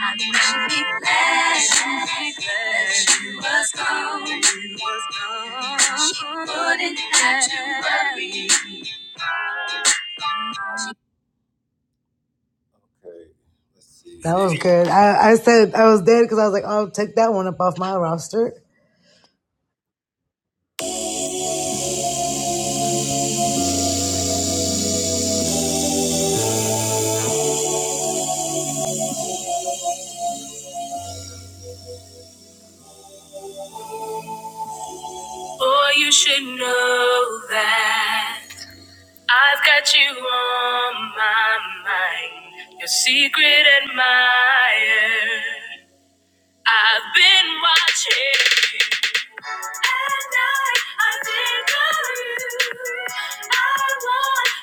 Speaker 5: I wish you'd be glad that you was gone. She wouldn't have to worry. Okay, let's
Speaker 3: That
Speaker 5: see.
Speaker 3: was good. I, I said I was dead because I was like, oh, take that one up off my roster. Boy, you should know that. I've got you on my mind, your secret admirer. I've been watching you. I've got you.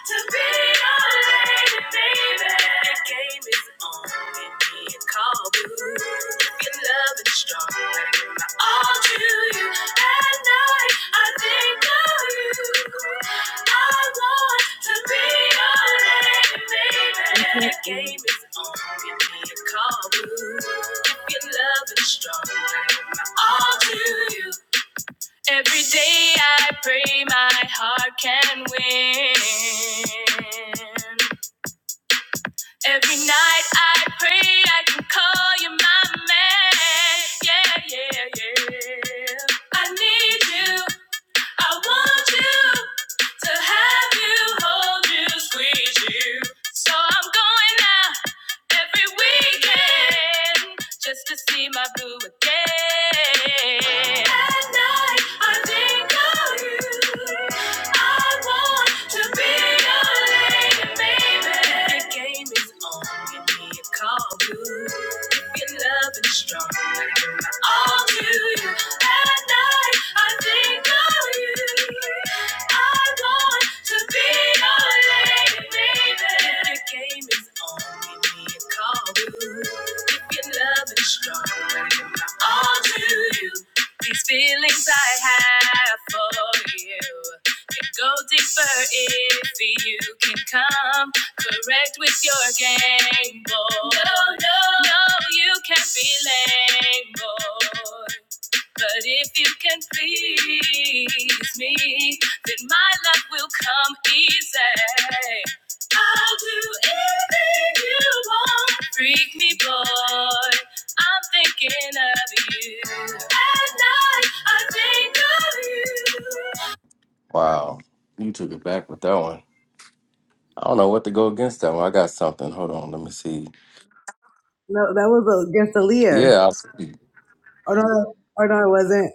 Speaker 3: To be your lady, baby. The game is on. Give me a call, boo. Your love is strong. I all to you. At night, I think of you. I want to be your lady, baby. The game is on. Give me a call, boo. your love is strong, I all to you. Every day I pray my heart can win. Every night I pray I can call you my man. Yeah, yeah, yeah. I need you. I want you to have you, hold you, squeeze you. So I'm going out every weekend just to see my boo again. At night, I think of you. I want to be your lady, baby. The game is on, you need a call, boo. your love is strong. All you, you. At night, I think of you. I want to be your lady, baby. The game is on. Give me a call, If your love is strong, all to you. These feelings I have for you can go deeper if you can come correct with your game, boy. No, no, no, you can't be lame, boy. But if you can please me, then my love will come easy. I'll do anything you want. Freak me, boy. I'm thinking of you. At night, I think of you.
Speaker 5: Wow, you took it back with that one. I don't know what to go against that one. I got something. Hold on, let me see.
Speaker 3: No, that was against Aaliyah.
Speaker 5: Yeah, I see.
Speaker 3: Oh no, oh no, it wasn't.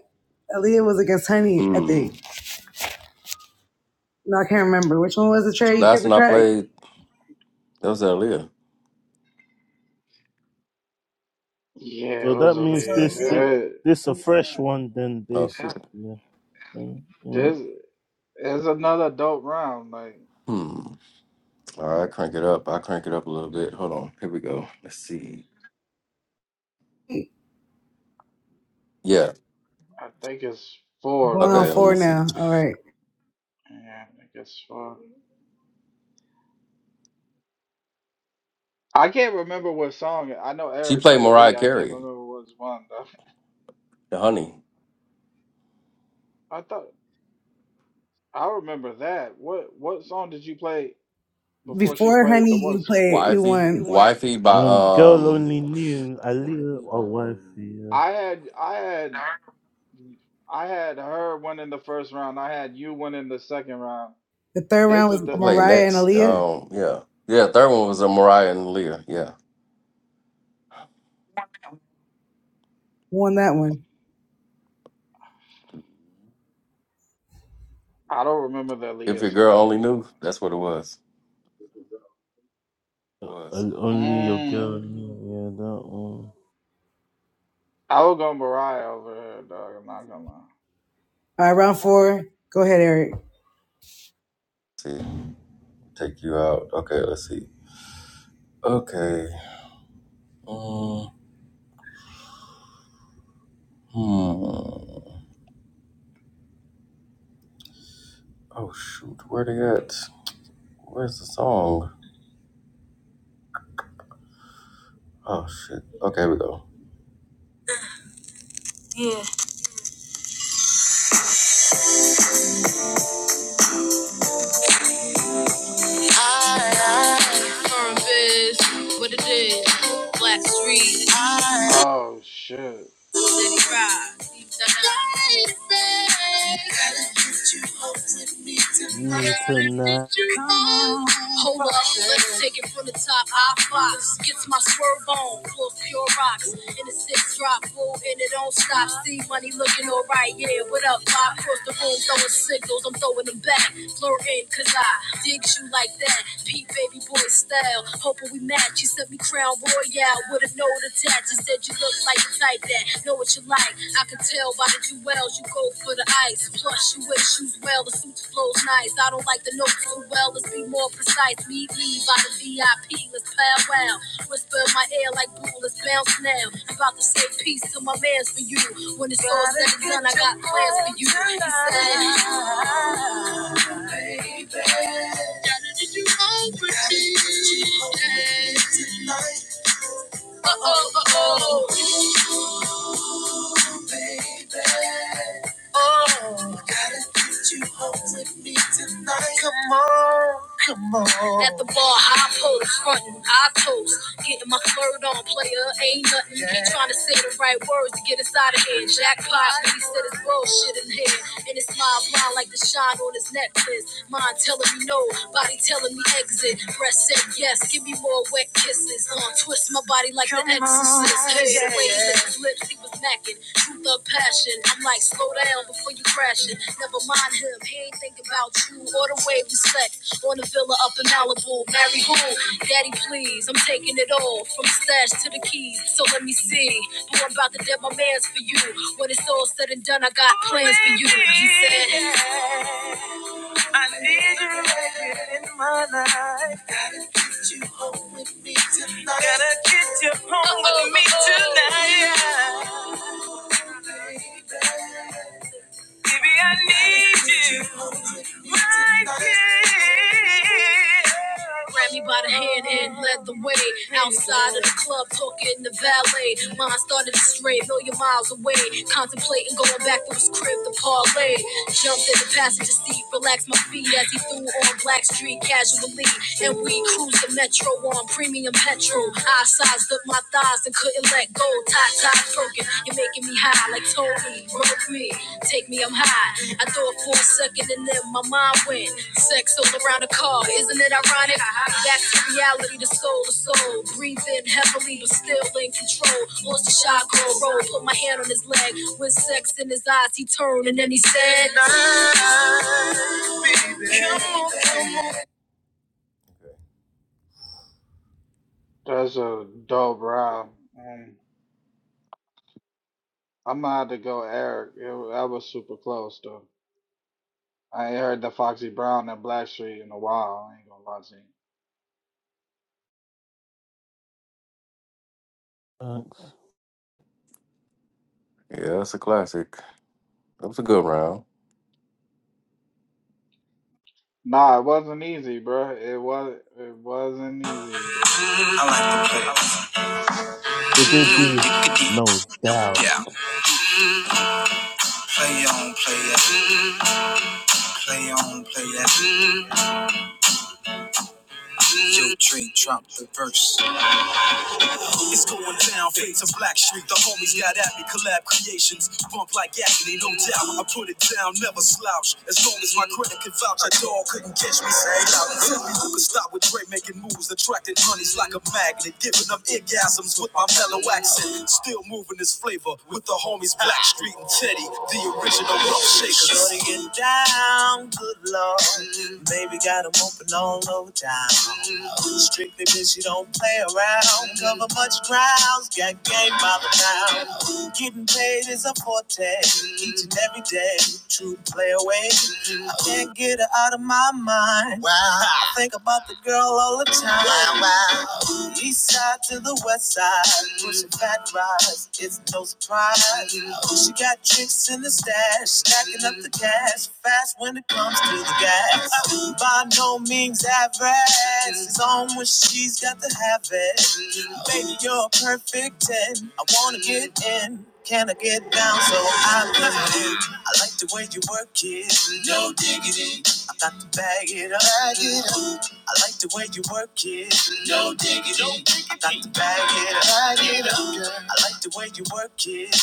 Speaker 3: Aaliyah was against Honey, I think.
Speaker 5: Mm.
Speaker 3: No, I can't remember. Which one was the track?
Speaker 5: Last one I
Speaker 3: Going
Speaker 5: played, that was Aaliyah.
Speaker 1: Yeah, it
Speaker 7: So
Speaker 1: was
Speaker 7: that means this
Speaker 1: Rosalie.
Speaker 7: this,
Speaker 1: There,
Speaker 7: this a fresh one then,
Speaker 5: Okay.
Speaker 7: basically. Yeah. Mm, mm.
Speaker 1: there's, there's another dope round. Like,
Speaker 5: Hmm. All right, crank it up. I crank it up a little bit. Hold on. Here we go. Let's see. Yeah.
Speaker 1: I think it's four,
Speaker 3: on
Speaker 5: Okay.
Speaker 1: right?
Speaker 5: Let me
Speaker 3: four
Speaker 5: see.
Speaker 3: now. All right.
Speaker 1: Yeah, I think it's four. I can't remember what song. I know
Speaker 5: She
Speaker 1: Eric
Speaker 5: played
Speaker 1: played a
Speaker 5: Mariah
Speaker 1: lead. I can't
Speaker 5: Carey,
Speaker 1: remember what was one though.
Speaker 5: the honey,
Speaker 1: I thought I remember that. What what song did you play before she
Speaker 3: Before
Speaker 1: played the
Speaker 3: Honey,
Speaker 1: one
Speaker 3: you
Speaker 1: song?
Speaker 3: played, you
Speaker 5: wifey,
Speaker 3: won.
Speaker 5: wifey by
Speaker 7: Um, girl
Speaker 5: um.
Speaker 7: only knew a little a wife. Yeah.
Speaker 1: I had I had I had her winning the first round. I had you winning the second round.
Speaker 3: The third
Speaker 1: This
Speaker 3: round
Speaker 1: is
Speaker 3: was
Speaker 5: I
Speaker 1: the
Speaker 5: played
Speaker 3: Mariah and
Speaker 5: next.
Speaker 3: Aaliyah.
Speaker 5: Um. Yeah. Yeah. Third one was a Mariah and Leah. Yeah.
Speaker 3: Won that one.
Speaker 1: I don't remember the
Speaker 5: If
Speaker 1: Leah
Speaker 5: your
Speaker 1: song.
Speaker 5: girl
Speaker 1: I
Speaker 5: only
Speaker 1: ain't gonna
Speaker 5: knew, that's what it was.
Speaker 1: lie
Speaker 7: Uh,
Speaker 1: to you.
Speaker 7: Only your
Speaker 1: Mm,
Speaker 7: girl knew. Yeah, that one.
Speaker 1: I would go Mariah over her, dog. I'm not gonna lie.
Speaker 3: All right, round four. Go ahead, Eric.
Speaker 5: Let's see. Take you out. Okay. Let's see. Okay. Um, hmm. Oh shoot. Where they at? Where's the song? Oh shit. Okay. Here we go. Foreign biz, what it is. Black street, out
Speaker 1: Oh shit,
Speaker 5: that drive. Deep down. Gotta get you home with me tonight.
Speaker 7: Me
Speaker 5: Gotta get
Speaker 7: tonight.
Speaker 5: you home. Hold up, let's take it from the top. I fox gets my swerve on, full of pure rocks. In the six drop, full and it don't stop. See money looking alright, yeah. What up, Bob? Across the room, throwing signals, I'm throwing them back. Flirting, cause I Digs you like that, Pete baby boy style. Hoping we match. You sent me crown royale with a note attached. You said you look like the type that know what you like. I can tell by the jewels you go for the ice. Plus you wear shoes well, the suit flows nice. I don't like the notes too well. Let's be more precise. Meet me leave by the VIP. Let's powwow. Whisper in my ear like boo. Let's bounce now. I'm about to say peace to my man's for you. When it's all said and done, I got plans for you. He said, uh oh, uh oh. Gotta get you home with me tonight. Come on, come on. At the bar, I pose, frontin', I toast. Getting my flirt on, player, ain't nothing. Yeah. Keep trying to say the right words to get us out of here. Jackpot, but he said it's bullshit in here. And his smile blind like the shine on his necklace. Mind telling me no, body telling me exit. Breath said yes, give me more wet kisses. Uh, twist my body like the Come on, exorcist. On, Hey, yeah, the way yeah. he licked his lips, he was macking the passion. I'm like, slow down before you crash it. Never mind him, he ain't thinking about you or the way we sex. On a villa up in Malibu, marry who? Daddy, please, I'm taking it all from stash to the keys. So let me see. Boy, I'm about to dead my man's for you. When it's all said and done, I got plans for you. He said, I need you right in my life. Gotta get you home with me tonight. Baby, I need you. Grab me by the hand and led the way outside of the club, talking the valet. Mine started to stray a million miles away, contemplating going back to his crib to parlay. Jumped in the passenger seat, relaxed my feet as he threw on Black Street casually, and we cruised the metro on premium petrol. I sized up my thighs and couldn't let go. Tie, tie, broken. You're making me high like Tony. Broke me. Take me, I'm high. I thought for a second and then my mind went. Sex all around the car, isn't it ironic? Back to reality, the soul to soul. Breathing heavily, but still in control. Lost the shot, girl, roll. Put my hand on his leg. With sex in his eyes, he turned and then he said,
Speaker 1: that's a dope round. Mm. I'm gonna have to go Eric. It, wa- that was super close though. I ain't heard the Foxy Brown and Blackstreet in a while. I ain't gonna lie to you.
Speaker 7: Thanks.
Speaker 5: Yeah, that's a classic. That was a good round.
Speaker 1: Nah, it wasn't easy, bro. It was it wasn't easy, dude.
Speaker 3: I
Speaker 7: It could be
Speaker 3: like to play.
Speaker 7: no doubt.
Speaker 3: Yeah. Play on, play that. Play on, play that. Yo, Trey, drop the verse. It's going down, fade to Black Street. The homies got at me, collab creations. Bump like agony, no doubt. I put it down, never slouch. As long as my credit can vouch, a dog couldn't catch me. Say out and tell me who could stop with Dre making moves, attracting honeys like a magnet, giving them orgasms with my mellow accent. Still moving this flavor with the homies Black Street and Teddy, the original rough shakers. Wow. wow, side to the west side. Pushing fat rides, it's no surprise. Oh, she got tricks in the stash, stacking up the cash fast when it comes to the gas. By no means average, it's on when she's got to have it. Baby, you're a perfect 10. I wanna get in. Can I get down so I look? I like the way you work it. No Got to bag it up. Bag it up. I like the way you work it. No diggity. No I got to bag it up. Bag it up. I like the way you work it.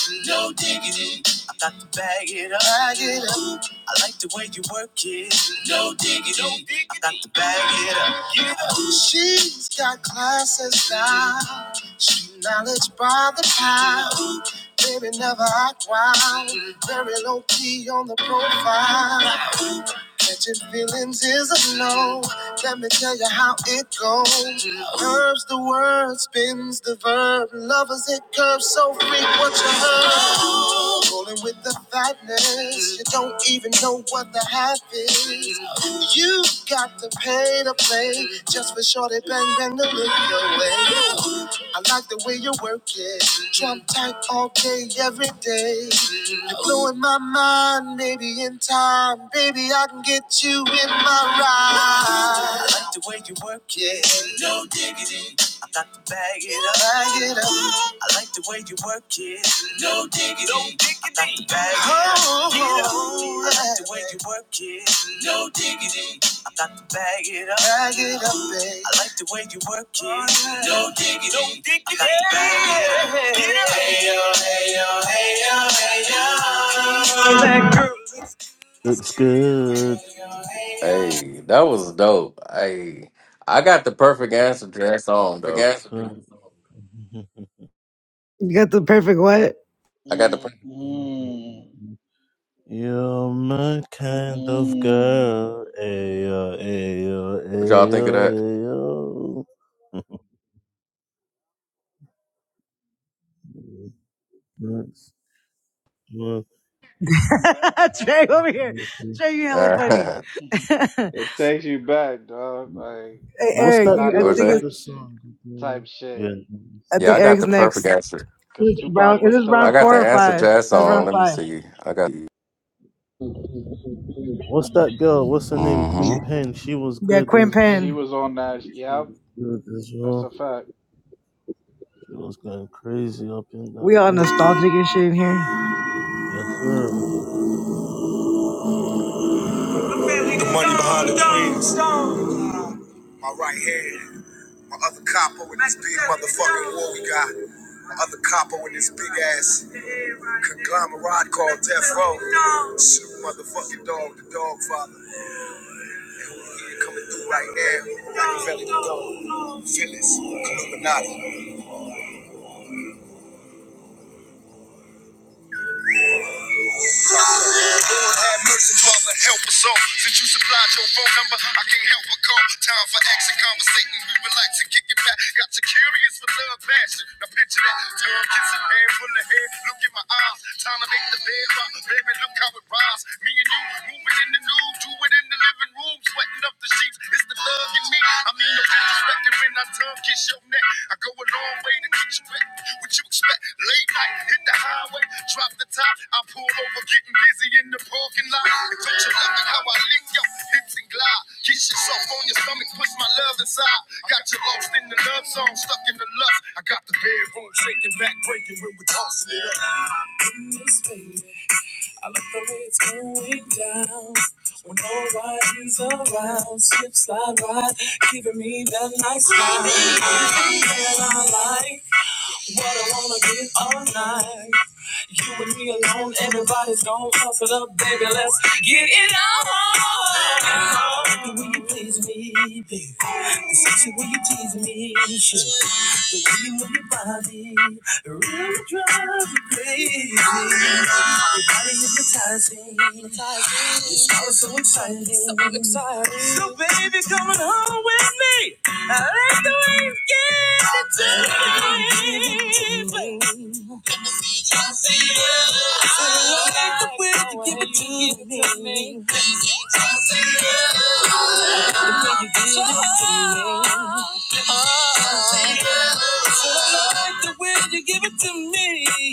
Speaker 3: I got to bag it up. Bag it up. I like the way you work it. No No diggity. I got to bag it up. Touching feelings is a no. Let me tell you how it goes. Curves the word, spins the verb. Lovers it curves so free. what you heard. Rolling with the fatness, you don't even know what the half is. You got to pay to play just for shorty bang bang to look your way. I like the way you work it. Trump tight all day, every day. Blowing my mind, maybe in time, baby, I can get you in my ride. I like the way you work it. No, dig- I got to bag it up. Bag it up. I like the way you work it. No diggity. No diggity. I got to bag it up. Oh, Get it up. I like the way you work it. I got to bag it up. Bag it up, babe. I like the way you work it. No diggity. No diggity. I got to bag it up. Get it up. Hey,
Speaker 7: It's good.
Speaker 3: yo, hey, yo.
Speaker 5: Hey, that was dope. Hey, I got the perfect answer to that song, though.
Speaker 7: So-
Speaker 3: You got the perfect what?
Speaker 1: Mm,
Speaker 7: You're my kind of
Speaker 1: mm.
Speaker 7: girl. Ayo, ayo,
Speaker 5: What y'all think of
Speaker 7: ayo, ayo. Thanks.
Speaker 3: Trey over here. Trey, you hella funny.
Speaker 5: that?
Speaker 3: hey,
Speaker 1: It takes you back, dog. Like
Speaker 7: What's
Speaker 3: Eric,
Speaker 7: that
Speaker 3: you, I think
Speaker 5: What's
Speaker 7: girl in
Speaker 5: that?
Speaker 3: it's
Speaker 7: the
Speaker 1: 1996
Speaker 7: song?
Speaker 1: type
Speaker 7: Yeah.
Speaker 1: shit.
Speaker 3: I
Speaker 5: Yeah, I
Speaker 3: think
Speaker 5: got
Speaker 3: Eric's
Speaker 5: the perfect
Speaker 3: next
Speaker 5: answer.
Speaker 1: Cause Tupac
Speaker 3: round. Is
Speaker 1: was
Speaker 3: this
Speaker 1: still
Speaker 5: I
Speaker 3: round
Speaker 5: got
Speaker 3: four
Speaker 5: the
Speaker 1: alive
Speaker 3: or
Speaker 1: when
Speaker 5: answer
Speaker 1: that
Speaker 5: to
Speaker 3: five?
Speaker 5: that
Speaker 1: shit
Speaker 3: That's
Speaker 5: song.
Speaker 3: round
Speaker 5: Let
Speaker 1: dropped.
Speaker 5: me
Speaker 3: five.
Speaker 5: see. I got.
Speaker 7: What's that girl? What's her name? Queen
Speaker 5: Mm-hmm.
Speaker 7: Pen. She was
Speaker 3: Yeah,
Speaker 7: good
Speaker 3: Quinn
Speaker 7: as well.
Speaker 1: She
Speaker 3: Penn.
Speaker 1: was on that.
Speaker 7: She
Speaker 1: Yep,
Speaker 7: was good as
Speaker 1: that's
Speaker 7: well.
Speaker 1: a fact.
Speaker 7: She was going crazy up in that
Speaker 3: We all
Speaker 7: bed.
Speaker 3: nostalgic and shit in here.
Speaker 7: Yes, sir.
Speaker 5: The money behind the dreams. this big motherfucking war we got, this big ass conglomerate on death row, shit about to coming through right now. Machiavelli, the dog, Phyllis, Illuminati. Lord have mercy, Father, help us all. Since you supplied your phone number, I can't help but call. Time for action, conversating, we relax and kick it back. Got you curious for love, passion. Now picture that. Turn, kiss a hand full of hair. Look in my eyes. Time to make the bed rock. Baby, look how it rise. Me and you moving in the nude, do it in the living room, sweating up the sheets. It's the love in me. I mean, the Disrespected when I tongue kiss your neck. I go a long way to get you wet. What you expect? Late night, hit the highway, drop the top. I pull over, getting busy in the parking lot. And don't you love it how I lick your hips and glide? Kiss yourself on your stomach, push my love inside. Got you lost in the love song, stuck in the lust. I got the bedroom shaking back, breaking when we tossing it up. I love the way it's going down. When nobody's around, slip, slide, ride, giving me that nice time. And I like what I wanna get all night. You and me alone, everybody's gonna puff it up, baby. Let's get it on. The way you please me, baby. The sexy way you tease me, sure. The way you move your body, crazy, hypnotizing. So excited. So baby, coming home with me. I like the way you do it. So I like the way you give it to me. So I like the way you give it to me.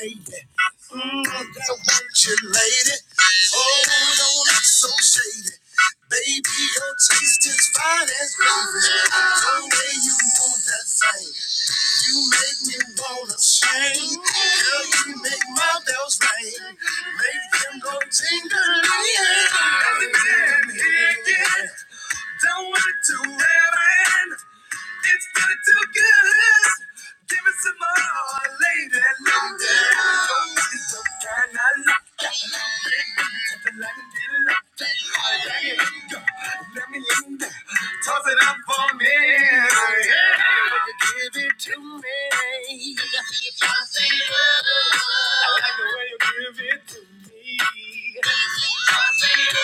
Speaker 5: Baby, so won't you, lady? Oh, don't act so shady. Baby, your taste is fine as gravy. The way you move that thing, you make me wanna sing. Girl, you make my bells ring, make them go tingle. Yeah, yeah, yeah, yeah. Do it it's all Lady, lady, don't be so kind, get me tingling. Toss it up for me. Yeah. Give it to me. I like the way you give it to me.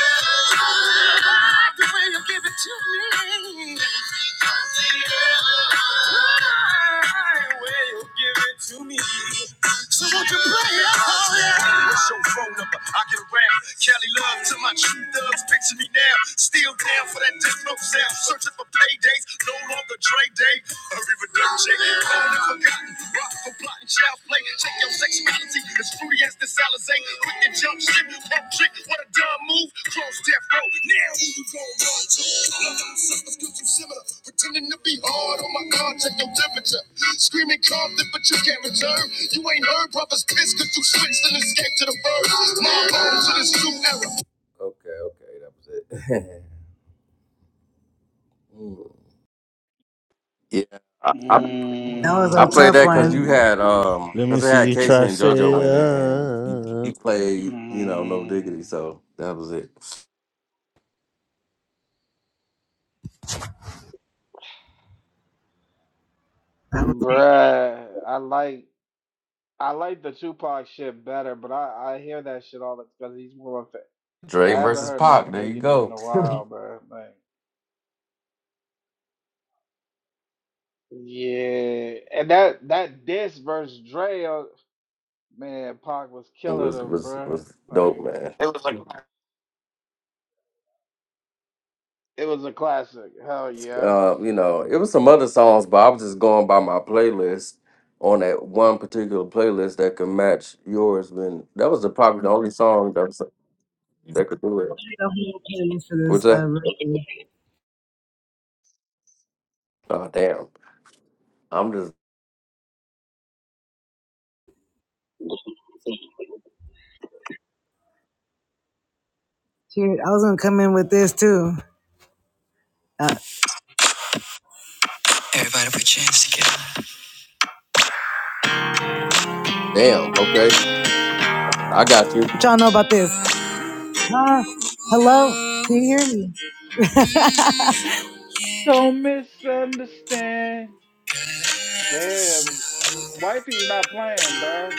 Speaker 5: So what you playing? What's your phone number? I get around. Cali love to my true thugs. Picture me now. Still down for that death row sound. Searching for paydays. No longer Dre Day. Hurry with Dirt J. Only forgotten. Rock for plotting child play. Check your sexuality. As fruity as the Alizé. Quick to jump ship. Up trick, what a dumb move. Cross death row. Now who you gon' run to? Love them suckers 'cause you similar. Pretending to be hard on my contact, no temperature. Screaming Compton, but you can't return. You ain't heard brothers piss 'cause you switched and escaped to the birds. My bones to this new era. Okay, okay, that was it. Mm. Yeah, I, I,
Speaker 3: That was
Speaker 5: I
Speaker 3: a
Speaker 7: Mm.
Speaker 1: Mm,
Speaker 5: played
Speaker 3: tough
Speaker 5: that because
Speaker 7: Let
Speaker 5: you
Speaker 7: me,
Speaker 3: one.
Speaker 5: had um
Speaker 7: let me
Speaker 5: because it
Speaker 7: see
Speaker 5: had
Speaker 7: you
Speaker 5: Casey
Speaker 7: try
Speaker 5: and
Speaker 7: say it
Speaker 5: JoJo in it, and you, you
Speaker 7: up.
Speaker 5: played you know No Diggity,
Speaker 1: mm.
Speaker 5: so that was it.
Speaker 1: Bruh, I like I like the Tupac shit better, but I I hear that shit all the because he's more of a-
Speaker 5: Dre
Speaker 1: I haven't
Speaker 5: versus
Speaker 1: heard no
Speaker 5: Pac. There you
Speaker 1: diggity in
Speaker 5: go.
Speaker 1: a while, bro. Like, yeah, and that that diss versus Dre, uh, man, Pac was killing
Speaker 5: was
Speaker 1: him,
Speaker 5: was
Speaker 1: bruh.
Speaker 5: was dope,
Speaker 1: Like,
Speaker 5: man. It was like
Speaker 1: it was a classic. Hell yeah.
Speaker 5: uh, you know, it was some other songs, but I was just going by my playlist on that one particular playlist that could match yours. Man, that was the, probably the only song that was, that could do it.
Speaker 3: Thanks for
Speaker 5: Would
Speaker 3: this.
Speaker 5: that? say? Oh damn, I'm just
Speaker 3: Dude, I was gonna come in with this too. Uh, Everybody put your hands together.
Speaker 5: damn. Okay, I got you.
Speaker 3: What y'all know about this? Huh? Hello? Can you hear
Speaker 1: Don't misunderstand. Damn, Z- wifey's not playing, dog.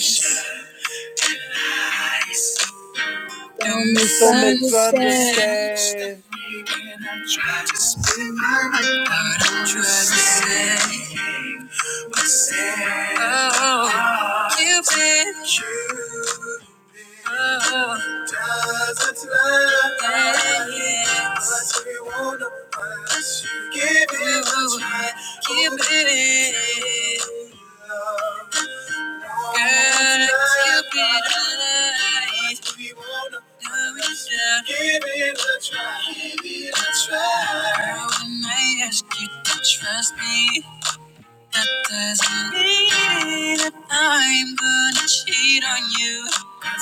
Speaker 3: me? Don't
Speaker 1: Don't
Speaker 3: misunderstand.
Speaker 1: misunderstand.
Speaker 3: I try to spin my life, but I'm trying to say, oh, you've been true. Doesn't matter. What you want, what you give it a try. Give it a love. No, it's not What you want, what you give it a try. Give it a try. Girl, when I ask you to trust me, that doesn't mean that I'm gonna cheat on you.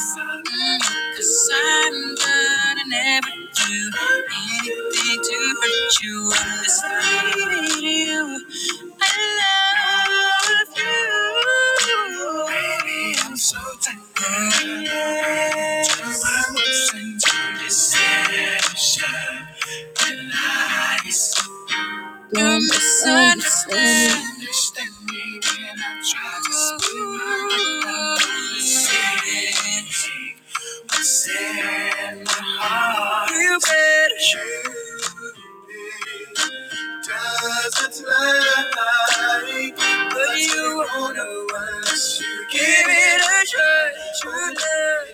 Speaker 3: Cause I'm gonna never do anything to hurt you. I'm just leaving you. I love you. Baby, I'm so tired. Yes. To my words and to deception. When I you're misunderstanding. Understand I try to split my mind. What's in my heart? You better. You doesn't like what you wanna watch. You give it a try. True love.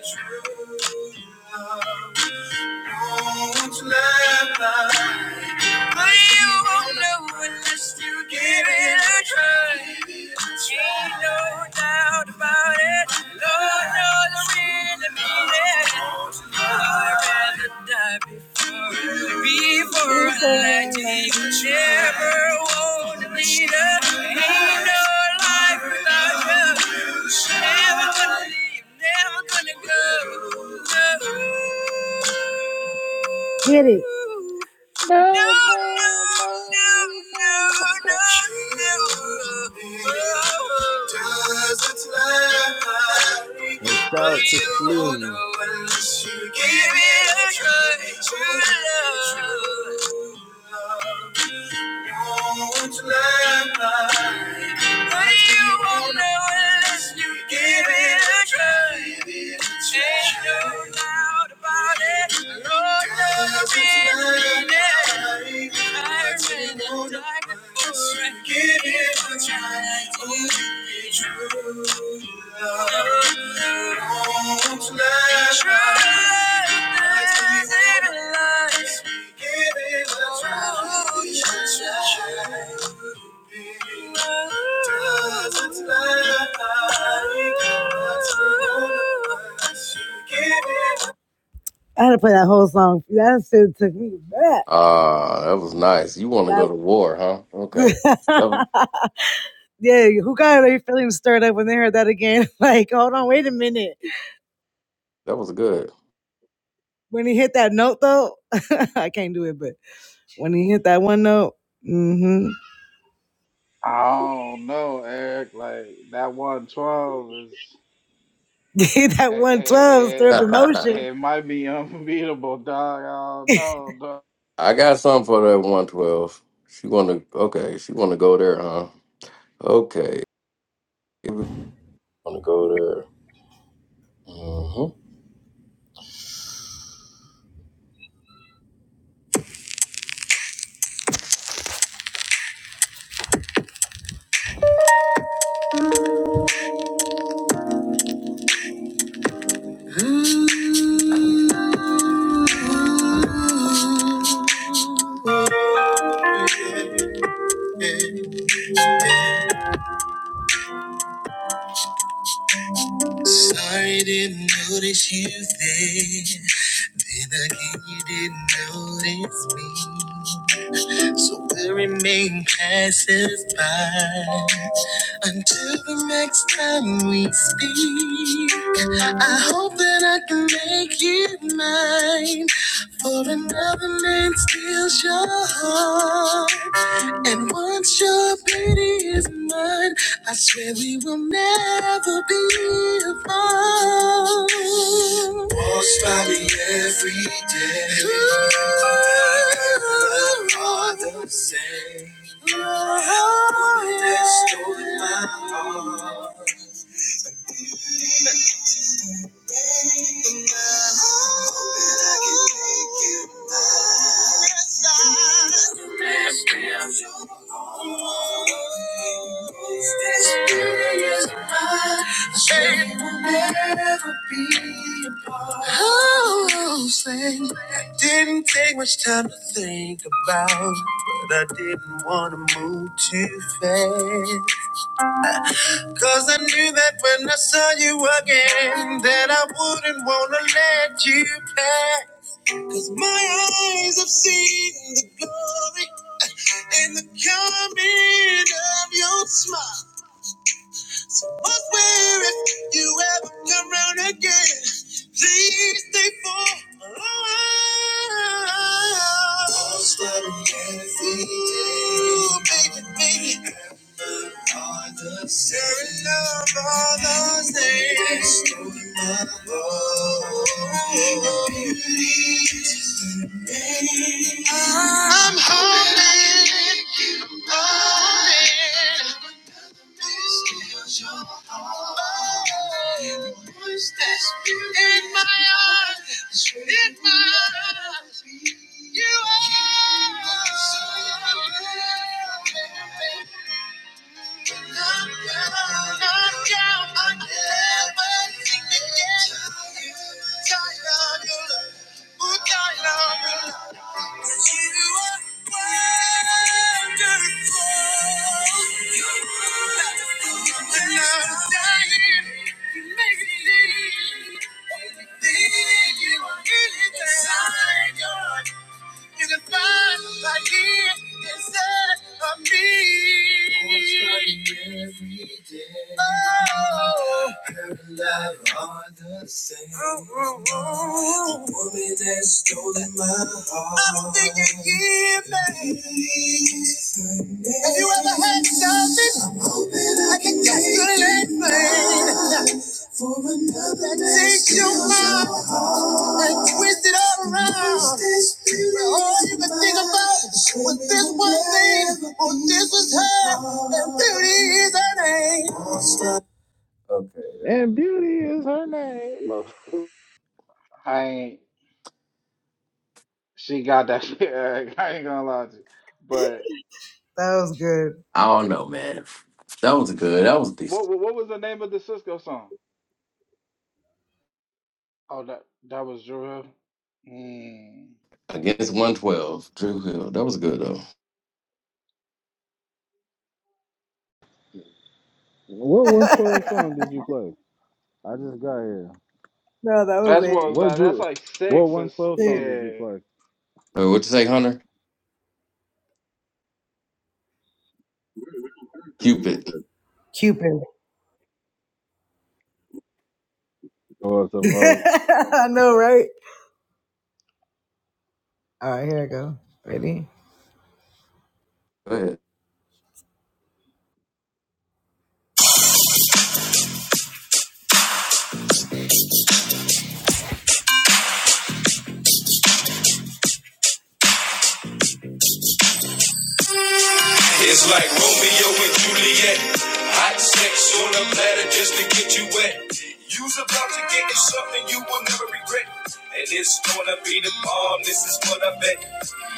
Speaker 3: True love. Won't love. But you won't know unless you give it a try. Ain't no doubt about it. Lord knows when to mean it. I'd rather die for it before I
Speaker 1: People
Speaker 3: lie
Speaker 1: are
Speaker 3: to you.
Speaker 1: like you.
Speaker 3: Never want to leave her. Ain't no life without you. Never gonna leave, never gonna go. No. Get it.
Speaker 1: No, no, no, no.
Speaker 3: Doesn't lie,
Speaker 7: And
Speaker 3: but
Speaker 7: shout to
Speaker 3: you won't know
Speaker 7: Slim.
Speaker 3: unless you give it a try. True love won't laugh like But you won't know unless you give it a try. Ain't no doubt about it. Lord, love is needed. I remember darkness, you give it a try. Only be true love. Won't let us save our lives. We give it a try. We should try to be. Doesn't matter. I had to play that whole song. That shit took me back.
Speaker 5: Ah, that was nice. You want to go to war, huh? Okay, that was,
Speaker 3: That yeah, who got their feelings stirred up when they heard that again? Like, hold on, wait a minute.
Speaker 5: that was good.
Speaker 3: When he hit that note though, I can't do it, but when he hit that one note, mm-hmm.
Speaker 1: I don't know, Eric. Like that one twelve is
Speaker 3: that
Speaker 1: it,
Speaker 3: one twelve stir up
Speaker 1: it, it,
Speaker 3: emotion.
Speaker 5: I
Speaker 1: it might be unbeatable, dog. I don't know, dog.
Speaker 5: got something for that 112. She want to okay. She want to go there, huh? Okay. I'm gonna go to. Mhm. Sorry, didn't notice you there. Then again, you didn't notice me. So weary man passes by. Until the next time we speak, I hope that I can make you mine. For another man steals your heart. And once your beauty is mine, I swear we will never be apart. Walks by me every day. Ooh. Are the same. Oh, Woman that yeah. stole my heart. Oh, thing. Didn't take much time to think about, it, but I didn't want to move too fast. Cause I knew that when I saw you again, that I wouldn't wanna let you back. Cause my eyes have seen the glory and the coming of your smile. So I swear if you ever come round again, please stay for a while. Those were heavy days. Ooh, baby, baby. All the same. love all the same. They stole my love. Beauty. I'm hungry. Thank you. You can find right here inside of me. like every day. Oh. Her love are the same. Ooh, ooh, ooh. The woman that stole in my heart. I'm thinking, yeah, man. Have you ever had something? I'm hoping I can get calculate, man. For another day. Take your mind. They twist it all around. But all you can think about was this one thing, or this was her, and beauty is her name.
Speaker 10: And Beauty is her name.
Speaker 1: I ain't. She got that shit, Eric. I ain't gonna lie to you. But
Speaker 5: I don't know, man. That was good. That was decent.
Speaker 1: what what what was the name of the Cisco song? Oh, that that was Drew. Hill? Mm.
Speaker 5: Against 112, Drew Hill. That was good, though.
Speaker 10: What
Speaker 1: Eh,
Speaker 10: 112 song did you play? I just got here.
Speaker 3: No, that was
Speaker 1: That's what was
Speaker 10: What
Speaker 1: that. That's
Speaker 10: drew?
Speaker 1: like
Speaker 10: What
Speaker 1: six. Or, s-
Speaker 10: 112 song
Speaker 3: a
Speaker 10: did you
Speaker 1: yeah.
Speaker 10: play?
Speaker 5: Uh, What you say, Hunter? Cupid.
Speaker 3: Cupid.
Speaker 10: Or to vote?
Speaker 3: I know, right? All right, here I go. Ready?
Speaker 5: Go ahead.
Speaker 3: It's like Romeo and Juliet. Hot sex on a platter just to get you wet. You's about to get into something you will never regret. And it's gonna be the bomb, this is what I bet.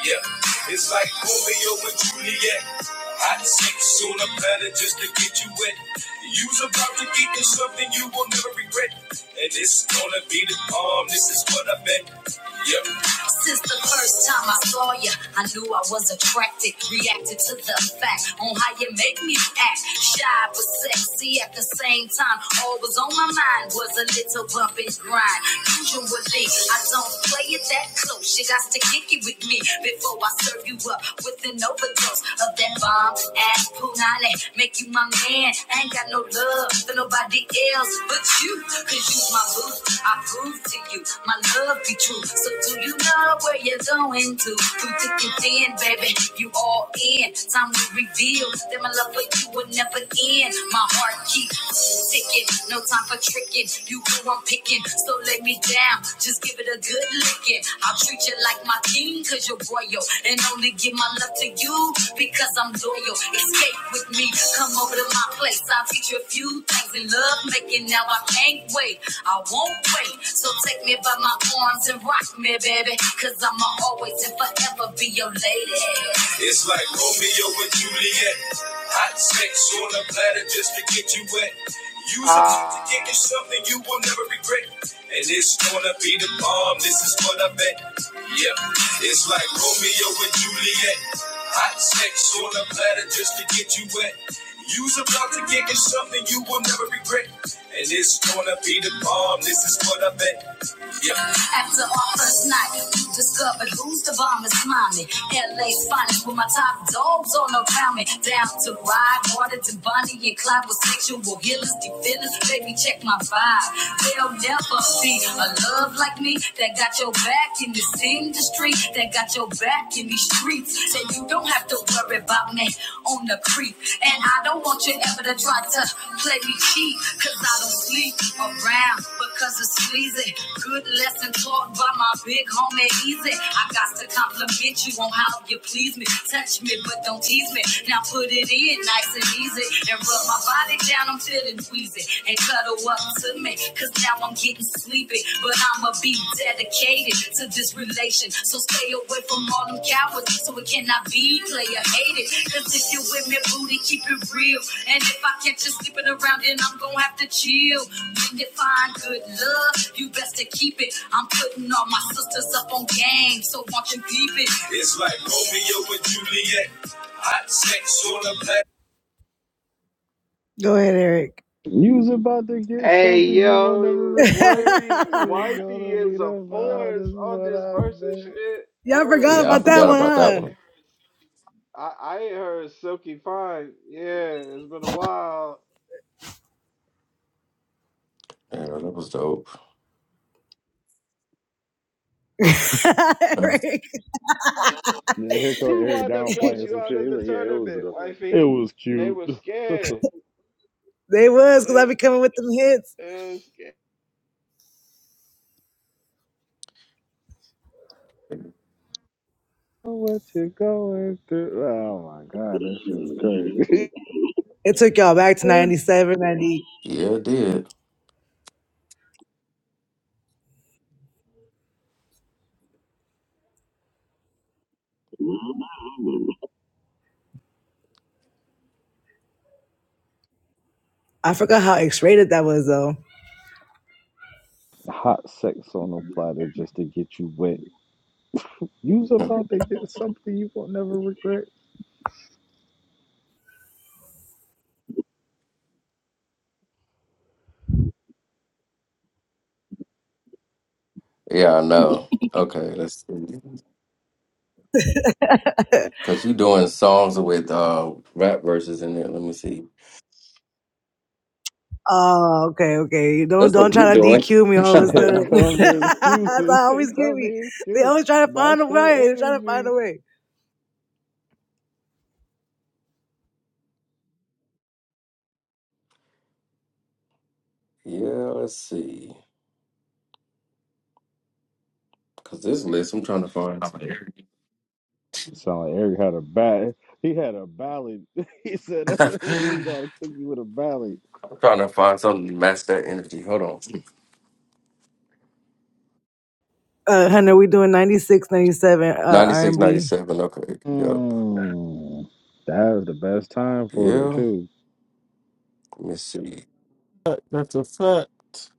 Speaker 3: Yeah, it's like Romeo and Juliet. Hot sex on a platter just to get you wet. You's about to get into something you will never regret. And it's gonna be the bomb, this is what I bet. Yep, since the first time I saw ya, I knew I was attracted, reacted to the fact on how you make me act. Shy but sexy at the same time. All was on my mind was a little bump and grind. Usually, I don't play it that close. You got to kick it with me before I serve you up with an overdose of that bomb ass punani man, Make you my man. I ain't got no love for nobody else but you. Cause you my boo. I prove to you my love be true. So do you know where you're going to? Through thick and thin, baby. You all in. Time to reveal that my love for you would never end. My heart keeps ticking. No time for tricking. You who I'm picking. So don't let me down, just give it a good licking. I'll treat you like my king, cause you're royal. And only give my love to you because I'm loyal. Escape with me, come over to my place. I'll teach you a few things in love making. Now I can't wait, I won't wait. So take me by my arms and rock me, baby. Cause I'ma always and forever be your lady. It's like Romeo and Juliet. Hot sex on a platter just to get you wet. Use a about to get you
Speaker 1: Ah.
Speaker 3: something you will never regret. And it's gonna be the bomb, this is what I bet. Yep, it's like Romeo and Juliet. Hot sex on a platter just to get you wet. Use a about to get you something you will never regret. And it's gonna be the bomb, this is what I bet. Yep, after our first night, we discovered who's the bomber's mommy. LA Spanish with my top dogs all around me. Down to ride, ordered to Bonnie and Clyde with sexual healers, defenders. Baby, check my vibe. They'll never see a love like me that got your back in this industry, that got your back in these streets. So you don't have to worry about me on the creep. And I don't want you ever to try to play me cheap, cause I don't sleep around. But because it's pleasing. Good lesson taught by my big homie Easy. I got to compliment you on how you please me. Touch me, but don't tease me. Now put it in nice and easy and rub my body down. I'm feeling wheezy and cuddle up to me because now I'm getting sleepy. But I'ma be dedicated to this relation. So stay away from all them cowards, so it cannot be player hated. Cause if you with me, booty, keep it real. And if I catch you sleeping around, then I'm gonna have to chill. When you find good love, you best to keep it. I'm putting all my sisters up on game, so won't you keep it? It's like Romeo and Juliet, hot sex on a black. Go ahead, Eric.
Speaker 10: You was about to get
Speaker 1: Hey
Speaker 10: something you will never
Speaker 1: yo,
Speaker 10: regret.
Speaker 1: wifey,
Speaker 10: This is
Speaker 1: wifey
Speaker 10: gonna be
Speaker 1: is a
Speaker 10: the vibe. This
Speaker 1: force
Speaker 10: is
Speaker 1: on
Speaker 10: what
Speaker 1: this
Speaker 10: I
Speaker 1: versus
Speaker 10: bet.
Speaker 1: shit.
Speaker 3: Y'all
Speaker 1: Eric,
Speaker 3: forgot
Speaker 5: Yeah, I
Speaker 3: about that
Speaker 5: forgot about that
Speaker 3: one,
Speaker 5: one.
Speaker 1: I, I ain't heard Silky Fine. Yeah, it's been a while.
Speaker 5: Yeah, that was dope.
Speaker 3: huh?
Speaker 5: Huh.
Speaker 3: Eric.
Speaker 10: Then here go
Speaker 1: See
Speaker 10: Eric
Speaker 1: why they got
Speaker 10: downplaying
Speaker 1: you
Speaker 10: some
Speaker 1: out
Speaker 10: shit.
Speaker 1: of
Speaker 10: He's
Speaker 1: the
Speaker 10: like, yeah, it was
Speaker 1: tournament,
Speaker 10: the, it
Speaker 1: wifey?
Speaker 10: was
Speaker 1: They
Speaker 10: cute.
Speaker 1: were scared.
Speaker 3: They was, because I
Speaker 1: They,
Speaker 3: be coming with them hits.
Speaker 1: they were scared.
Speaker 10: What you going through? Oh my god, that shit was crazy.
Speaker 5: Yeah, it did.
Speaker 3: I forgot how X rated that was, though.
Speaker 10: Hot sex on the platter just to get you wet. You's
Speaker 5: Hmm.
Speaker 10: about to get something you will never regret.
Speaker 5: Yeah, I know. Okay, let's see. Cause you doing songs with uh rap verses in there. Let me see.
Speaker 3: Oh, okay, okay. Don't
Speaker 5: That's
Speaker 3: don't
Speaker 5: what you're
Speaker 3: try to
Speaker 5: doing.
Speaker 3: DQ me all of a
Speaker 10: Here
Speaker 3: sudden.
Speaker 10: come
Speaker 3: That's
Speaker 10: the
Speaker 3: how
Speaker 10: excuses.
Speaker 3: I
Speaker 10: Here
Speaker 3: always get
Speaker 10: come
Speaker 3: me.
Speaker 10: the
Speaker 3: They
Speaker 10: excuses.
Speaker 3: always try to find
Speaker 10: Match
Speaker 3: a
Speaker 10: that
Speaker 3: way. They try to find a
Speaker 10: energy.
Speaker 3: way.
Speaker 5: Yeah, let's see. Cause this list, I'm trying to find.
Speaker 10: Sound like Eric had a bat. He had a ballad. he said he's
Speaker 5: I'm
Speaker 10: gonna cook you with a ballad.
Speaker 5: trying to find something to match that energy. Hold on.
Speaker 3: Uh, Hunter, we doing 96, 97. uh,
Speaker 5: Ninety
Speaker 3: r
Speaker 5: six,
Speaker 3: and
Speaker 5: ninety
Speaker 3: B.
Speaker 5: seven. Okay. Yep.
Speaker 10: Mm, that was the best time for it
Speaker 5: Yeah.
Speaker 10: too.
Speaker 5: Let me see.
Speaker 7: Fact, That's a fact.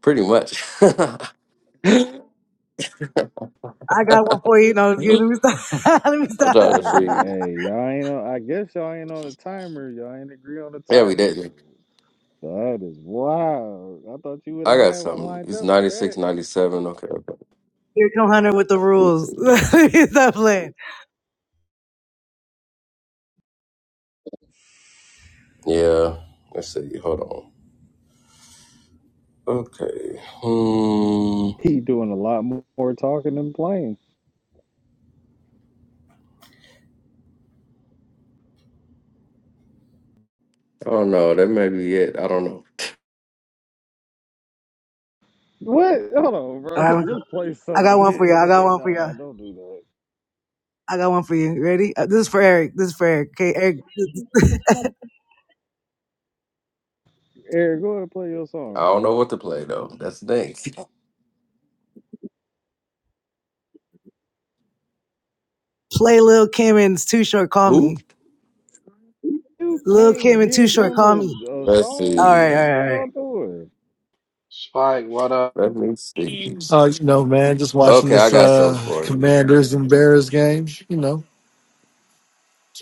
Speaker 5: Pretty much. I'm
Speaker 3: I got one for you. No, excuse me. Let me stop. Let me stop.
Speaker 5: trying
Speaker 10: Uh,
Speaker 5: to see.
Speaker 10: hey, y'all ain't on. I guess y'all ain't on the timer. Y'all ain't agree on the
Speaker 5: Yeah, we
Speaker 10: timer.
Speaker 5: did.
Speaker 10: That is wild. I thought you would
Speaker 5: I
Speaker 10: have
Speaker 5: got
Speaker 10: had one
Speaker 5: something.
Speaker 10: lined
Speaker 5: It's
Speaker 10: up for
Speaker 5: ninety
Speaker 10: that.
Speaker 5: six, 97. Okay. Okay.
Speaker 3: Here come Hunter with the
Speaker 5: Let me see.
Speaker 3: rules. stop playing.
Speaker 5: Yeah. Let's see. Hold on. Okay. Hmm.
Speaker 10: He doing a lot more talking than playing.
Speaker 5: I don't know. That may be it. I don't know.
Speaker 10: What? Hold on,
Speaker 3: All
Speaker 10: bro.
Speaker 3: right,
Speaker 10: Just play
Speaker 3: I got
Speaker 10: something.
Speaker 3: one for
Speaker 10: dude.
Speaker 3: you.
Speaker 10: like,
Speaker 3: One for you.
Speaker 10: nah, don't do that.
Speaker 3: I got one. Eric, Eric,
Speaker 10: Eric, go ahead and play your
Speaker 5: I
Speaker 10: song,
Speaker 5: don't know
Speaker 10: bro.
Speaker 5: what to play though. That's the thing.
Speaker 3: play Lil Kim and It's Too Short. Call
Speaker 5: Who?
Speaker 3: me.
Speaker 10: You
Speaker 3: Lil Kim
Speaker 10: can't
Speaker 3: and Too
Speaker 10: give
Speaker 3: Short.
Speaker 10: him
Speaker 3: Call me.
Speaker 10: a, a
Speaker 5: Let's
Speaker 3: All
Speaker 10: song.
Speaker 3: right, all
Speaker 5: see.
Speaker 3: right,
Speaker 10: What
Speaker 3: all right.
Speaker 10: y'all doing?
Speaker 1: Spike, what up?
Speaker 5: Let me see.
Speaker 11: Uh, you know, man, just watching
Speaker 5: Okay, I
Speaker 11: this
Speaker 5: got some
Speaker 11: uh
Speaker 5: for you.
Speaker 11: Commanders and Bears game. You know,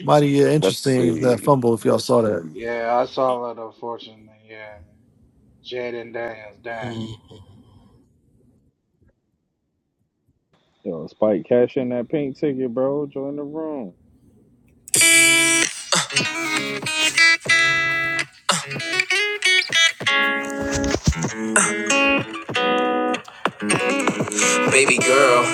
Speaker 11: mighty uh,
Speaker 5: Let's
Speaker 11: interesting that
Speaker 5: see.
Speaker 11: fumble. If y'all saw that,
Speaker 1: Yeah, I saw that unfortunately. Yeah, Jaden Daniels, damn.
Speaker 10: Yo, Spike, cash in that pink ticket, bro. Join the room.
Speaker 5: Baby girl,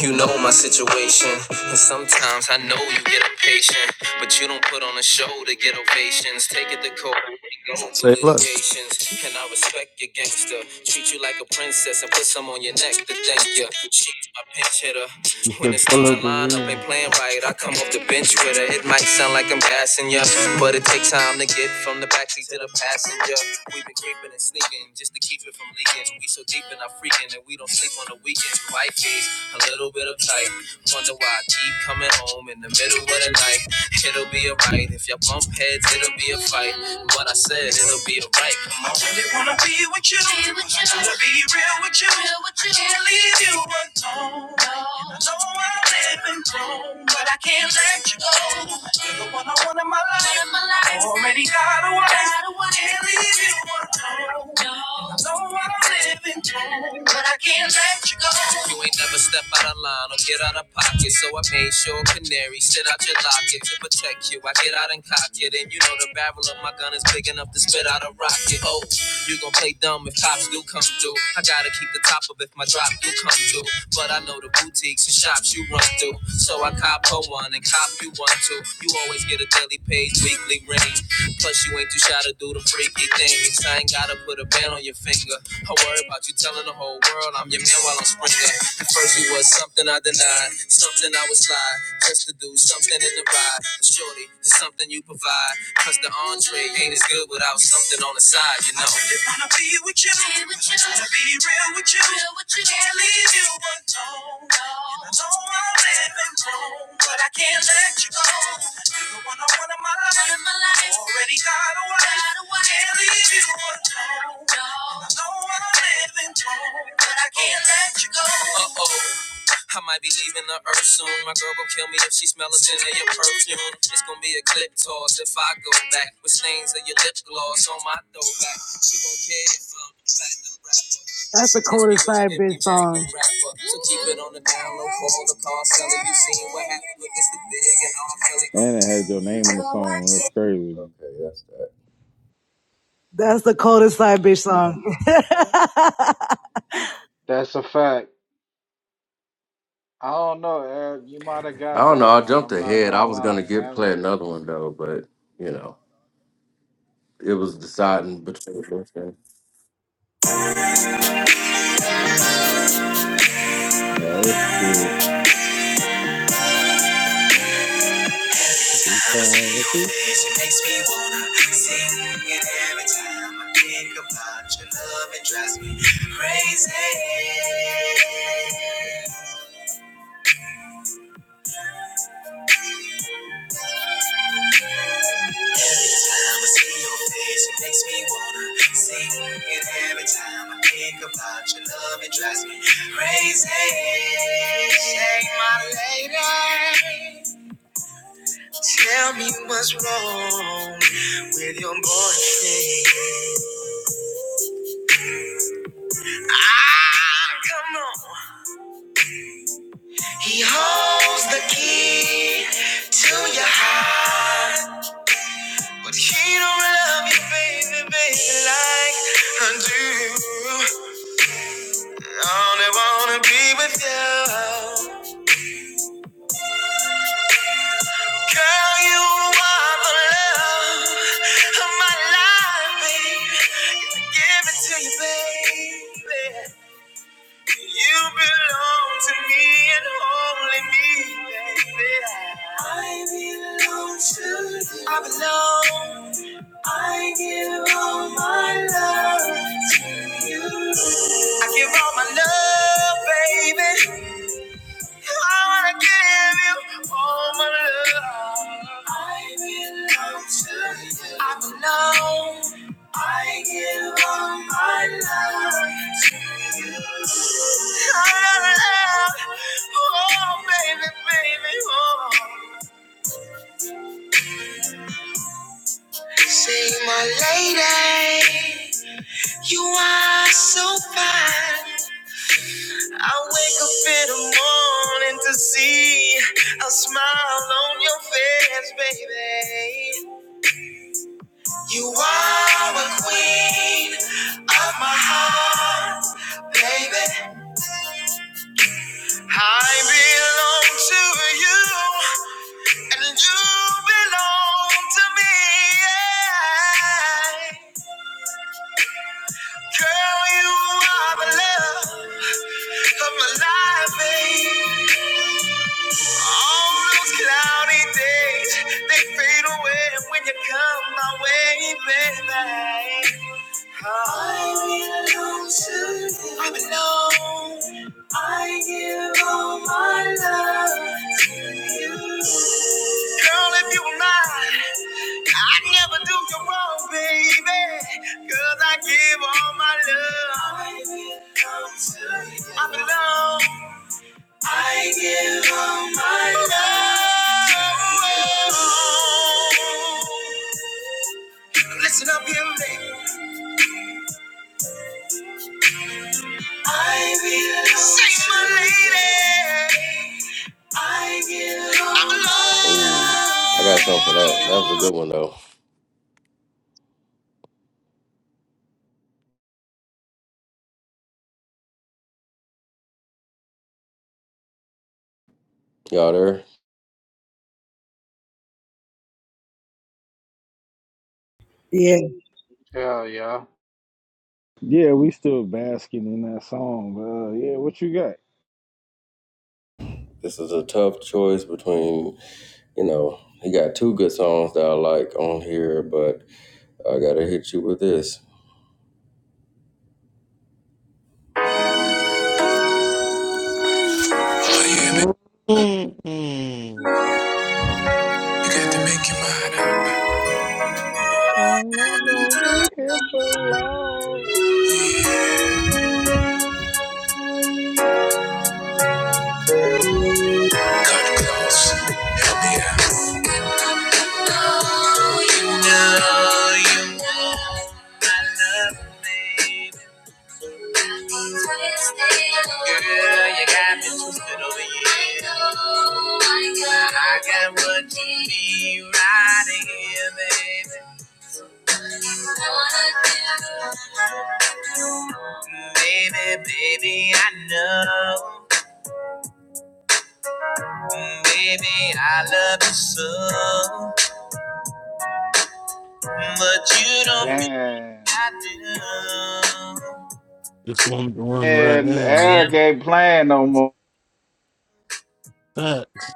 Speaker 5: you know my situation. And sometimes I know you get impatient, but you don't put on a show to get ovations. Take it to court and go through
Speaker 11: say less.
Speaker 5: litigations. And I respect your gangster. Treat you like a princess and put some on your neck to thank you. She's my pinch hitter.
Speaker 7: You
Speaker 5: When the
Speaker 7: can follow
Speaker 5: starting
Speaker 7: the
Speaker 5: lineup ain't
Speaker 7: rim.
Speaker 5: playing right, I come off the bench with her. It might sound like I'm gassing ya, but it takes time to get from the backseat to the passenger. We've been creeping and sneaking just to keep it from leaking. We so deep in our freaking that we don't sleep on the weekends. Wife is a little bit uptight. Wonder why I keep coming home in the middle of the night. It'll be alright if y'all bump heads. It'll be a fight. What I said, it'll be alright. Come on. I Really wanna be with you. Be with you. I Wanna be real with you. Real with you. Can't leave you alone. And I No. know I'm living wrong, but I can't let you go. You're the one I want in my life. of my life. Already got a wife. Got away. Can't leave you alone. And I No. know I'm living wrong, but I can't let you you ain't never step out of line or get out of pocket. So I made sure canary sit out your locket to protect you. I get out and cock it, and you know the barrel of my gun is big enough to spit out a rocket. Oh, you gon' play dumb if cops do come through. I gotta keep the top of if my drop do come through. But I know the boutiques and shops you run through. So I cop her one and cop you one too. You always get a daily page, weekly ring. Plus you ain't too shy to do the freaky things. I ain't gotta put a band on your finger. I worry about you telling the whole world I'm your man while I'm sprinkling. At first you was something I denied, something I would slide, just to do something in the ride. But shorty, it's something you provide. Cause the entree ain't as good without something on the side, you know. I really wanna be with you. Be with you. Wanna be real with you. Real with you. Can't leave you alone. No. I know I'm living wrong, but I can't let you go. You're the one I want in my life. In my life. Already got away. Got away. Can't leave you alone. No. I know I'm living wrong, but I can't let you go. Uh-oh. I might be leaving the earth soon. My girl gon' kill me if she smell a DNA and perfume. It's gon' be a clip toss if I go back with stains of your lip gloss on my throwback. She won't care if I'm a platinum rapper. If
Speaker 3: That's
Speaker 5: she
Speaker 3: the
Speaker 5: catch me
Speaker 3: coldest
Speaker 5: with an
Speaker 3: side bitch
Speaker 5: empty
Speaker 3: song.
Speaker 5: magnum rapper, so keep it on the down low. Call the car seller. You seen what happened with Mr. Big and all Kelly.
Speaker 10: And it had your
Speaker 5: You
Speaker 10: name in the
Speaker 5: know I
Speaker 10: song. That's
Speaker 5: can't.
Speaker 10: crazy.
Speaker 5: Okay, that's that.
Speaker 3: That's the coldest side bitch song.
Speaker 1: That's a fact. I don't know, Eric. You might have
Speaker 5: I
Speaker 1: got
Speaker 5: don't know.
Speaker 1: that
Speaker 5: I
Speaker 1: one.
Speaker 5: jumped
Speaker 1: I'm not
Speaker 5: ahead. I
Speaker 1: gonna
Speaker 5: was gonna
Speaker 1: lie. I
Speaker 5: get play
Speaker 1: haven't.
Speaker 5: another one though, but you know, it was deciding between.
Speaker 10: Oh shit. Three time Let's see.
Speaker 3: She makes me wanna sing it every time I think about your love. It drives me crazy. I'ma see your face. It makes me wanna sing it every time I think about your love. It drives me crazy. Shake my lady. Tell me what's wrong with your boyfriend. Ah, come on. He holds the key to your heart, but he don't love you, baby, baby, like I do. I Only wanna be with you, girl. You are the love of my life, baby. I Give it to you, baby. You belong to me and only me, baby. I belong to you. I belong. I give all my love to you. I give all my love, baby. I wanna give you all my love. I belong to you. I belong. I give all my love to you. I love, oh baby, baby, oh. Say my lady. You are so fine. I wake up in the morning to see a smile on your face, baby. You are a queen of my heart, baby. I belong to you, and you belong to me. yeah. Girl, you are the love of my life, baby. All those cloudy days, they fade away when you come my way, baby. I belong to you. I belong. I give all my love to you. Girl, if you were mine, I'd never do you wrong, baby. Cause I give all my love. I belong to you. I belong. I give all my love. Listen up here, baby. I belong. Say my lady. I belong.
Speaker 5: Oh, I got something for that. That was a
Speaker 3: I'm
Speaker 5: good
Speaker 3: alone.
Speaker 5: one though. Y'all there?
Speaker 3: Yeah,
Speaker 1: Hell yeah.
Speaker 10: Yeah, we still basking in that song. Uh, yeah, what you got?
Speaker 5: This is a tough choice between, you know, he got two good songs that I like on here, but I gotta hit you with this.
Speaker 7: Mm-mm.
Speaker 10: I'm not gonna be here for long.
Speaker 5: Baby, baby, I know. Baby, I love you so. But you don't think I
Speaker 1: Damn.
Speaker 5: do.
Speaker 7: This one, the one right
Speaker 1: And
Speaker 7: here,
Speaker 5: Damn,
Speaker 1: Eric
Speaker 7: man.
Speaker 1: ain't playing no more.
Speaker 7: Facts.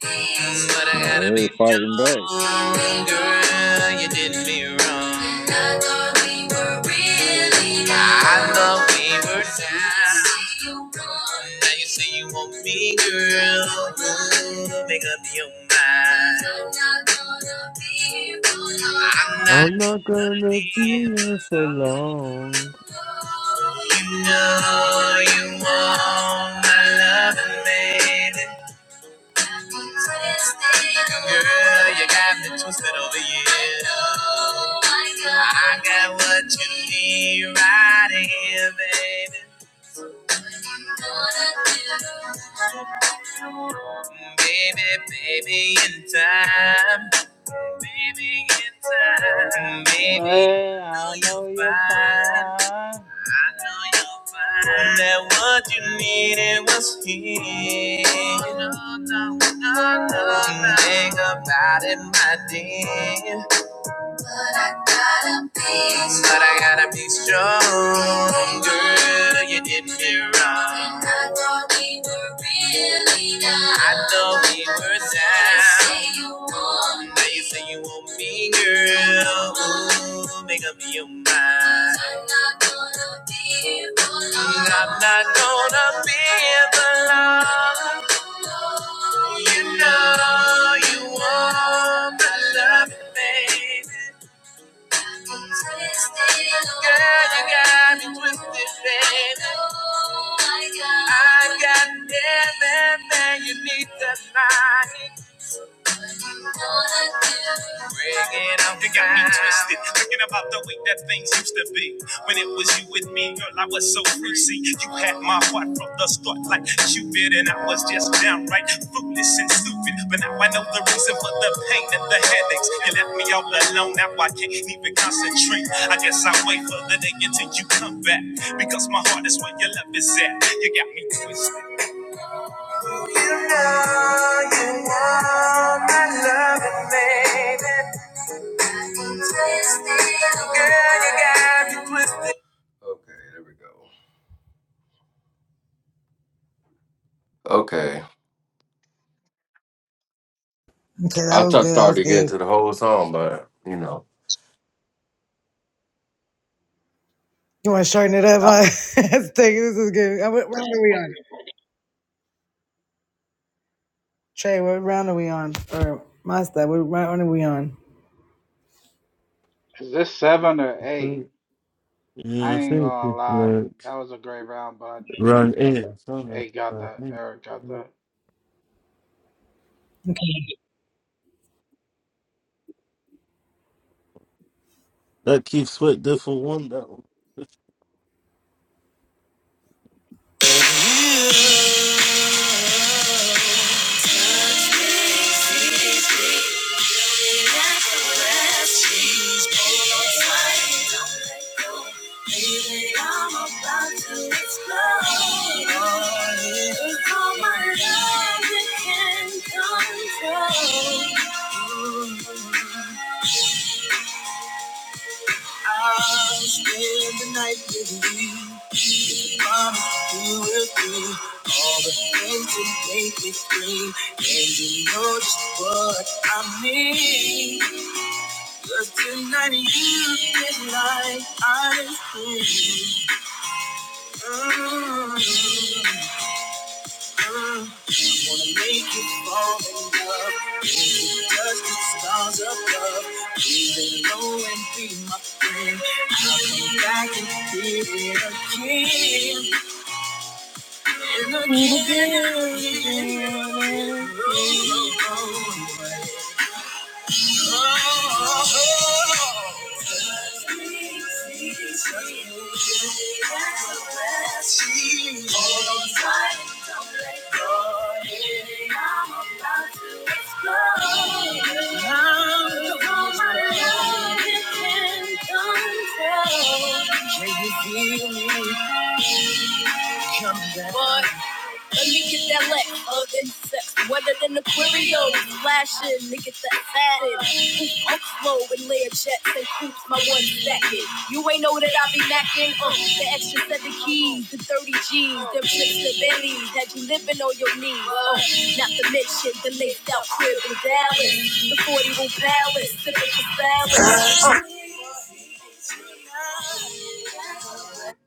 Speaker 5: But I
Speaker 10: No,
Speaker 5: gotta be
Speaker 10: they're fighting back.
Speaker 5: strong, girl. You did me wrong. I thought we were really down. I thought we were down. Now you say you want me, girl. Make up your mind. I'm not gonna be alone. I'm not
Speaker 7: I'm not
Speaker 5: gonna
Speaker 7: gonna
Speaker 5: be
Speaker 7: be here for long.
Speaker 5: alone. You know you want my love, baby. Girl, you got me twisted over here. Oh I got what you need right here, baby. Baby, baby, in time. Baby, in time. Baby,
Speaker 1: Well,
Speaker 5: I know
Speaker 1: I
Speaker 5: you're
Speaker 1: know you're
Speaker 5: fine.
Speaker 1: fine.
Speaker 5: I know you're fine. That what you needed was here. No, no, no, no, no. Think about it, my dear. I gotta be strong. But I gotta be strong, girl. You did me wrong. And I thought we were really down. I thought we were down. You say you want me. Now you say you want me, girl. Ooh, make up your mind. 'Cause I'm not gonna be here for long. I'm not gonna be here for long. You know you want my love, baby. Girl, you got me twisted, baby. I got everything you need to find. Breaking up, You got me twisted, thinking about the way that to be. When it was you with me, girl, I was so free. you had my heart from the start like Cupid, and I was just downright foolish and stupid. But now I know the reason for the pain and the headaches. You left me all alone, now I can't even concentrate. I guess I wait for the day until you come back. Because my heart is where your love is at. You got me twisted. You know you want my love and baby. Girl, you got me twisted. Okay, there we go. Okay.
Speaker 3: okay, that
Speaker 5: I
Speaker 3: was
Speaker 5: t-
Speaker 3: good. That
Speaker 5: started
Speaker 3: was
Speaker 5: to get
Speaker 3: good.
Speaker 5: into the whole song, but you know,
Speaker 3: You want to shorten it up? Huh?
Speaker 5: I,
Speaker 3: Let's take it. This is good. Uh, What round are we on? Trey, what round are we on? Or Mazda, what round are we on?
Speaker 1: Is this seven or
Speaker 7: Yeah,
Speaker 1: eight? I
Speaker 7: I
Speaker 1: ain't
Speaker 7: think
Speaker 1: gonna
Speaker 7: it's
Speaker 1: lie.
Speaker 7: like
Speaker 1: That was a great round, but I think
Speaker 7: round
Speaker 1: Eric got
Speaker 7: eight.
Speaker 1: that.
Speaker 7: something
Speaker 1: Eight got
Speaker 7: like
Speaker 1: that. Eric
Speaker 7: that.
Speaker 1: got that.
Speaker 7: That Keith Sweat did for one. That one.
Speaker 3: Spend the night with you. Mama, you will do all the things that make me scream. And you know just what I'm making for me. Just the stars above. Even low and be my friend. I'll come back and give it again and
Speaker 1: And again, and
Speaker 3: again.
Speaker 1: again, and again.
Speaker 3: What Let me get that lack of insects, weather than aquarium, flashing, nigga that fatted. Ooh, I'm slow and layer checks and coops my one second. You ain't know that I be macking, uh, the extra set keys, the 30 G's, them trips to Bentley's, had you living on your knees. Uh, not to mention the laced out crib in Dallas, the 40 room palace, sipping for salads.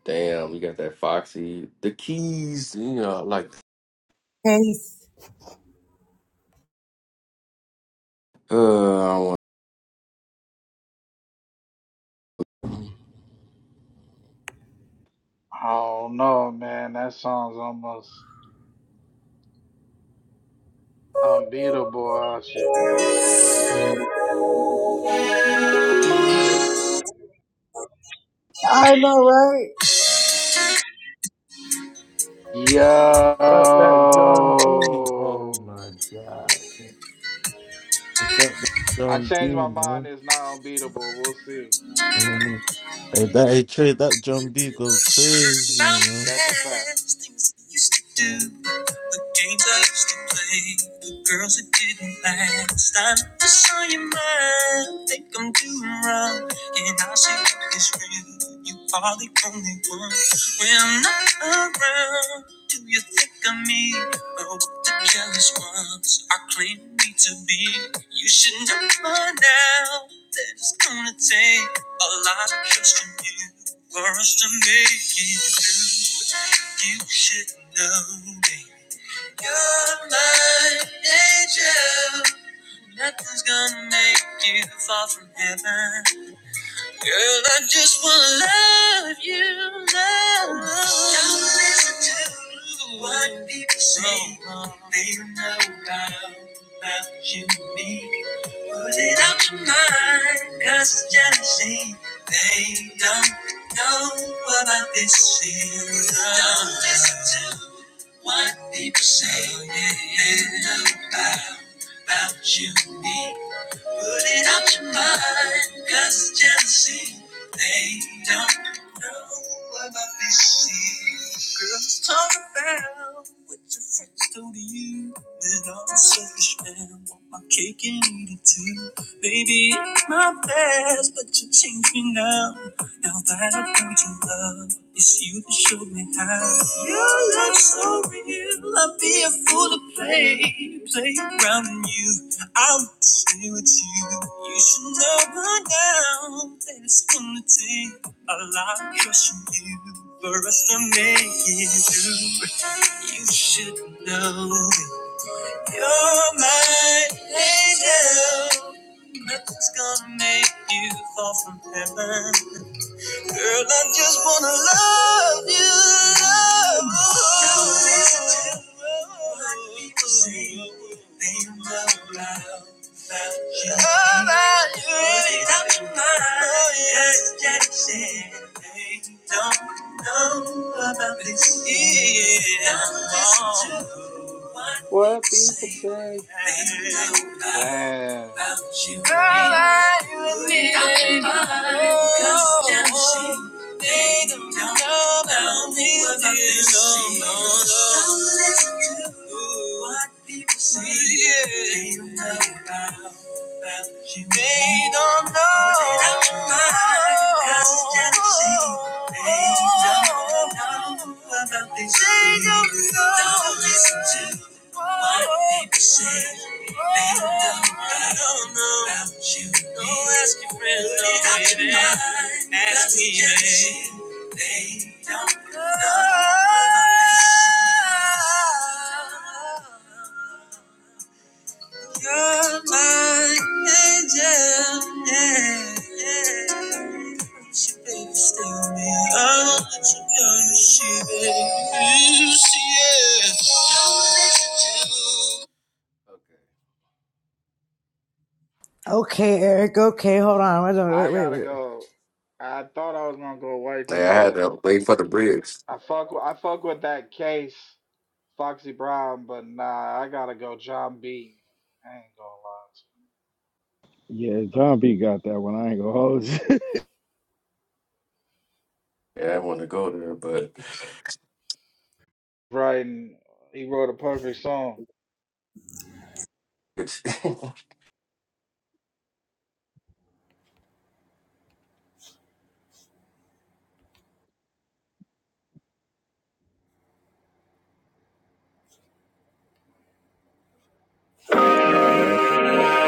Speaker 5: damn, you got that Foxy, the keys, you know, like,
Speaker 3: Hey,
Speaker 5: uh,
Speaker 1: Oh no, man. That song's almost unbeatable out here.
Speaker 7: Uh,
Speaker 3: I know, right?
Speaker 1: Yo.
Speaker 7: that that John B. Oh my God. That, that
Speaker 1: I
Speaker 7: John B.
Speaker 1: changed my mind.
Speaker 7: Man.
Speaker 1: It's not unbeatable. We'll see.
Speaker 7: Mhm. Hey, that hey, trade that John B. Go crazy,
Speaker 5: About
Speaker 7: man.
Speaker 1: That's a fact.
Speaker 5: past, things I used to do,
Speaker 7: Mhm.
Speaker 5: the games I used to play, the girls that didn't last. I'm just on your mind, think I'm doing wrong, and I say it's real. You are the only one when I'm not around. Do you think of me or what the jealous ones are claiming me to be? You should know by now that it's gonna take a lot of trust from you. For us to make it through, you should know, baby. You're my angel. Nothing's gonna make you fall from heaven. Girl, I just wanna love you, love. Don't listen to what people say. They know about, about you and me. Put it out your mind, cause it's jealousy. They don't know about this feeling. Don't listen to what people say. They know about, about you and me. Put it out your mind, cause jealousy, they don't know about this shit. Girls talk about what your friends told you. That I'm a selfish man, want my cake and eat it too. Baby, it's my past, but you changed me now. Now that i found your love. It's you that showed me how. Your love so real. I'd be a fool to play, play around you. I want to stay with you. You should know by now that it's gonna take a lot crushing you for us to make it through. You should know that you're my angel. Nothing's gonna make you fall from heaven. Girl, I just wanna love you, love you. Don't listen to what people say. They don't know about, about you. About you. Put it up in mind, oh, yeah. 'cause Jack said they don't know about this. Yeah. Don't listen to what
Speaker 1: What
Speaker 5: people
Speaker 1: people
Speaker 5: say.
Speaker 1: say.
Speaker 5: They don't know
Speaker 1: Damn.
Speaker 5: Girl, I admit it. Oh, they don't know about me. No, no, no. What people say, they don't know about you. They don't know. They don't know about this. things. They don't know. Don't listen to what people say. They don't know. Don't ask your friends, no, baby. Ask me, baby. Oh, yeah, yeah, baby, stay with me. I'll let you go, you see, baby. You see, yeah.
Speaker 3: Okay, Erica.
Speaker 1: I gotta go. I thought I was gonna go
Speaker 5: Like,
Speaker 1: wifey,
Speaker 5: I had
Speaker 1: but
Speaker 5: to wait for the bridge.
Speaker 1: I fuck. with- I fuck with that case, Foxy Brown. But nah, I gotta go. John B. I ain't gonna lie. To
Speaker 10: Yeah, John B got that one. I ain't gonna hold you.
Speaker 5: Yeah, I want to go there, but
Speaker 1: you. Writing. He wrote a perfect song.
Speaker 5: it's
Speaker 10: no, that's a fact.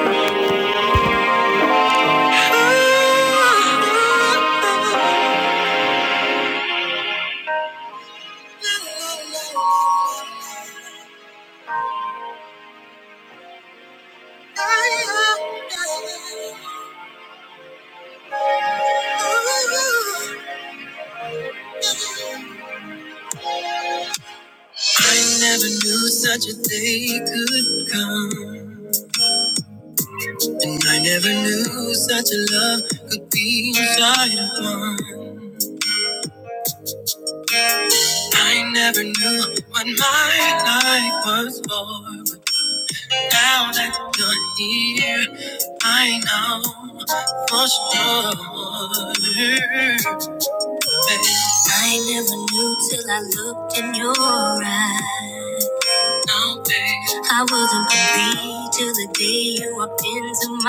Speaker 3: I wasn't privy till the day you walked into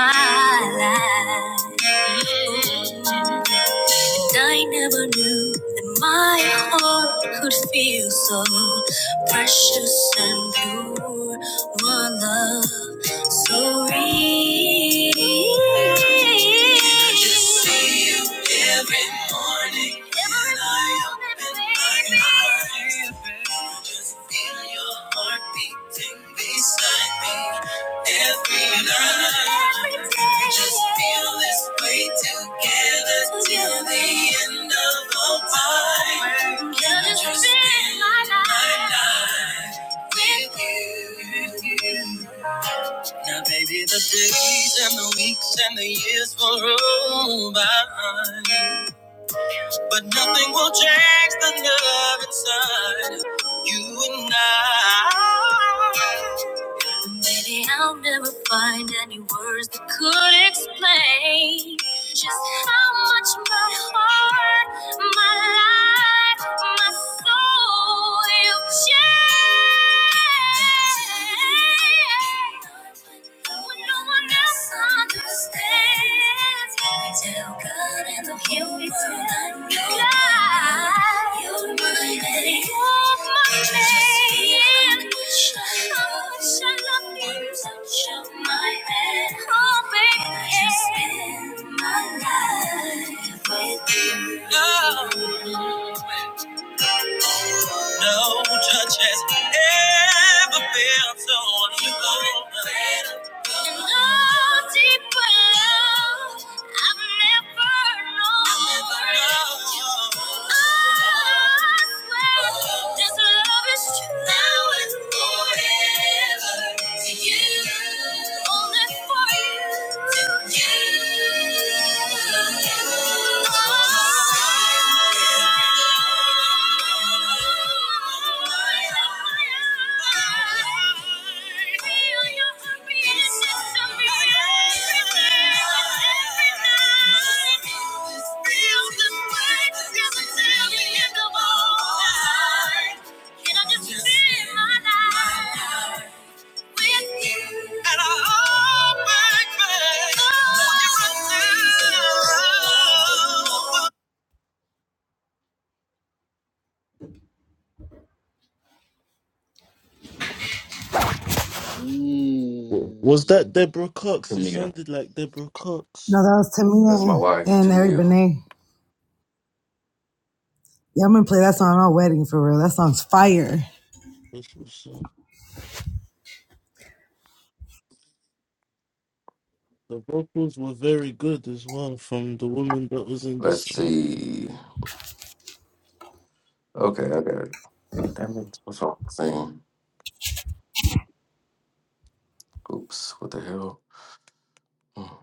Speaker 3: my life. Night, my every morning when I am I can just feel your heart beating beside me. Feels together till the end of all time. May The days, the weeks, and the years will roll by. Change the love inside you. Maybe I'll never find any words that could explain just how much my heart, my life, my soul you've changed. When no one else understands, I tell God and the whole world I know God, you're my name. You're my name. I wish I loved you. Touch of my head. Oh, baby. I just feel like every night. Feel this way. Just until the end of all time. Can I just feel my life? And I beg of you.
Speaker 7: W- Was
Speaker 1: Yee.
Speaker 7: that Deborah Cox? It
Speaker 5: Tamia.
Speaker 7: sounded like Deborah Cox.
Speaker 3: No, that was
Speaker 5: That's my
Speaker 3: Tamina
Speaker 5: wife,
Speaker 3: and Eric
Speaker 5: Tamia.
Speaker 3: Benet. Yeah, I'm
Speaker 7: Oh,
Speaker 3: gonna play
Speaker 7: that's-
Speaker 3: that song on our wedding for real. That song's fire.
Speaker 7: that's what's up. The vocals were very good as well from the woman that was in this
Speaker 5: Let's
Speaker 7: song.
Speaker 5: see. Okay, I got it. Damn it. What's wrong? Same. Oops. What the hell? Hmm.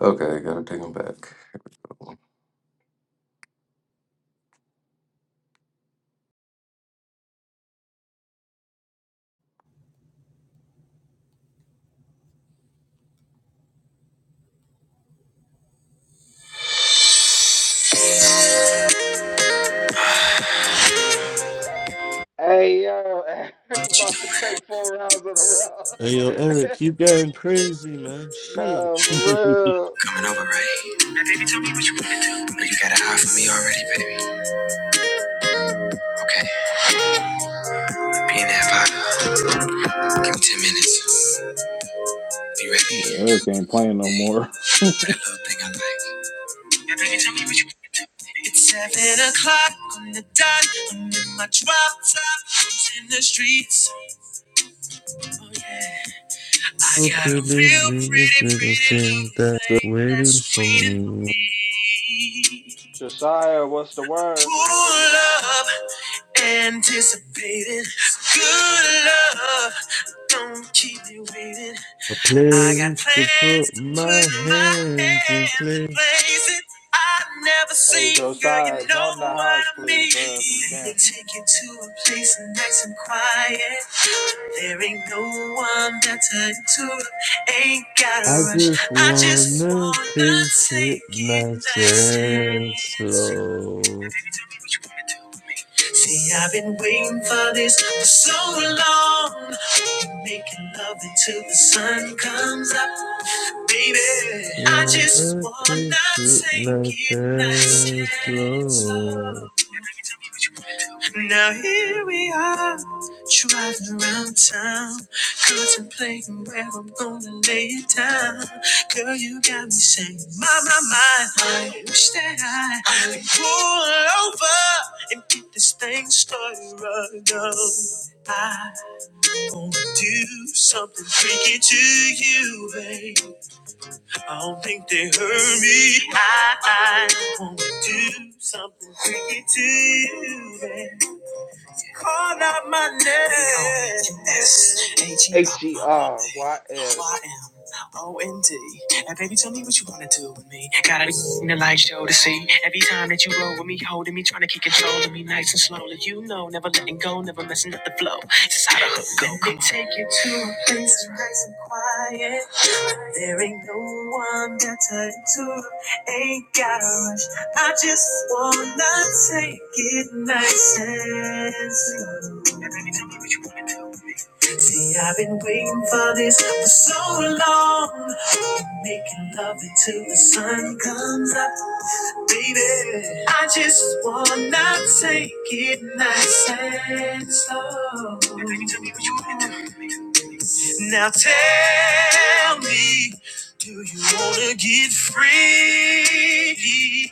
Speaker 5: Okay, I gotta take him back. Coming
Speaker 1: Hey yo, Eric about to take four rounds in a row.
Speaker 7: Hey, yo, Eric, you getting crazy, man? Shit.
Speaker 1: Nah, for real.
Speaker 5: over, right? Know you got a high for me already, baby. Okay, be in that vibe. Give me 10 minutes. Be ready
Speaker 10: Yeah, Eric ain't playing no more.
Speaker 5: for that little thing I like. Baby, tell me what you want to do. It's 7 o'clock on the dot. I'm in my drop top. Who's in the streets? Oh, yeah. I
Speaker 7: A
Speaker 5: got a real
Speaker 7: pretty little,
Speaker 5: pretty,
Speaker 7: little
Speaker 5: pretty
Speaker 7: thing
Speaker 5: little
Speaker 7: that's
Speaker 5: thing
Speaker 7: waiting
Speaker 5: that's
Speaker 7: for
Speaker 5: waiting for
Speaker 7: me.
Speaker 5: me.
Speaker 1: Josiah, what's the word?
Speaker 5: Pull up. anticipated. Good love, don't keep me waiting.
Speaker 7: A
Speaker 5: I got
Speaker 7: place to
Speaker 5: plans
Speaker 7: put
Speaker 5: to put
Speaker 7: my
Speaker 5: my
Speaker 7: hands in
Speaker 5: hands in
Speaker 7: place.
Speaker 5: places I've never
Speaker 1: Hey,
Speaker 5: seen. Girl, you
Speaker 1: Josiah,
Speaker 5: know
Speaker 1: join the
Speaker 5: what
Speaker 1: house,
Speaker 5: I
Speaker 1: please,
Speaker 5: mean.
Speaker 1: bro, if you
Speaker 5: Let
Speaker 1: can.
Speaker 5: me take you to a place nice and quiet. There ain't no one better to it. Ain't gotta
Speaker 7: I
Speaker 5: rush.
Speaker 7: just
Speaker 5: I just
Speaker 7: wanna
Speaker 5: wanna
Speaker 7: take
Speaker 5: take
Speaker 7: it
Speaker 5: it
Speaker 7: nice
Speaker 5: nice and
Speaker 7: and
Speaker 5: slow. Now,
Speaker 7: slow.
Speaker 5: Baby, tell me what you want. See, I've been waiting for this for so long. We're Making love until the sun comes up, baby. I just
Speaker 7: Wanna
Speaker 5: wanna
Speaker 7: take it
Speaker 5: take
Speaker 7: nice
Speaker 5: it nice
Speaker 7: and
Speaker 5: and
Speaker 7: slow.
Speaker 5: slow. Now here we are, driving around town, contemplating where I'm gonna lay it down. Girl, you got me saying, my, my, my, I wish that I could pull over and get this thing started right up. I wanna do something freaky to you, babe. I don't think they heard me. I, I wanna do something freaky to you, babe. Call out my name.
Speaker 1: H E R Y L.
Speaker 5: B-O-N-S-H-E-R-R-A-Y-M-O-N-D. And baby, tell me what you wanna do with me. Gotta be in the light show to see. Every time that you roll with me, holding me, trying to keep control of me, nice and slowly. You know, never letting go, never messing up the flow. Go, come on. Take your chances, nice and quiet. There ain't no one better to. Ain't gotta rush. I just wanna take it nice and slow. And baby, tell me. what See, I've been waiting for this for so long. Making love until the sun comes up, baby. I just wanna take it nice and slow. Hey, baby, tell me what you want to do. Now tell me, do you wanna get free?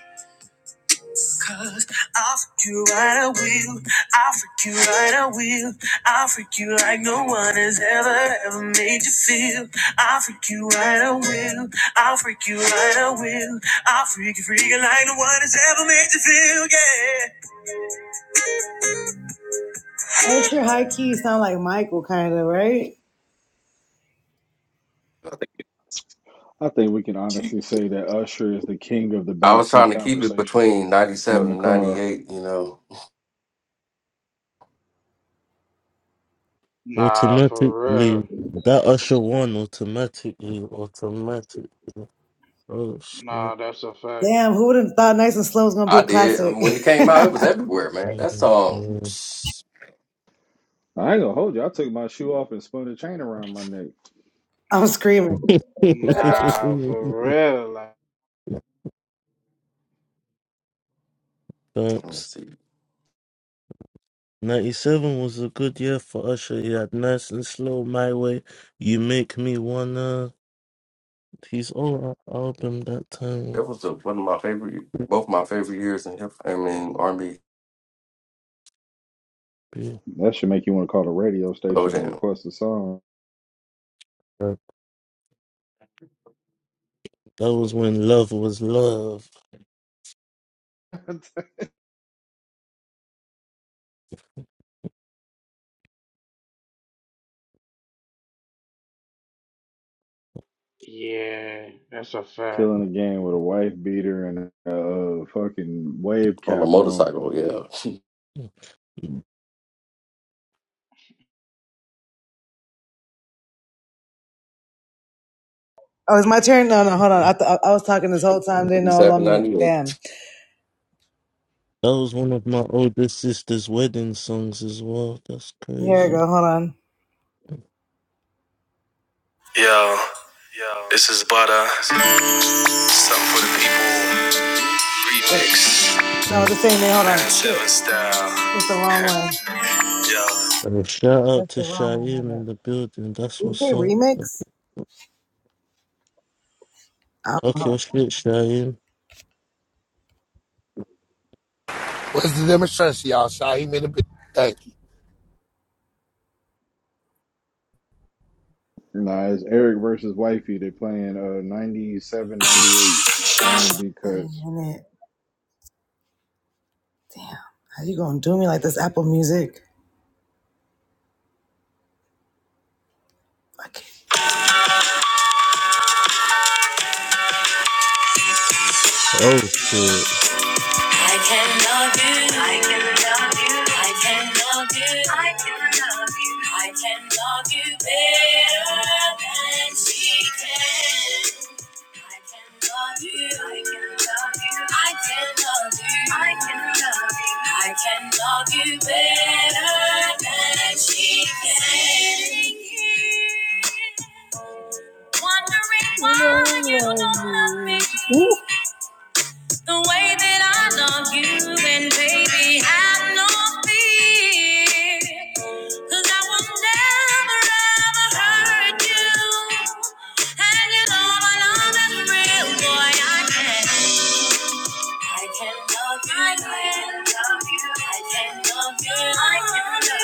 Speaker 5: Cause I'll freak you right, I will. I'll freak you right, I will. I'll freak you like no one has ever, ever made you feel. I'll freak you right, I will. I'll freak you right, I will. I'll freak you, freak you like no one has ever made you feel, yeah.
Speaker 3: Usher high key sound like Michael, kind of, right?
Speaker 10: I think we can honestly say that Usher is the king of the
Speaker 5: I was
Speaker 10: backseat
Speaker 5: trying to keep it
Speaker 10: conversation
Speaker 5: between
Speaker 10: in
Speaker 5: 97
Speaker 10: the
Speaker 5: and
Speaker 10: car.
Speaker 5: 98, you know.
Speaker 1: Nah, for real.
Speaker 7: Automatically, that usher one automatically, automatic. Oh shit.
Speaker 1: Nah, that's a fact.
Speaker 3: Damn, who would have thought Nice and Slow was gonna be
Speaker 5: I
Speaker 3: a
Speaker 5: did.
Speaker 3: classic?
Speaker 5: And When it came out, it was everywhere, man. That song, psh,
Speaker 10: I ain't gonna hold you. I took my shoe off and spun a chain around my neck.
Speaker 3: I'm screaming.
Speaker 1: Nah, for real. Like,
Speaker 5: let me
Speaker 7: Thanks.
Speaker 5: see.
Speaker 7: 97 was a good year for Usher. He had Nice and Slow, My Way, You Make Me Wanna. His own al- album that time. would
Speaker 5: That was a, one of my favorite, both my favorite years in hip, I mean, R&B.
Speaker 7: be-
Speaker 10: That should make you want to call the radio station and request a song.
Speaker 7: That that was when love was love.
Speaker 1: yeah, that's a fact.
Speaker 10: Killing a game with a wife beater and a uh, fucking wave
Speaker 5: On a
Speaker 10: cap on.
Speaker 5: motorcycle, yeah.
Speaker 7: Mm.
Speaker 3: Oh, it's my turn? No, no, hold on. I, th- I was talking this whole time, didn't know I was on
Speaker 5: 87,
Speaker 3: mute.
Speaker 5: 98.
Speaker 3: Damn.
Speaker 7: That was one of my older sister's wedding songs as well. That's
Speaker 3: Here we
Speaker 7: crazy.
Speaker 3: go, hold on. Yo, yo. this is Butter. Something for the people. Remix. No, the
Speaker 7: Yeah.
Speaker 3: same thing. Hold on. Seven style. It's the wrong one. Yo.
Speaker 7: And shout out
Speaker 3: That's
Speaker 7: to
Speaker 3: the wrong one.
Speaker 7: Shaim
Speaker 3: Hold
Speaker 7: in
Speaker 3: up.
Speaker 7: the building. That's
Speaker 3: Did you say
Speaker 7: what's up.
Speaker 3: remix? Oh,
Speaker 7: Talk your shit, Shaim.
Speaker 12: What's the demonstration, y'all? Shaheem made a big thank you.
Speaker 10: Nah, it's Eric versus Wifey. They playing uh 97, 98 R&B
Speaker 3: that ain't
Speaker 10: cuts.
Speaker 3: even it. How you gonna do me like this, Apple Music? I can't.
Speaker 7: Oh shit.
Speaker 3: I can love you. I can love you. I can love you. I can love you. I can love you better than she can. I can love you. I can love you. I can love you. I can love you. I can love you better than she can. Wondering
Speaker 10: You
Speaker 3: why
Speaker 10: don't
Speaker 3: you
Speaker 10: love
Speaker 3: don't love
Speaker 10: me.
Speaker 3: me.
Speaker 10: Woo!
Speaker 3: The way that I love you, and baby, have no fear. Cause I will never ever hurt you. And you know my love is real, boy, I can. I can love you. I can love you. I can love you. I can love you.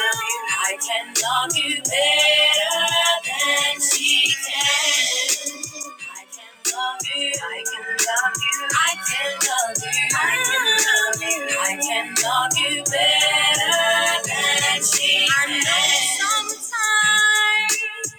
Speaker 3: I can love you better than she can. I can love you. I can love you. I can love you. I can love you. I can love you better than she can. I know sometimes.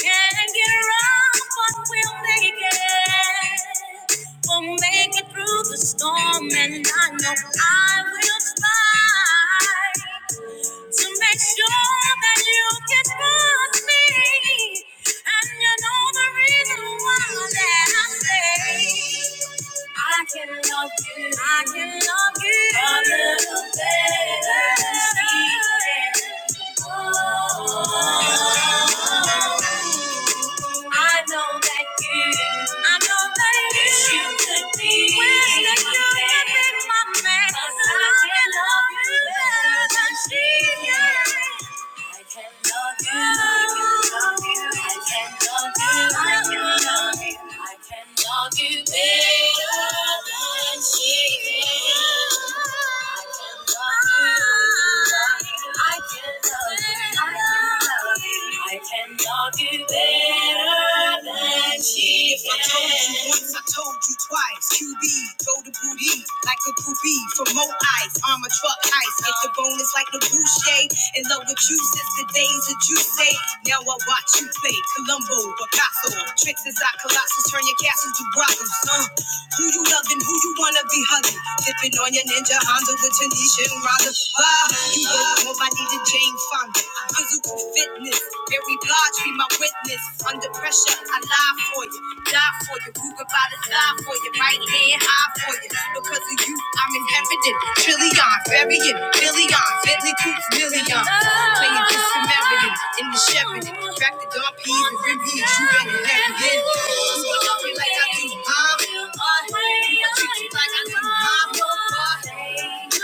Speaker 3: Can't get around what we'll make it. We'll make it through the storm, and I know I will fight to make sure that you can trust me. And you know the reason why that I say I can love you, I can love you a little better. each day. Oh. I know that you, I know that you, you could be with the you could be my man. 'Cause I can love you better than she can. I Can love you, I can love you, I can love you, babe. I can love you. Y'all do better than she can. I told you once, I told you twice. QB, go to booty like a groupie. For more ice, armor truck ice. Hit the bonus like the boucher. In love with you since the days that you say. Now I watch you play Columbo, Picasso. Tricks inside Colossus, turn your castles to brothels. Uh, who you loving, who you wanna be hugging. Dipping on your ninja Honda with Tanisha and Rhonda. Wow, you know I needed Jane Fonda. Physical fitness, Barry Blige be my witness. Under pressure, I lie for you, die for you. Who could buy the die for you? Right hand high for you. Because of you, I'm inherited. Trillion, burying, billion, Bentley Coops, million. Playing this severity in the Chevron. Back to Don P's and Rimpies, you better never get. it. You gon' love me like I do, mom. You gon' treat you like I do, mom. I can love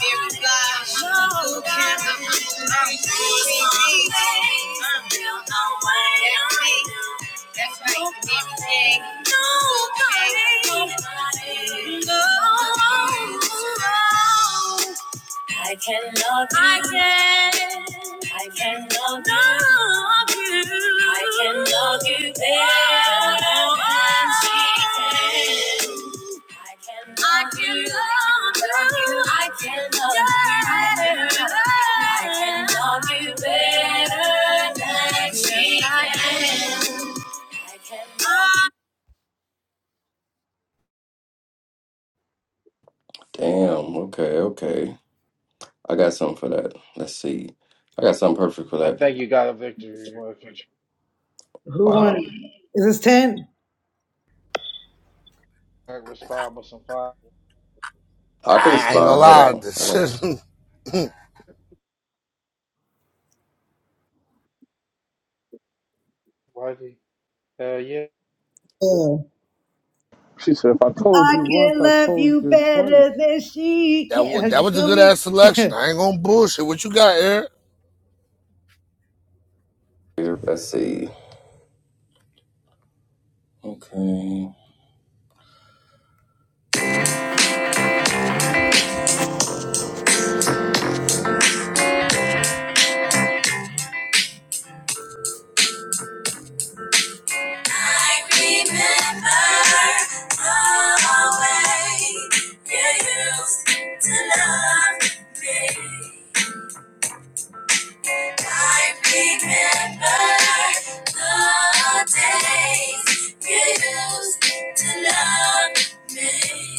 Speaker 3: you. I can. I can love you. I can love you better than she can. I can love you. I can love you. I can love you better than she can.
Speaker 5: Damn, okay, okay. I got something for that. Let's see. I got something perfect for
Speaker 1: I
Speaker 5: that.
Speaker 1: think you got a victory working.
Speaker 3: Who won?
Speaker 5: Wow.
Speaker 3: Is this 10?
Speaker 1: Like, respond with some fire,
Speaker 5: I can
Speaker 12: I ain't gonna
Speaker 5: respond. Hold
Speaker 12: lie,
Speaker 5: on. I
Speaker 12: this,
Speaker 5: got
Speaker 12: that
Speaker 1: Whitey. Hell yeah.
Speaker 3: Yeah.
Speaker 10: She said, if I told
Speaker 3: I
Speaker 10: you once,
Speaker 3: can
Speaker 10: I
Speaker 3: love
Speaker 10: told
Speaker 3: you
Speaker 10: you twice.
Speaker 3: better than she
Speaker 12: was
Speaker 3: can.
Speaker 12: that
Speaker 3: You
Speaker 12: was a
Speaker 3: feel
Speaker 12: good
Speaker 3: me?
Speaker 12: ass selection. I ain't gonna bullshit. What you got, Eric?
Speaker 5: here. Let's see. Okay. I remember the way you used to love me. I remember the days you used to love me.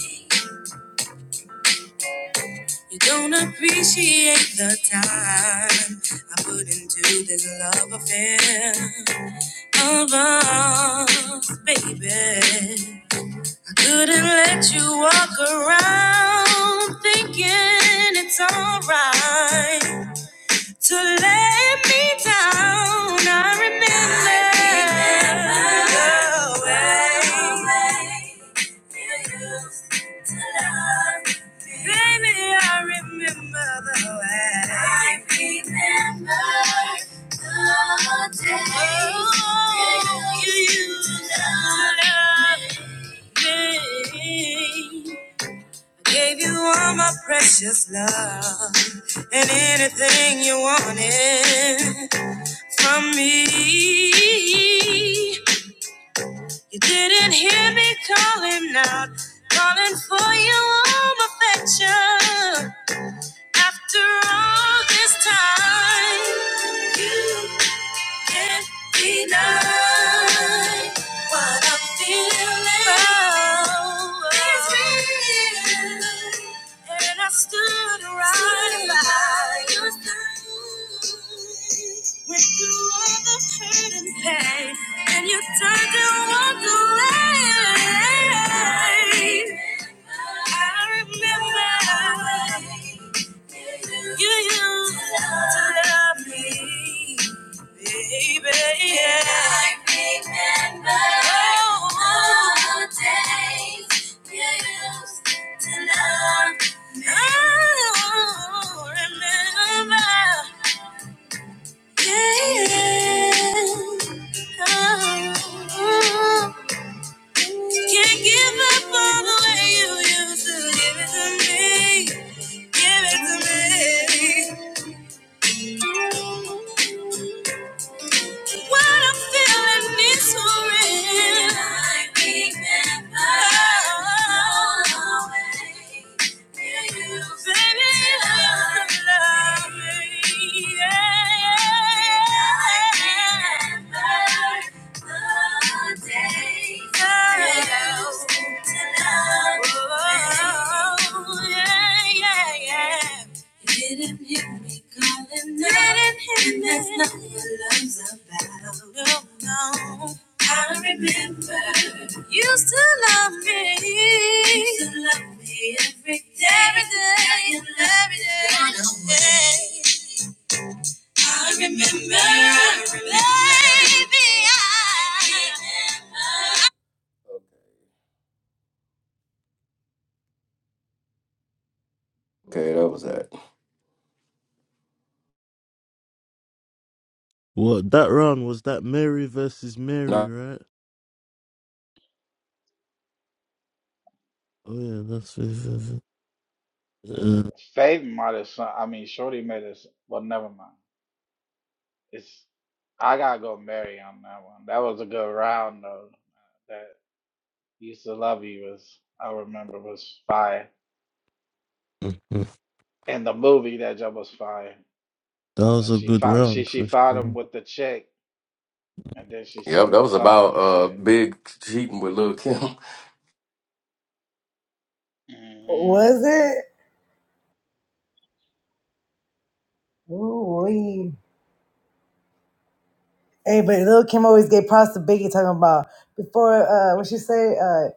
Speaker 5: You don't appreciate the time I put into this love affair of us, baby. I couldn't let you walk around thinking it's alright to let me down. I remember. I remember. Baby, I remember the way. I remember the day. Oh, you used to love me. gave you all my precious love and anything you wanted from me. You didn't hear me calling out, calling for your warm affection. After all this time, you can't deny what I'm feeling. Oh, oh. It's real. And I stood right by your side. Went through all the hurt and pain, and you turned and walked away. I remember you used to love me. I remember all the days you used to love me. Oh, remember. Yeah. Oh. Can't give up on the way you used to give it to me. Give it to me. What I'm feeling is for real. I remember all the way you used to Baby, love love me. Yeah, yeah. I remember the days you used to love me. Oh, yeah, yeah, yeah. Didn't hear me calling out. And that's not what love's about. No, no. I remember you used to love me. you Used to love me every day. Every day. Every day. I remember. I remember. Baby, I. Okay, that was that.
Speaker 7: What that round was that Mary versus Mary,
Speaker 5: No,
Speaker 7: right? Oh yeah, that's it. Uh,
Speaker 1: Faith might have son. I mean, Shorty made us. Well, never mind. It's. I gotta go Mary, on that one. That was a good round though. That. Used to Love You was I remember was fire.
Speaker 7: that
Speaker 1: And the movie that job was fire.
Speaker 7: was
Speaker 1: When
Speaker 7: a
Speaker 1: she
Speaker 7: good
Speaker 1: fought she
Speaker 7: round
Speaker 1: she
Speaker 7: for
Speaker 1: fought him
Speaker 7: sure.
Speaker 1: with the chick and then she
Speaker 5: yep,
Speaker 1: sung
Speaker 5: that
Speaker 1: the
Speaker 5: was
Speaker 1: song
Speaker 5: about
Speaker 1: and
Speaker 5: uh
Speaker 1: shit. Like
Speaker 5: Big cheating with Lil Kim.
Speaker 1: hmm
Speaker 3: Was it? Ooh, wee. Hey, but Lil Kim always gave props to Biggie talking about before, uh, what she say? Uh,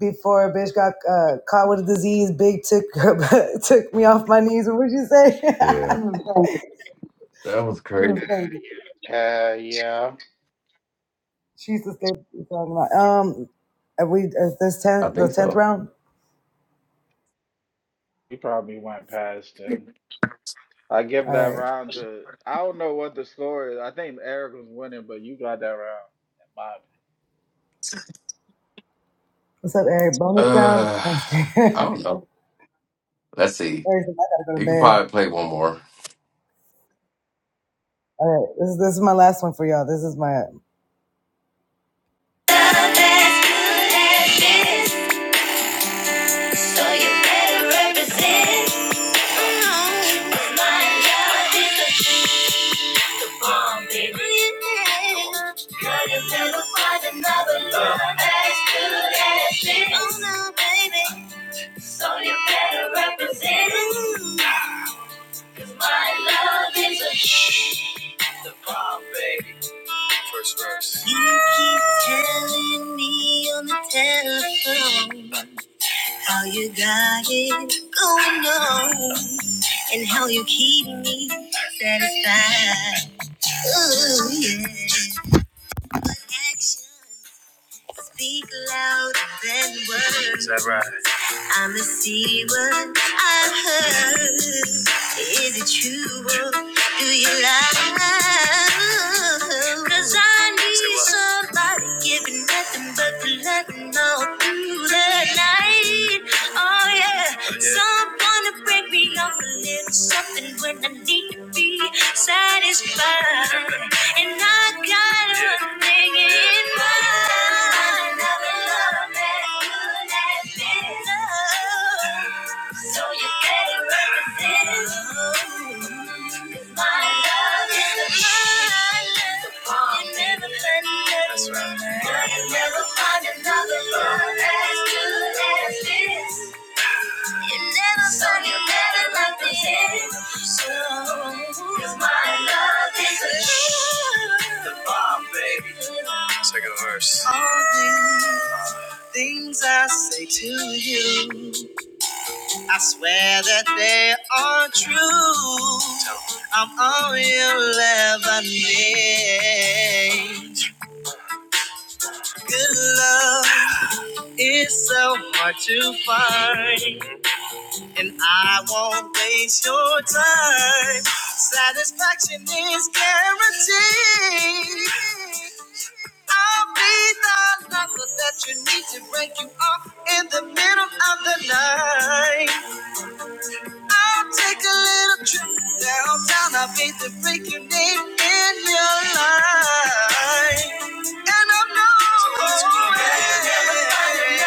Speaker 3: before a bitch got uh, caught with a disease, Big took took me off my knees. What would you say?
Speaker 5: Yeah, that was
Speaker 3: She
Speaker 5: crazy.
Speaker 3: was crazy.
Speaker 1: uh, yeah.
Speaker 3: She used to stay we talking about. Um, are we is this
Speaker 5: I
Speaker 3: ten the
Speaker 5: think
Speaker 3: tenth
Speaker 5: so.
Speaker 3: round?
Speaker 1: He probably went past and I give
Speaker 3: All
Speaker 1: that
Speaker 3: right.
Speaker 1: round to I don't know what the score is. I think Eric was winning, but you got that round
Speaker 3: What's up, Eric? Bonus round?
Speaker 5: Uh,
Speaker 3: I'm scared.
Speaker 5: I
Speaker 3: Eric said,
Speaker 5: don't know. Let's see.
Speaker 3: I gotta go to
Speaker 5: You can
Speaker 3: bed.
Speaker 5: probably play one more.
Speaker 3: This is my. Oh no, baby, you keep telling me on the telephone how you got it going on and how you keep me satisfied. Ooh, yeah. Actions speak louder than words. Is that right? I'ma see what I heard. Is it true? Oh, Do you lie? Cause I need somebody giving nothing but the loving all through the night. Oh yeah. Oh, yeah. Someone to break me off a little something when I need to be satisfied. And I got yeah. one thing in mind. Another love that could have been love. So you better represent my love is my love. You never let another run. You'll never find another love as good as this. So you better represent. Mom, baby, second verse. All these things I say to you, I swear that they are true. I'm all you'll ever need. Good love is so hard to find, and I won't waste your time. Satisfaction is guaranteed. I'll be the lover that you need to break you off in the middle of the night. I'll take a little trip downtown. I'll be the freak you need in your life, and I'm always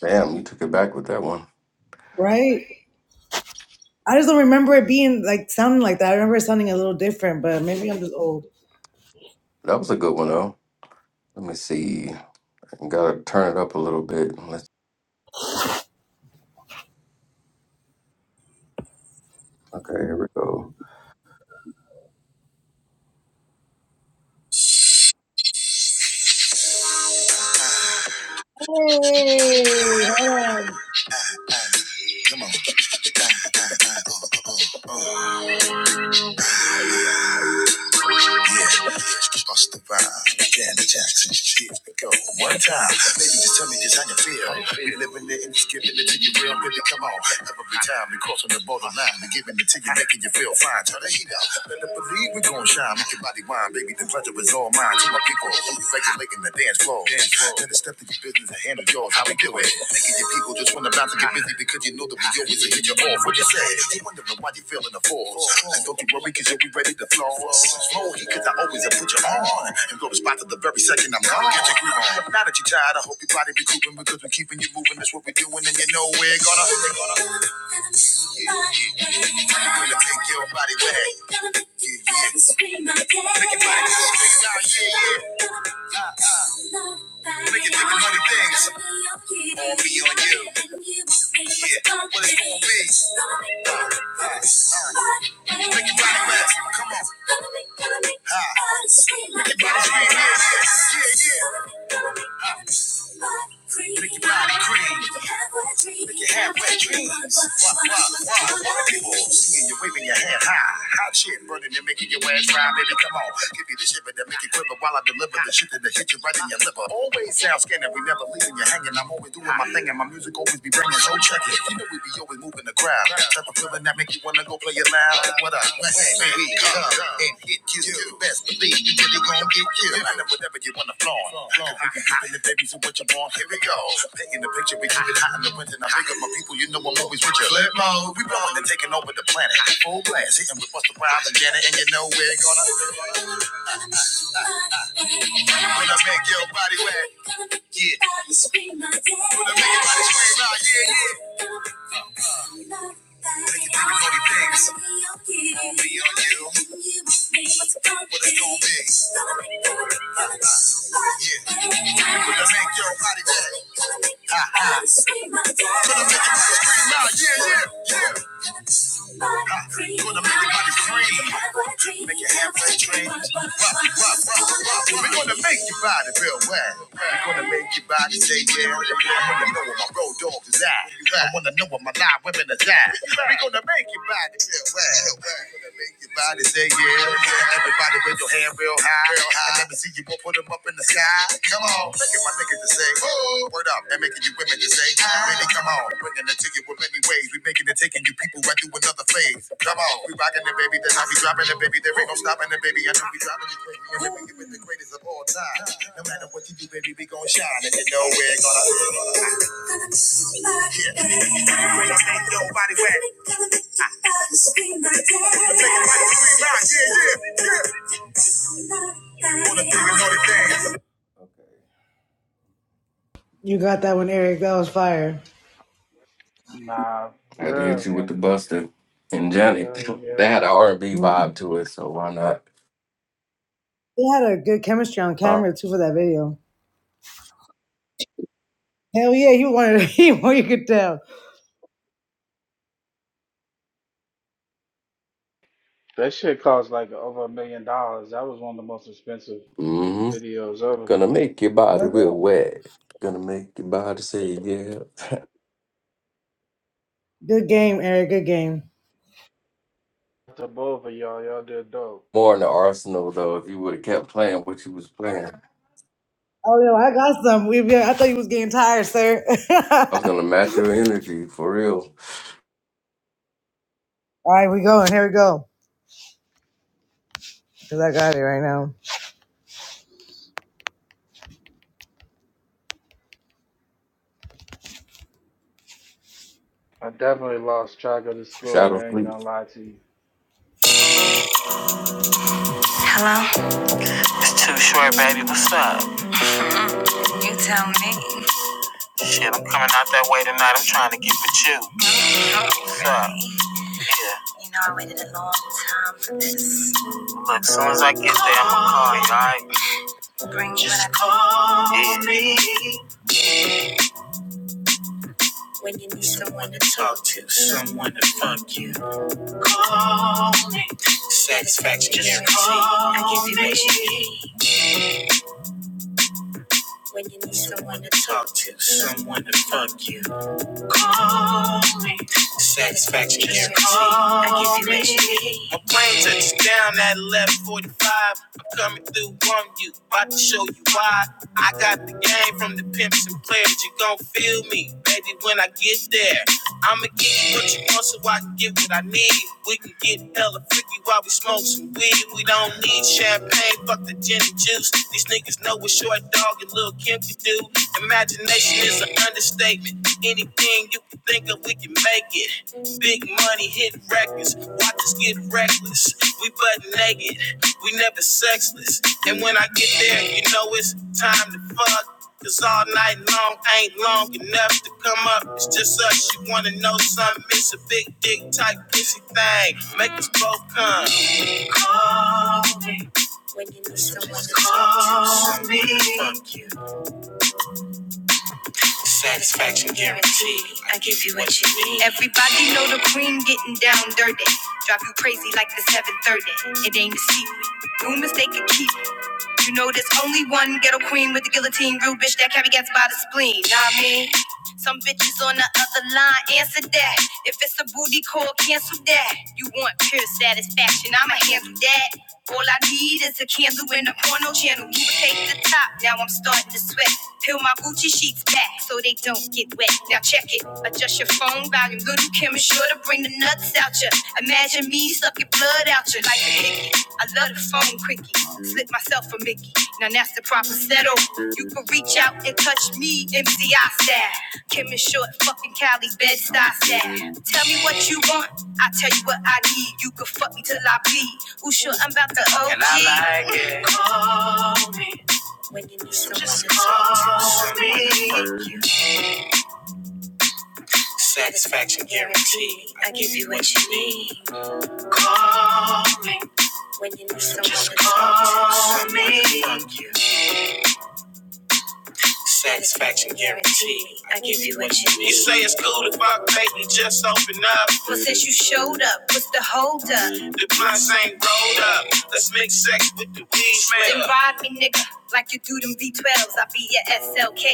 Speaker 5: Damn, you took it back with that one.
Speaker 3: right. I just don't remember it being like sounding like that. I remember it sounding a little different, but maybe I'm just old.
Speaker 5: That was a good one though. Let me see. I gotta turn it up a little bit. Let's, okay, here we go. Yeah, bust the rhyme. Janet Jackson, she's here to go. One time, baby, just tell me just how you feel. We living it and just giving it to you real, baby. Come on, every time we cross on the borderline, we giving it to you, making you feel fine. Turn the heat up, better believe we gon' shine. Make your body wine, baby. The pleasure is all mine. To my people, who regulating the dance floor. Dance floor. Then the step to your business and handle yours. How we do it? Making your people just wanna bounce and get busy because you know that we always hit you off. What you say? You wondering why you feeling the force. And don't you worry, cause you'll be ready to floss. Small heat, cause I always have put you on. And go to spot to the very second I'm gone. Get your groove on. Now that you're tired, I hope your body recouping because we're keeping you moving. That's what we're doing, and you know we're gonna. We're gonna yeah, yeah, yeah. We're gonna take your body back. Yeah, yeah. Take your body back. Yeah, yeah. Uh, uh. We can do many things. Gon' be on you. Yeah, what it's gon' be. Make your body rap. Come on. Make your body scream. Yeah, yeah. Yeah, yeah. Ha. Make your body cream. Make your half wet dreams. Wah, wah, wah. All the people singing, you're waving your hand high. Hot shit burning and making your ass dry, baby. Come on. Give me the shit, but that make you quiver while I deliver the shit that'll hit you right in your liver. Always sound scanning. We never leave. When you're hanging, I'm always doing my thing, and my music always be bringing. So check it. You know we be always moving the crowd. Type of feeling that make you wanna go play it loud. What up? When we come and hit you, you best believe you really gon' get you. I know whatever you wanna flaunt. Cause we be keeping the babies so what you want? Here we go. Painting the picture, we keep it hot in the winter. Now big up my people, you know I'm always with you. Flip mode, we blowing and taking over the planet. Full blast, hitting with Busta Rhymes and Janet, and you know we're gonna. When I make your body wet, yeah. When I make your body scream out, yeah, yeah. Think you think funny things won't be on you. What it gon' be? Yeah. When I make your body wet, ah ah. When I make your body scream out, yeah, yeah, yeah. Put 'em everybody free. Make your halfway dreams. Rock, rock, rock, rock. We're gonna make your body feel wet. We're gonna make your body say yeah. I wanna know where my road dogs is at. I wanna know where my live women is at. We're gonna make your body feel wet. We're gonna make your body say yeah. Everybody with your hand real high. Real high. I never see you won't put them up in the sky. Come on. Making my niggas to say, Oh. word up. And making you women to say, baby, come on. Bringing it to you with many ways. We making it taking you people right through another phase. Come on. We rocking it, baby. That's how we dropping it, baby. There ain't no stopping it, baby. I know we dropping it, baby. And we making it the greatest of all time. No matter what you do, baby, we gon' shine. And you know we're gonna. Yeah. Bring your body wet. Yeah, yeah, yeah. Okay.
Speaker 3: You got that one, Eric. That was fire.
Speaker 1: in my opinion. Nah,
Speaker 5: I had to
Speaker 1: yeah,
Speaker 5: hit you with the Buster and Johnny.
Speaker 1: yeah, yeah.
Speaker 5: They had an R and B
Speaker 3: Mm.
Speaker 5: vibe to it, so why not?
Speaker 3: They had a good chemistry on
Speaker 5: Uh,
Speaker 3: camera too for that video. Hell yeah, he wanted he well, you could tell.
Speaker 1: That shit cost like over a million dollars. That was one of the most expensive
Speaker 5: mm-hmm.
Speaker 1: videos ever.
Speaker 5: Gonna make your body
Speaker 3: But
Speaker 5: real
Speaker 3: yeah,
Speaker 5: wet. Gonna make your body say yeah.
Speaker 3: good game, Eric. Good game.
Speaker 1: to both of y'all. Y'all did dope.
Speaker 5: More in the arsenal though. If you would have kept playing what you was playing,
Speaker 3: Oh yeah, we there, sir.
Speaker 5: I was gonna match your energy for real.
Speaker 3: All right, we going. Here we go. Cause I got it right now.
Speaker 1: I definitely lost track of the score.
Speaker 5: Shadow
Speaker 1: I ain't gonna
Speaker 5: Fleet.
Speaker 1: lie to you.
Speaker 3: Hello. What's up? You tell me. Coming out tonight. What's up? You know I waited a long time for this. Look, as soon as I get bring you just what I Talk to someone to fuck you. Satisfaction Just guaranteed. Call me. Talk to someone to fuck you. Satisfaction guaranteed. I give you My plane touches down at 11:45. I'm coming through on you, about to show you why. I got the game from the pimps and players. You gon' feel me, baby, when I get there. I'ma get you what you want so I can get what I need. We can get hella freaky while we smoke some weed. We don't need champagne, fuck the gin and juice. These niggas know what short dog and Lil Kim can do. Imagination is an understatement. Anything you can think of, we can make it. Big money, hit records, watch us get reckless. We butt naked, we never sexless. And when I get there, you know it's time to fuck. Cause all night long ain't long enough to come up. It's just us, you wanna know something? It's a big dick type kissy thing. Make us both come. Oh, me. Satisfaction guaranteed. I give you what you need. Everybody know the queen getting down dirty. Drive you crazy like the 730. It ain't a secret. Rumors they could keep. You know there's only one ghetto queen with the guillotine, real bitch that carry gets by the spleen. Nah, I mean, some bitches on the other line answer that. If it's a booty call, cancel that. You want pure satisfaction? I'ma handle that. All I need is a candle and a porno channel. You take the top, now I'm starting to sweat. Peel my Gucci sheets back so they don't get wet. Now check it, adjust your phone volume. Little Kim is sure to bring the nuts out ya. Imagine me sucking blood out ya like a I love the phone quickie. Slip myself a Mickey. Now that's the proper settle. You can reach out and touch me, MCI style. Kim and Short, fucking Cali, bed style style. Tell me what you want, I tell you what I need. You can fuck me till I bleed. Ooh, sure, I'm about to OG. And I like it. So just call me. Satisfaction guaranteed. I give you what you need when you need someone. Just call me. Satisfaction guaranteed. I give you what you need. You say it's cool to fuck, baby, just open up. Well, since you showed up, what's the hold up? The blunts ain't rolled up. Let's make sex with the weed man. Then ride me, nigga, like you do them V12s. I be your SLK.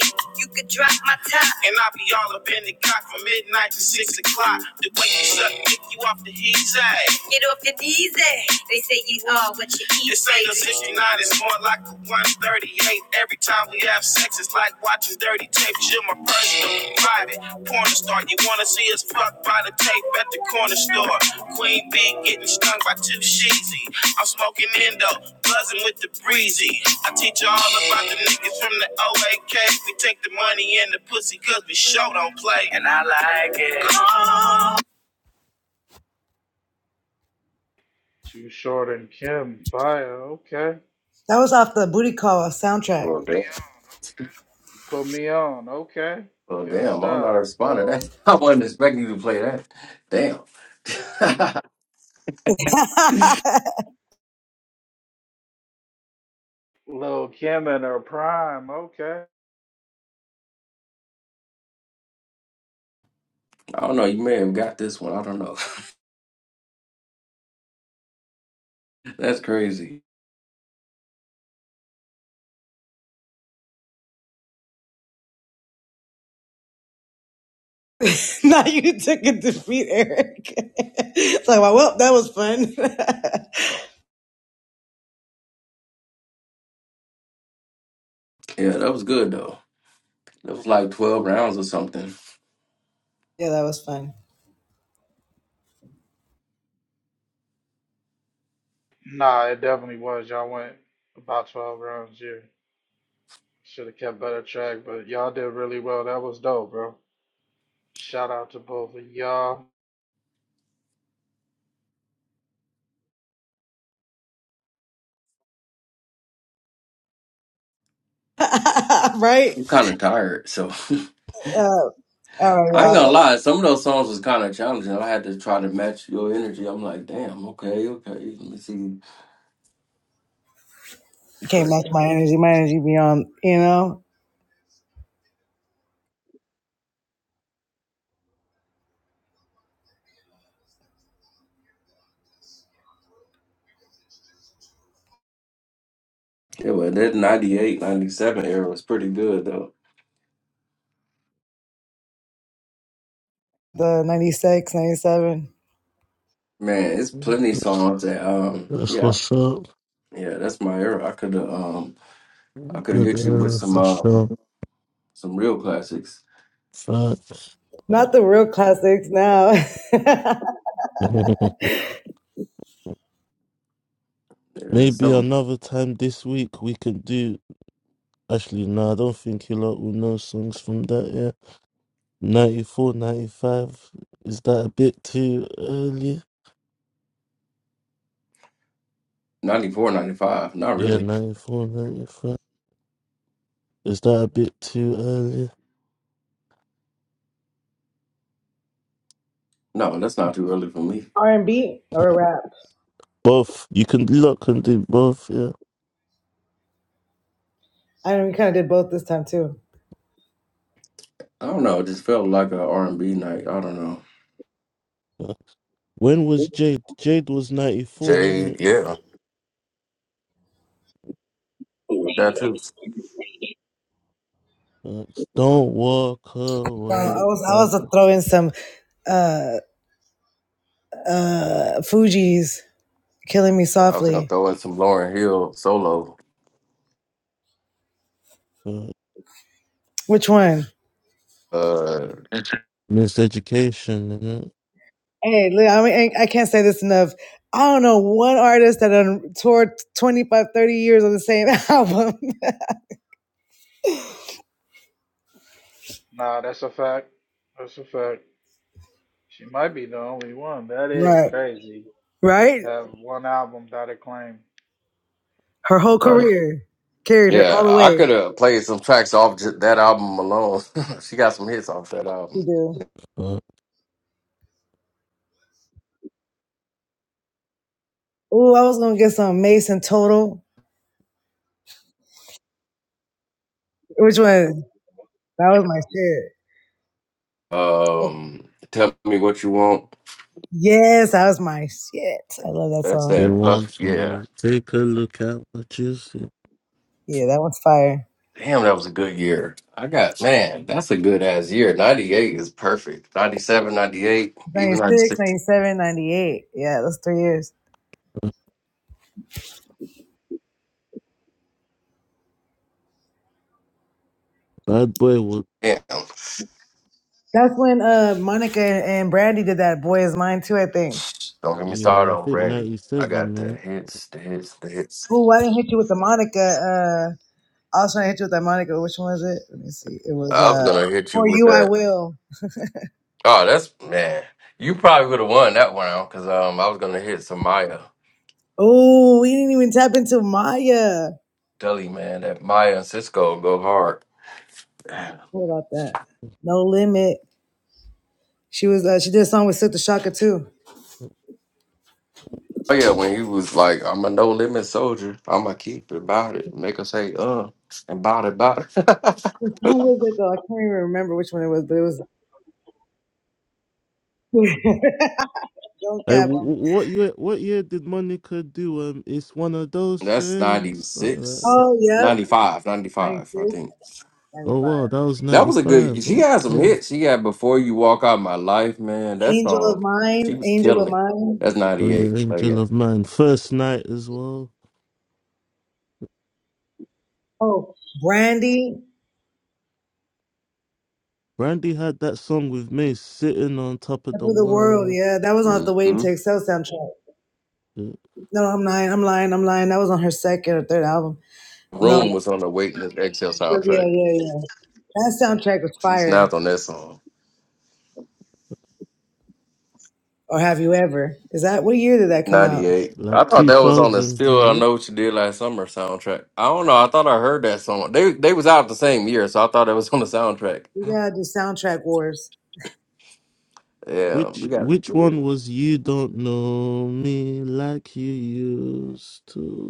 Speaker 3: You could drop my top. And I be all up in the cock from midnight to six o'clock. The way you suck, dick you off the heat's eye. Get off your knees, eh? They say you are what you eat, This ain't a 69, it's more like a 138. Every time we have sex, it's like watching dirty tapes. You're my personal private porn star. You wanna see us fuck by the tape at the corner store. Queen B getting stung by two sheezy. I'm smoking endo, buzzing with the breezy. I teach you all about the niggas from the OAK. We take the money and the pussy cause we show don't play. And I like it.
Speaker 1: Too short and Kim fire. Okay,
Speaker 3: That was off the Booty Call soundtrack.
Speaker 5: Well, damn.
Speaker 1: you put me on. Okay,
Speaker 5: Well,
Speaker 1: good
Speaker 5: damn. I'm not
Speaker 1: stuff.
Speaker 5: responding. That I wasn't expecting you to play that. Damn.
Speaker 1: Lil Kim in her prime. Okay.
Speaker 5: I don't know. You may have got this one. I don't know. That's crazy.
Speaker 3: now you took a defeat, Eric. so wow,
Speaker 5: Yeah, that was good though. That was like twelve rounds or something.
Speaker 3: yeah, that was fun.
Speaker 1: Nah, it definitely was. Y'all went about twelve rounds here. Should have kept better track, but y'all did really well. That was dope, bro. Shout out to both of y'all.
Speaker 3: right?
Speaker 5: I'm kind of tired, so
Speaker 3: Uh, all right,
Speaker 5: I ain't gonna
Speaker 3: y'all.
Speaker 5: lie. Some of those songs was kind of challenging. I had to try to match your energy. I'm like, damn, okay, okay. Let me see.
Speaker 3: Can't
Speaker 5: But
Speaker 3: match my energy. My energy beyond, you know,
Speaker 5: yeah, Well, that 98, 97 era was pretty good though.
Speaker 3: the 96, 97.
Speaker 5: Man, it's plenty of songs that um
Speaker 7: That's
Speaker 5: yeah
Speaker 7: what's up.
Speaker 5: yeah that's my era. I could have um I could have
Speaker 7: Good
Speaker 5: hit you with
Speaker 7: era
Speaker 5: some
Speaker 7: for
Speaker 5: um
Speaker 7: sure.
Speaker 5: some real classics.
Speaker 7: Facts.
Speaker 3: Not the real classics now.
Speaker 5: Yeah,
Speaker 7: Maybe
Speaker 5: some
Speaker 7: another time this week we can do. Actually, no, I don't think you lot will know songs from that year. 94, 95. Is that a bit too early?
Speaker 5: 94, 95. Not
Speaker 7: Yeah,
Speaker 5: really.
Speaker 7: 94, 95. Is that a bit too early?
Speaker 5: No, that's not too early for me.
Speaker 3: R&B or rap.
Speaker 7: Both. You can, you lot can do both, Yeah.
Speaker 3: I mean, we kind of did both this time too.
Speaker 5: I don't know. It just felt like a R and B night. I don't know.
Speaker 7: Uh, When was Jade? Jade was 94, isn't
Speaker 5: Jay,
Speaker 7: it?
Speaker 5: yeah, that too.
Speaker 7: Uh, don't walk
Speaker 3: So I
Speaker 7: away.
Speaker 3: was
Speaker 7: Like,
Speaker 3: I was throwing some uh uh Fuji's Killing Me
Speaker 5: I was gonna
Speaker 3: Softly.
Speaker 5: throw in some Lauren Hill solo.
Speaker 7: uh,
Speaker 3: Which one?
Speaker 5: Uh,
Speaker 7: miseducation, isn't it?
Speaker 3: Hey, look, I mean, I I can't say this enough. I don't know one artist that done toured 25, 30 years on the same album.
Speaker 1: Nah, that's a fact. That's a fact. She might be the only one. That is
Speaker 3: Right.
Speaker 1: crazy.
Speaker 3: Right?
Speaker 1: have one album that acclaimed.
Speaker 3: Her whole
Speaker 5: right.
Speaker 3: career carried her
Speaker 5: Yeah,
Speaker 3: all the
Speaker 5: I
Speaker 3: way.
Speaker 5: could have played some tracks off ju- that album alone. she got some hits off that album.
Speaker 3: She do.
Speaker 7: Uh,
Speaker 3: Ooh, I was going to get some Mason Total. Which one? That was my shit.
Speaker 5: Um, tell me what you want.
Speaker 3: Yes, that was my shit. I love that
Speaker 5: That's
Speaker 3: song.
Speaker 7: it
Speaker 5: that
Speaker 7: will
Speaker 5: puff.
Speaker 7: for
Speaker 5: Yeah.
Speaker 7: me. Take a look at what you see.
Speaker 3: Yeah, that one's fire.
Speaker 5: Damn, that was a good year. I got man, that's a good ass year. Ninety eight is perfect. 97, 98. even ninety
Speaker 3: 96,
Speaker 5: six.
Speaker 3: 97, 98. Yeah, that's three years.
Speaker 7: Uh, bad boy was,
Speaker 5: Damn.
Speaker 3: That's when uh, Monica and Brandy did that Boy Is Mine too, I think.
Speaker 5: Don't get me started
Speaker 7: yeah, I
Speaker 5: on
Speaker 7: think
Speaker 5: Brandy. I got
Speaker 7: 97, isn't
Speaker 5: the
Speaker 7: it?
Speaker 5: hits, the hits, the hits.
Speaker 3: Ooh, I didn't hit you with the Monica. Uh, I was trying to hit you with that Monica. Which one was it? Let me see. It was
Speaker 5: I was
Speaker 3: uh,
Speaker 5: gonna hit you
Speaker 3: For
Speaker 5: with
Speaker 3: You I
Speaker 5: that.
Speaker 3: Will.
Speaker 5: Oh, that's man. You probably would have won that round because um, I was gonna hit some Maya
Speaker 3: Ooh, we didn't even tap into Maya.
Speaker 5: Deli man. That Maya and Cisco go hard. Damn.
Speaker 3: What about that? No Limit. She was uh, she did a song with Silk the Shaka too.
Speaker 5: Oh yeah, when he was like, "I'm a no limit soldier. I'ma keep it about it, make her say uh and about it, about it."
Speaker 3: What song was it though? I can't even remember which one it was, but it was Don't
Speaker 7: Hey, wh-
Speaker 3: Cap.
Speaker 7: wh- what year? What year did Monica do? Um, it's one of those
Speaker 5: that's ninety
Speaker 7: things. Uh,
Speaker 5: six,
Speaker 3: Oh, yep.
Speaker 5: 95, 95.
Speaker 3: 96,
Speaker 5: I think.
Speaker 7: Oh
Speaker 3: 95.
Speaker 7: wow, that was
Speaker 5: That
Speaker 7: ninety
Speaker 5: was a good.
Speaker 7: five.
Speaker 5: She had some
Speaker 7: Okay.
Speaker 5: hits. She had "Before You Walk Out My Life," man. That
Speaker 3: Angel of
Speaker 5: song,
Speaker 3: Mine.
Speaker 5: she was
Speaker 3: Angel of
Speaker 5: killing it.
Speaker 3: Mine.
Speaker 5: That's
Speaker 7: Oh
Speaker 5: '98.
Speaker 7: yeah,
Speaker 5: But yeah,
Speaker 7: Angel of Mine. First night as well.
Speaker 3: Oh, Brandy.
Speaker 7: Brandy had that song with me, sitting on top of
Speaker 3: Up
Speaker 7: the
Speaker 3: of the World.
Speaker 7: world,
Speaker 3: Yeah, that was on the Waiting
Speaker 5: hmm
Speaker 3: to Excel soundtrack.
Speaker 7: uh,
Speaker 3: No, I'm lying. I'm lying. I'm lying. That was on her second or third album. No,
Speaker 5: "Room" was on the Waiting List XL
Speaker 3: yeah,
Speaker 5: soundtrack.
Speaker 3: yeah, yeah. That soundtrack was
Speaker 5: She snapped
Speaker 3: fire.
Speaker 5: on that song.
Speaker 3: Or have you ever? Is that what year did that come out?
Speaker 5: '98. I
Speaker 7: like
Speaker 5: thought
Speaker 7: two
Speaker 5: that was on the
Speaker 7: thousands
Speaker 5: "Still
Speaker 7: in
Speaker 5: I
Speaker 7: it.
Speaker 5: Know What You Did Last Summer" soundtrack. I don't know. I thought I heard that song. They they was out the same year, so I thought it was on the soundtrack.
Speaker 3: We gotta do soundtrack wars.
Speaker 5: Yeah, we
Speaker 7: Which
Speaker 5: gotta
Speaker 7: which
Speaker 5: do it.
Speaker 7: one was you don't know me like you used to?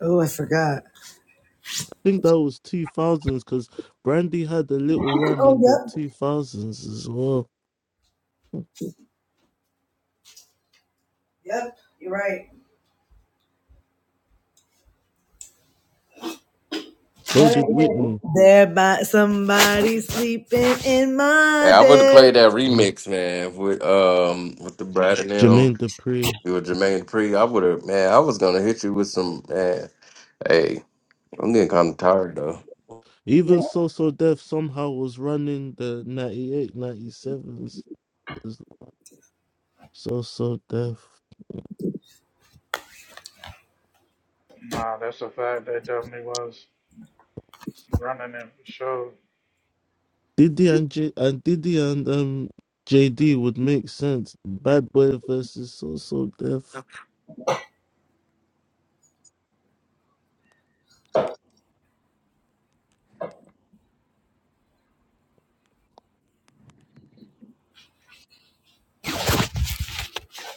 Speaker 3: Oh, I forgot.
Speaker 7: think that was 2000s because Brandy had a little run in the
Speaker 3: Yep,
Speaker 7: 2000s as well.
Speaker 3: yep. You're right.
Speaker 7: So
Speaker 3: That
Speaker 7: did
Speaker 3: it.
Speaker 7: Whitney,
Speaker 3: There by somebody sleeping in my
Speaker 5: Yeah, I would have
Speaker 3: bed.
Speaker 5: played that
Speaker 7: uh,
Speaker 5: remix, man, with um with the Brad and them.
Speaker 7: Jermaine Dupri.
Speaker 5: you were Jermaine Dupri. I would have man, I was gonna hit you with some man. Hey, I'm getting kinda tired though.
Speaker 7: Even So So Def somehow was running the 98, 97s. as So So Def.
Speaker 1: Nah, that's a fact. They definitely was running it for sure.
Speaker 7: Diddy and, J- and Diddy and um, JD would make sense. Bad Boy versus So So Def.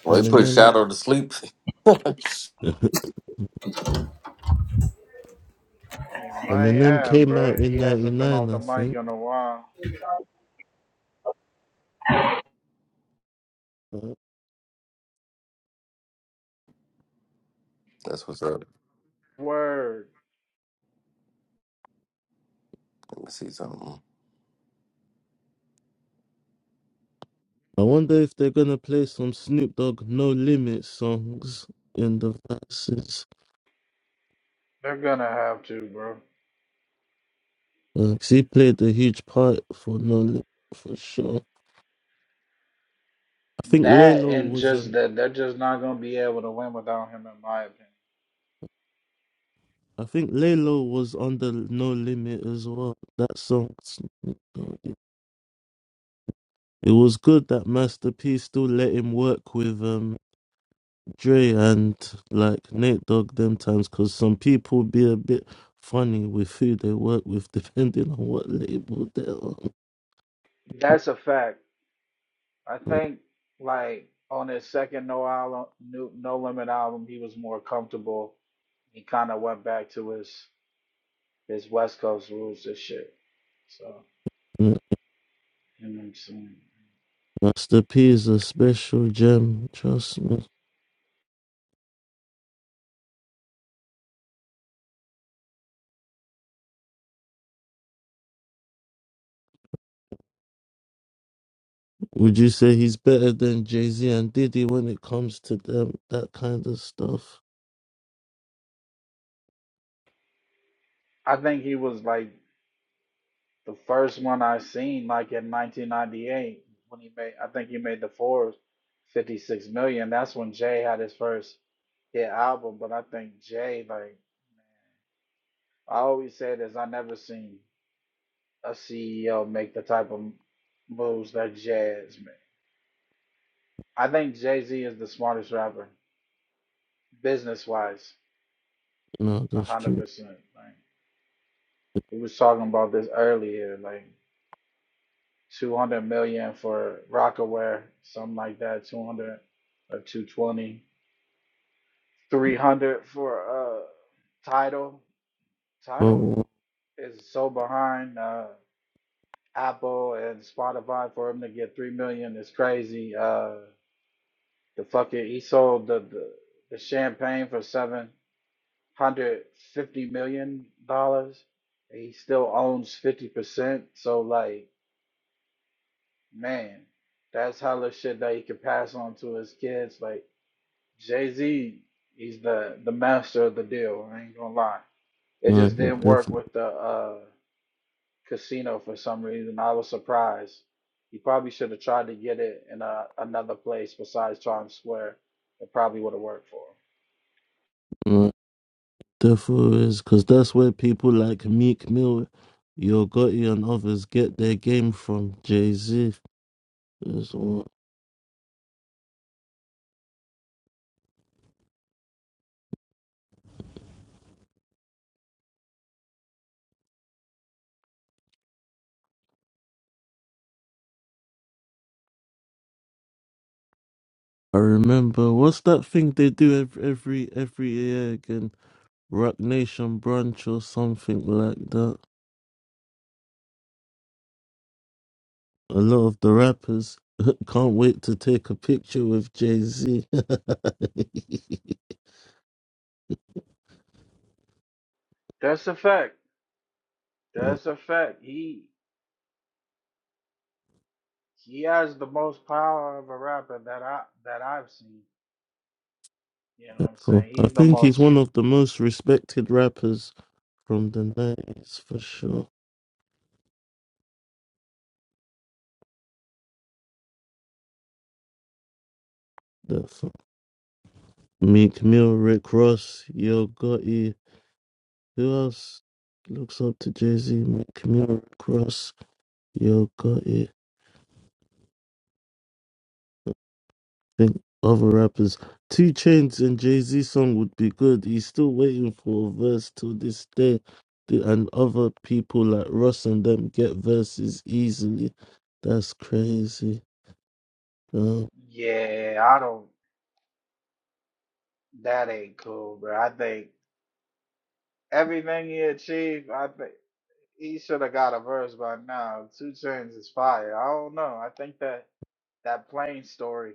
Speaker 5: Well, he put
Speaker 7: Eminem.
Speaker 5: Shadow to sleep.
Speaker 1: He might
Speaker 7: Eminem
Speaker 1: have,
Speaker 7: came out
Speaker 1: bro. He
Speaker 7: in
Speaker 1: hasn't been off
Speaker 7: 99,
Speaker 1: the
Speaker 7: I think.
Speaker 1: mic in a while.
Speaker 7: Mhm.
Speaker 5: That's what's up.
Speaker 1: Word.
Speaker 5: Let me see something.
Speaker 7: I wonder if they're gonna play some Snoop Dogg No Limit songs in the verses.
Speaker 1: They're gonna have to, bro.
Speaker 7: Uh, 'cause he played a huge part for No Limit for sure. I think
Speaker 1: That
Speaker 7: Lalo
Speaker 1: and
Speaker 7: was
Speaker 1: just
Speaker 7: an.
Speaker 1: that they're just not gonna be able to win without him, in my opinion.
Speaker 7: I think Lalo was on the No Limit as well. That song. It was good that Master P still let him work with um Dre and like Nate Dogg them times because some people be a bit funny with who they work with depending on what label they're
Speaker 1: That's a fact. I think like on his second No Al- No No Limit album, he was more comfortable. He kind of went back to his his West Coast roots and shit. So.
Speaker 7: on.
Speaker 1: You know what I'm saying?
Speaker 7: Master P is a special gem, trust me. Would you say he's better than Jay Z and Diddy when it comes to them that kind of stuff?
Speaker 1: I think he was like the first one I seen like in 1998 when he made. I think he made the Forbes 56 million. That's when Jay had his first hit album. But I think Jay like I always say this. I never seen a CEO make the type of moves that Jay has made. I think Jay Z is the smartest rapper business wise,
Speaker 7: No,
Speaker 1: a
Speaker 7: that's
Speaker 1: hundred
Speaker 7: true.
Speaker 1: percent. Like we was talking about this earlier. Like 200 million for Rockaware, something like that, 200 or 220, 300 for uh title. Title
Speaker 7: Oh,
Speaker 1: is so behind uh Apple and Spotify for him to get 3 million is crazy. Uh the fucking he sold the the, the champagne for 750 million dollars. He still owns 50%, so like, man, that's hella shit that he could pass on to his kids like Jay Z, he's the the master of the deal. I ain't gonna lie. It
Speaker 7: no,
Speaker 1: just
Speaker 7: he
Speaker 1: didn't work
Speaker 7: definitely,
Speaker 1: with the uh, casino for some reason. I was surprised. He probably should have tried to get it in a, another place besides Times Square. It probably would have worked for him.
Speaker 7: no, definitely is, because that's where people like Meek Mill, Yo Gotti, and others get their game from Jay Z. what. I remember what's that thing they do every every every year again? Rock Nation brunch or something like that. A lot of the rappers can't wait to take a picture with Jay Z.
Speaker 1: That's a fact. That's a fact. He he has the most power of a rapper that I that I've seen. You know what I'm
Speaker 7: cool.
Speaker 1: saying?
Speaker 7: I
Speaker 1: He's the
Speaker 7: think he's
Speaker 1: most.
Speaker 7: one of the most respected rappers from the 90s for sure. That's Meek Mill, Rick Ross, Yo Gotti. Who else looks up to Jay Z? Meek Mill, Rick Ross, Yo Gotti. think other rappers. Two Chainz and Jay Z song would be good. He's still waiting for a verse till this day, The- and other people like Russ and them get verses easily. That's crazy. Oh,
Speaker 1: Yeah, I don't. That ain't cool, bro. I think everything he achieved, I think. He should have got a verse by now. Two Chains is fire. I don't know. I think that that plane story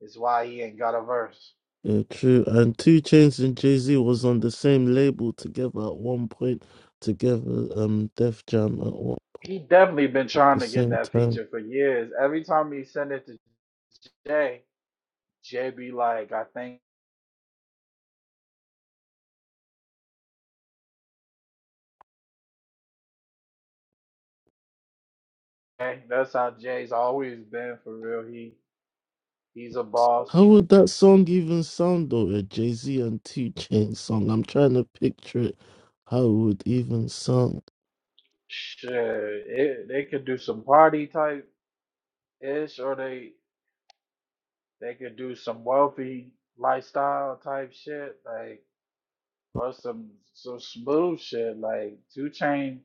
Speaker 1: is why he ain't got a verse.
Speaker 7: yeah, true. And Two Chainz and Jay Z was on the same label together at one point. Together, um, Def Jam at one,
Speaker 1: He definitely been trying
Speaker 7: the
Speaker 1: to get
Speaker 7: same
Speaker 1: that
Speaker 7: time.
Speaker 1: feature for years. Every time he send it to Jay, Jay be like, I think Jay." that's how Jay's always been for real. He he's a boss.
Speaker 7: How would that song even sound though? A Jay Z and Two Chainz song. I'm trying to picture it. How it would even sound.
Speaker 1: Shit, it, they could do some party type ish, or they they could do some wealthy lifestyle type shit. Like or some some smooth shit like Two Chain.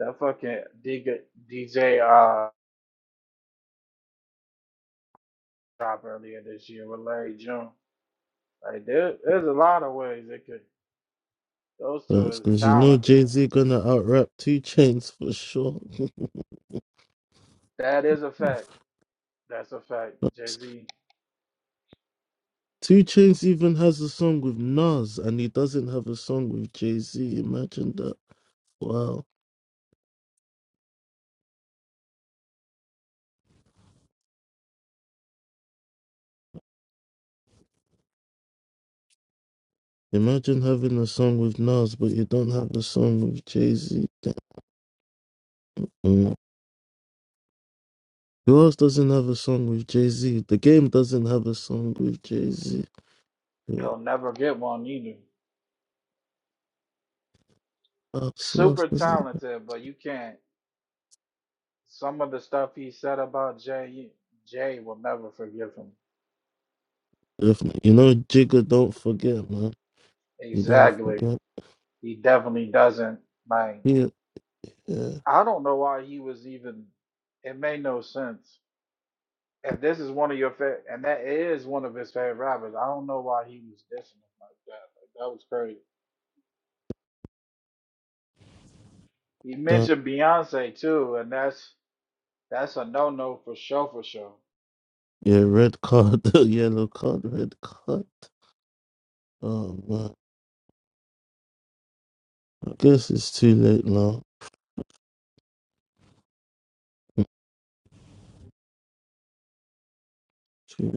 Speaker 1: That fucking DJ, DJ uh drop earlier this year with Larry June. Like there, there's a lot of ways it could. Those two
Speaker 7: That's
Speaker 1: is
Speaker 7: because you know Jay
Speaker 1: talented.
Speaker 7: Z gonna out rap Two Chainz for sure.
Speaker 1: That is a fact. That's a fact. Jay Z,
Speaker 7: Two Chainz even has a song with Nas, and he doesn't have a song with Jay Z. Imagine that. Wow. Imagine having a song with Nas, but you don't have a song with Jay Z. Who else doesn't have a song with Jay Z? The game doesn't have a song with Jay Z. Who
Speaker 1: he'll never get one either.
Speaker 7: else who else
Speaker 1: Super
Speaker 7: doesn't?
Speaker 1: talented, but you can't. Some of the stuff he said about Jay, you- Jay will never forgive him.
Speaker 7: Definitely. You know, Jigga, don't forget, man. You don't
Speaker 1: Exactly.
Speaker 7: forget.
Speaker 1: He definitely doesn't. Like
Speaker 7: Yeah, yeah.
Speaker 1: I don't know why he was even. It made no sense. If this is one of your favorite, and that is one of his favorite rappers, I don't know why he was dissing him like that. Like that was crazy. He mentioned Beyonce too, and that's that's a no no for sure for sure.
Speaker 7: Yeah, red card, the yellow card, red card. Oh man, I guess it's too late now. Too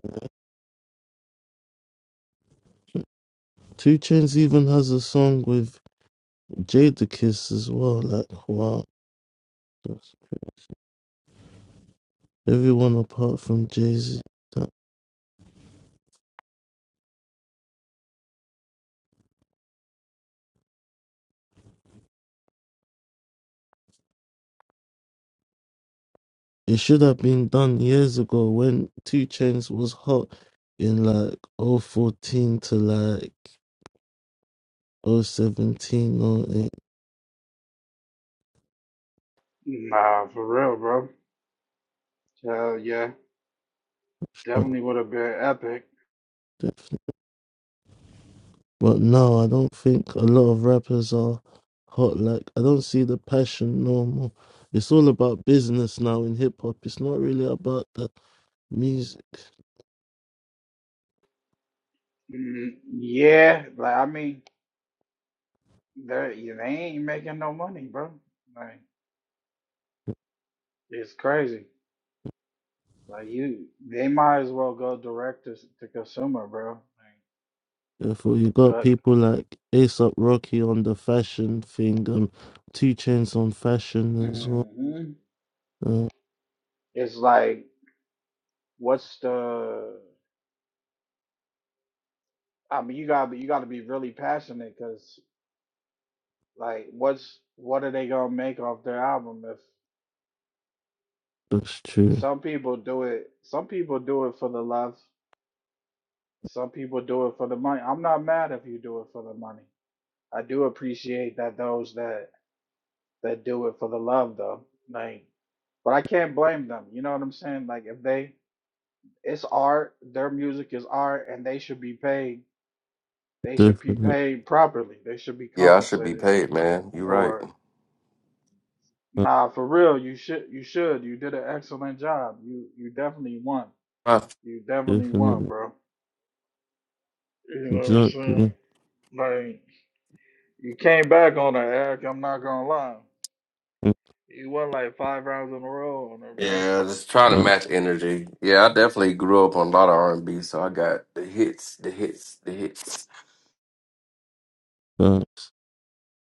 Speaker 7: late. Two Chains even has a song with Jada Kiss as well. Like wow, That's- everyone apart from Jay Z. That It should have been done years ago when Two Chains was hot in like oh fourteen to like oh 017, oh
Speaker 1: Nah, for real, bro. Hell yeah, definitely would have been epic.
Speaker 7: 08. But no, I don't think a lot of rappers are hot. Like, I don't see the passion no more. It's all about business now in hip hop. It's not really about the music.
Speaker 1: Mm, yeah, like I mean, they they ain't making no money, bro. Like it's crazy. Like you, they might as well go direct to, s- to consumer, bro.
Speaker 7: Therefore, you got
Speaker 1: Like,
Speaker 7: people like ASAP Rocky on the fashion thing, um, Two Chainz on fashion as well.
Speaker 1: hmm
Speaker 7: Uh,
Speaker 1: it's like, what's the? I mean, you gotta be, you gotta be really passionate because, like, what's what are they gonna make off their album if
Speaker 7: that's true.
Speaker 1: some people do it? Some people do it for the love. Some people do it for the money. I'm not mad if you do it for the money. I do appreciate that those that that do it for the love, though. Like, but I can't blame them. You know what I'm saying? Like, if they It's art. Their music is art, and they should be paid. They should be
Speaker 7: Definitely.
Speaker 1: paid properly. They should be
Speaker 5: Yeah, I should be
Speaker 1: compensated
Speaker 5: paid, man. You're right.
Speaker 1: for. it. Nah, for real. You should. You should. You did an excellent job. You. You definitely won.
Speaker 5: Huh.
Speaker 1: You definitely won,
Speaker 7: Definitely.
Speaker 1: bro. You know what I'm saying?
Speaker 7: Exactly.
Speaker 1: Like you came back on that, Eric. I'm not gonna lie. You won like five rounds in a row on it, bro.
Speaker 5: Yeah, just trying to match energy. Yeah, I definitely grew up on a lot of R and B, so I got the hits, the hits, the hits.
Speaker 7: Uh,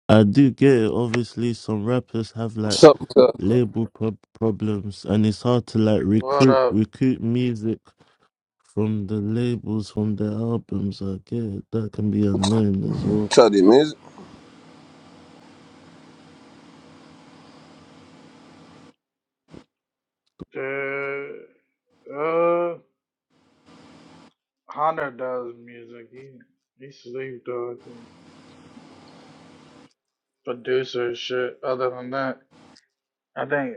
Speaker 7: I do get it. Obviously, some rappers have
Speaker 13: What's
Speaker 7: like
Speaker 13: up, Cub?
Speaker 7: label prob problems, and it's hard to like
Speaker 1: What
Speaker 7: recruit
Speaker 1: up?
Speaker 7: recruit music from the labels from their albums. I get it. That can be annoying as well.
Speaker 13: What's up, D Miz?
Speaker 1: Uh, uh, Hunter does music. He he sleep though. I think. Producers shit. Other than that, I think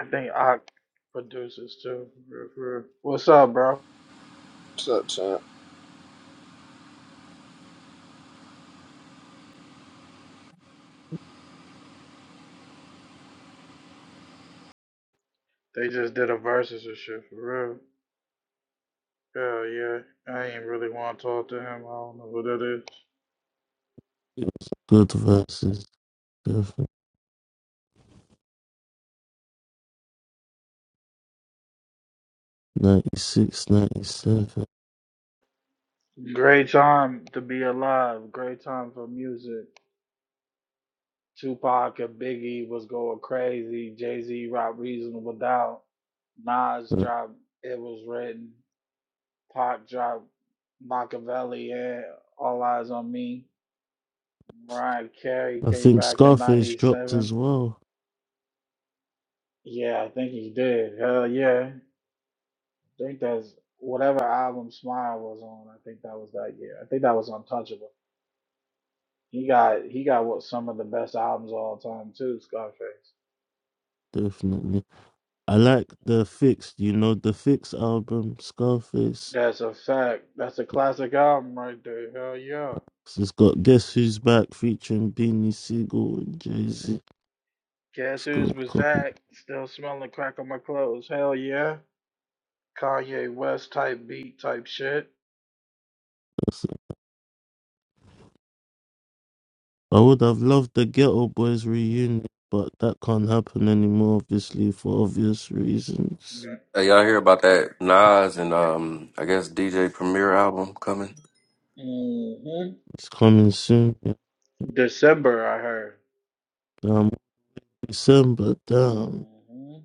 Speaker 1: I think I producers too. For real, for real. What's up, bro?
Speaker 13: What's up, son?
Speaker 1: They just did a versus and shit for real. Hell yeah. I ain't really want to talk to him. I don't know what that
Speaker 7: It's good verses, definitely 96, 97.
Speaker 1: is. Great time to be alive. Great time for music. Tupac and Biggie was going crazy. Jay Z dropped Reasonable Doubt. Nas
Speaker 7: uh,
Speaker 1: dropped It Was Written. Pac dropped Machiavelli and All Eyes on Me. Mariah Carey
Speaker 7: I
Speaker 1: came
Speaker 7: think
Speaker 1: back in
Speaker 7: Scarface dropped
Speaker 1: '97.
Speaker 7: as well.
Speaker 1: Yeah, I think he did. Hell yeah. I think that's whatever album Smile was on. I think that was that year. I think that was Untouchable. He got he got what some of the best albums of all time too. Scarface.
Speaker 7: Definitely. I like the Fix, you know, the Fix album, Scarface.
Speaker 1: That's a fact. That's a classic album right there. Hell yeah.
Speaker 7: So it's got Guess Who's Back featuring Beanie Siegel and Jay Z.
Speaker 1: Guess who's
Speaker 7: School couple.
Speaker 1: back? Still smelling crack on my clothes. Hell yeah. Kanye West type beat type shit.
Speaker 7: That's it. I would have loved the Ghetto Boys reunion, but that can't happen anymore, obviously, for obvious reasons.
Speaker 5: Hey, y'all hear about that Nas and um I guess DJ Premier album coming?
Speaker 1: Mm-hmm.
Speaker 7: It's coming soon. yeah.
Speaker 1: December, I heard.
Speaker 7: Damn, December, damn.
Speaker 1: hmm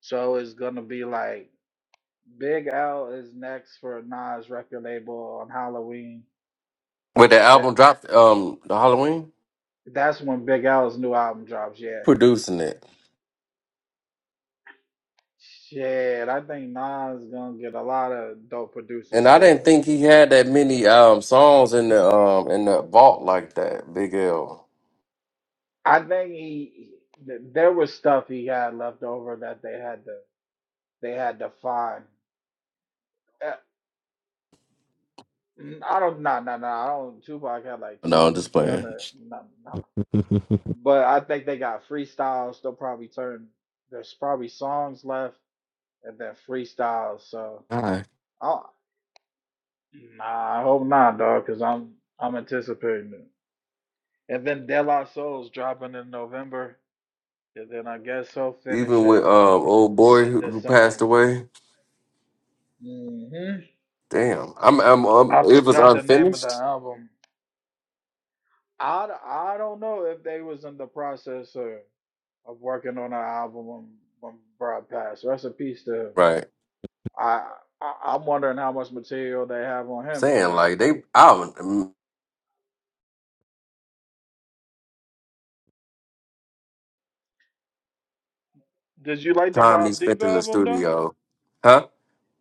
Speaker 1: So it's gonna be like Big L is next for Nas record label on Halloween.
Speaker 5: But the
Speaker 1: That
Speaker 5: album dropped um the Halloween
Speaker 1: that's when Big L's new album drops. Yeah,
Speaker 5: producing it.
Speaker 1: shit. I think Nas gonna get a lot of dope
Speaker 5: And
Speaker 1: producers
Speaker 5: I didn't
Speaker 1: for it.
Speaker 5: think he had that many um songs in the um in the vault like that, Big L.
Speaker 1: I think he th- there was stuff he had left over that they had to they had to find. Uh, I don't no no no. I don't. Tupac had like
Speaker 5: No, I'm just
Speaker 1: 200,
Speaker 5: playing.
Speaker 1: 300. No, no. But I think they got freestyles. They'll probably turn. There's probably songs left and then freestyles. So
Speaker 5: Hi.
Speaker 1: I nah, I hope not, dog, because I'm I'm anticipating it. And then De La Soul's dropping in November, and then I guess he'll finish
Speaker 5: Even with
Speaker 1: it
Speaker 5: um old boy
Speaker 1: in
Speaker 5: who, who passed
Speaker 1: December.
Speaker 5: away.
Speaker 1: hmm
Speaker 5: Damn. I'm I'm um
Speaker 1: I
Speaker 5: it was
Speaker 1: forgot the name of the
Speaker 5: unfinished.
Speaker 1: album. I, d- I don't know if they was in the process of, of working on an album when, when Broad passed. Rest in peace to him.
Speaker 5: Right.
Speaker 1: I, I I'm wondering how much material they have on him for
Speaker 5: Saying
Speaker 1: real.
Speaker 5: like they, I would- mm,
Speaker 1: Did you like the
Speaker 5: time he
Speaker 1: Mob Deep
Speaker 5: spent in the
Speaker 1: album though?
Speaker 5: studio, huh?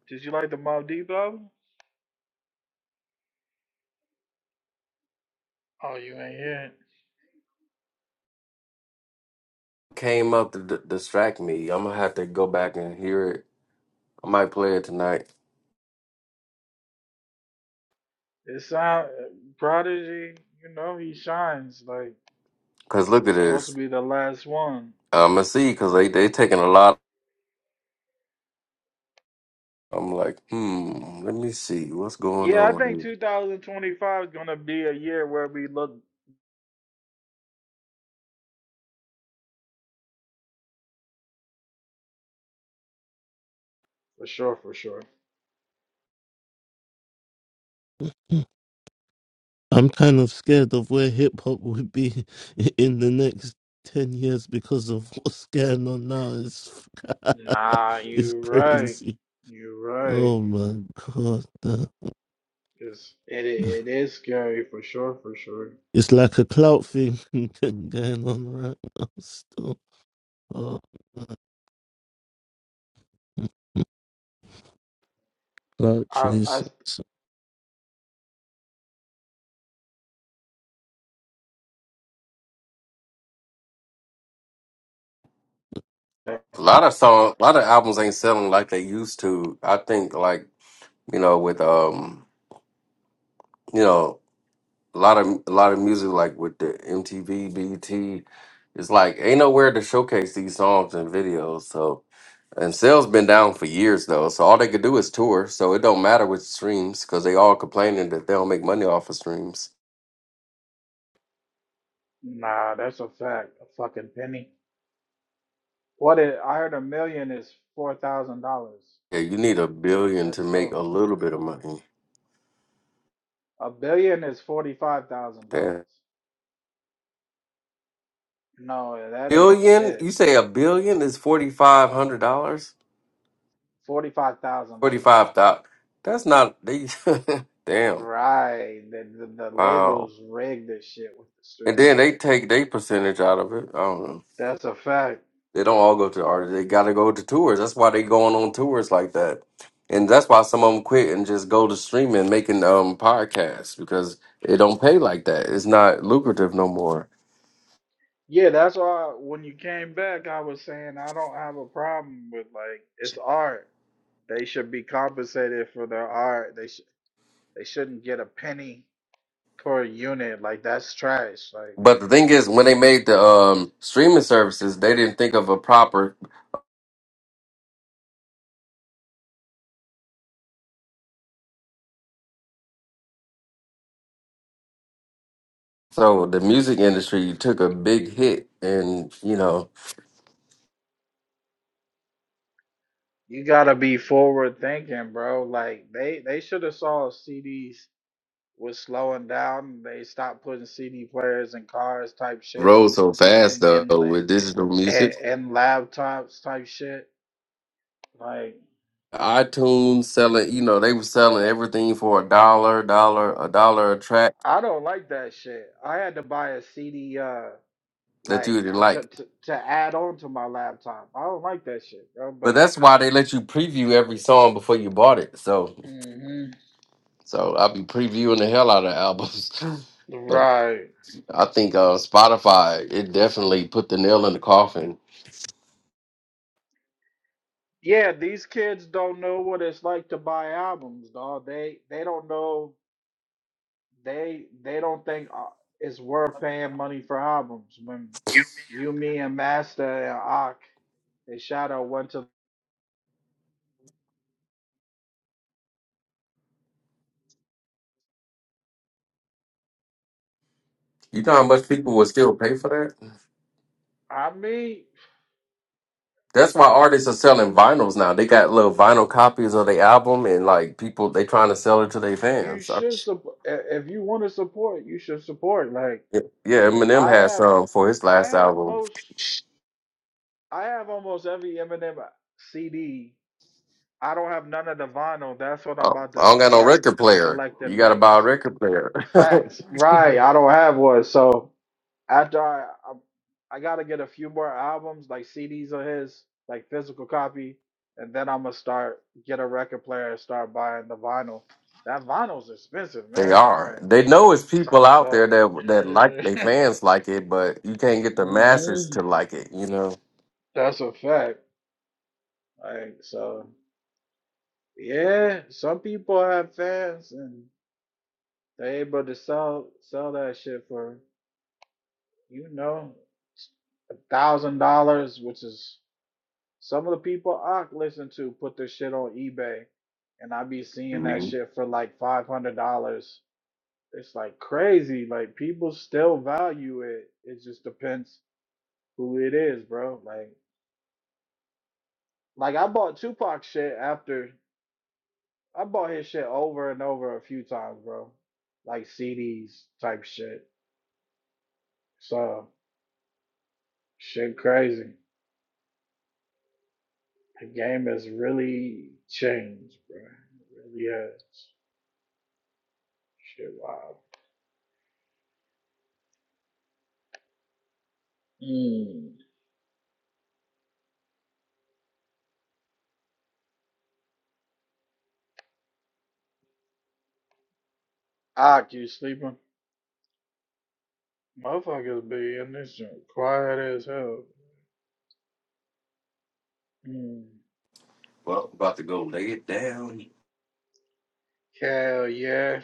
Speaker 1: Did you like the Mob Deep album? Oh, you ain't hear
Speaker 5: Came up to d- distract me. I'm gonna have to go back and hear it. I might play it tonight.
Speaker 1: it. It sound Prodigy. You know he shines like
Speaker 5: Cause look at
Speaker 1: it's supposed to
Speaker 5: this.
Speaker 1: be the last one.
Speaker 5: I'm gonna see. Cause they they taking a lot. I'm like, hmm. Let me see what's going
Speaker 1: Yeah, I
Speaker 5: on
Speaker 1: think
Speaker 5: here.
Speaker 1: 2025 is gonna be a year where we look for sure, for sure.
Speaker 7: I'm kind of scared of where hip hop would be in the next 10 years because of what's going on now. It's,
Speaker 1: Nah,
Speaker 7: it's
Speaker 1: you right.
Speaker 7: crazy.
Speaker 1: You right.
Speaker 7: Oh my god. damn.
Speaker 1: Cause it it is scary for sure, for sure.
Speaker 7: It's like a clout thing going on right now. still. Oh, Lord
Speaker 1: I
Speaker 7: Jesus.
Speaker 1: I
Speaker 5: A lot of songs, a lot of albums ain't selling like they used to. I think like you know with um. you know. a lot of a lot of music like with the MTV, BT. It's like ain't nowhere to showcase these songs and videos. So and sales been down for years though. So all they could do is tour. So it don't matter with streams because they all complaining that they don't make money off of streams.
Speaker 1: Nah, that's a fact. A fucking penny. What it, I heard a million is four thousand dollars.
Speaker 5: Yeah, you need a billion to
Speaker 1: That's
Speaker 5: make
Speaker 1: so.
Speaker 5: a little bit of money.
Speaker 1: A billion is forty five thousand dollars.
Speaker 5: Damn.
Speaker 1: No, that ain't
Speaker 5: Billion? You
Speaker 1: shit.
Speaker 5: say a billion is forty five hundred dollars?
Speaker 1: Forty five thousand, I
Speaker 5: Forty
Speaker 1: think.
Speaker 5: five thousand. That's not they. damn.
Speaker 1: Right. The, the the
Speaker 5: Wow.
Speaker 1: labels rigged this shit with the
Speaker 5: And
Speaker 1: streaming.
Speaker 5: then they take their percentage out of it. I don't know.
Speaker 1: That's a fact.
Speaker 5: They don't all go to the artist. They got to go to tours. That's why they going on tours like that, and that's why some of them quit and just go to streaming, making um podcasts because it don't pay like that. It's not lucrative no more.
Speaker 1: Yeah, that's why when you came back, I was saying I don't have a problem with like it's art. They should be compensated for their art. They sh- they shouldn't get a penny per unit. Like that's trash. Like
Speaker 5: But the thing is, when they made the um streaming services, they didn't think of a proper. So the music industry took a big hit, and you know,
Speaker 1: you gotta be forward thinking, bro. Like they they should have saw CDs was slowing down. They stopped putting CD players in cars type shit
Speaker 5: rose so fast
Speaker 1: on
Speaker 5: though
Speaker 1: in la-
Speaker 5: with digital music.
Speaker 1: and, and laptops type shit. Like
Speaker 5: iTunes selling, you know, they were selling everything for a dollar, dollar, a dollar a track
Speaker 1: I don't like that shit. I had to buy a CD uh
Speaker 5: that you
Speaker 1: like
Speaker 5: didn't
Speaker 1: to
Speaker 5: like.
Speaker 1: to to, to add on to my laptop. I don't like that shit, bro.
Speaker 5: But
Speaker 1: But
Speaker 5: that's why they let you preview every song before you bought it. So
Speaker 1: hmm
Speaker 5: so I'll be previewing the hell out of albums. But
Speaker 1: right.
Speaker 5: I think uh, Spotify it definitely put the nail in the coffin.
Speaker 1: Yeah, these kids don't know what it's like to buy albums, dog. They they don't know they they don't think uh, it's worth paying money for albums. When you, me, and Master and Ak and Shadow went to,
Speaker 5: You know how much people will still pay for that?
Speaker 1: I mean,
Speaker 5: That's why artists are selling vinyls now. They got little vinyl copies of the album, and like people, they trying to sell it to their
Speaker 1: you
Speaker 5: fans. I-
Speaker 1: should support if you want to support, you should support. Like
Speaker 5: Yeah, yeah, Eminem
Speaker 1: I
Speaker 5: had
Speaker 1: have,
Speaker 5: some for his
Speaker 1: I
Speaker 5: last
Speaker 1: have
Speaker 5: album.
Speaker 1: most, I have almost every Eminem CD. I don't have none of the vinyl. That's what I'm
Speaker 5: Uh,
Speaker 1: about
Speaker 5: I
Speaker 1: to
Speaker 5: don't got no
Speaker 1: start
Speaker 5: record player. You
Speaker 1: collecting
Speaker 5: got to
Speaker 1: next.
Speaker 5: buy a record player.
Speaker 1: Facts, right? I don't have one, so after I, I, I gotta get a few more albums, like CDs of his, like physical copy, and then I'm gonna start get a record player and start buying the vinyl. That vinyl's expensive,
Speaker 5: They
Speaker 1: man.
Speaker 5: are.
Speaker 1: Like,
Speaker 5: They know it's people out there
Speaker 1: so
Speaker 5: that that like they
Speaker 1: mm-hmm.
Speaker 5: fans like it, but you can't get the masses to like it. You know.
Speaker 1: that's a fact. Like, so yeah, some people have fans and they able to sell sell that shit for you know a thousand dollars, which is Some of the people I listen to put their shit on eBay, and I be seeing that
Speaker 5: Mhm.
Speaker 1: shit for like five hundred dollars. It's like crazy. Like people still value it. It just depends who it is, bro. Like, like I bought Tupac shit after I bought his shit over and over a few times, bro. Like CDs type shit. So shit crazy. The game has really changed, bro. It really has. Shit wild. Mm. I keep sleeping. Motherfuckers be in this joint quiet as hell. Mm.
Speaker 5: Well, about to go lay it down.
Speaker 1: Hell yeah.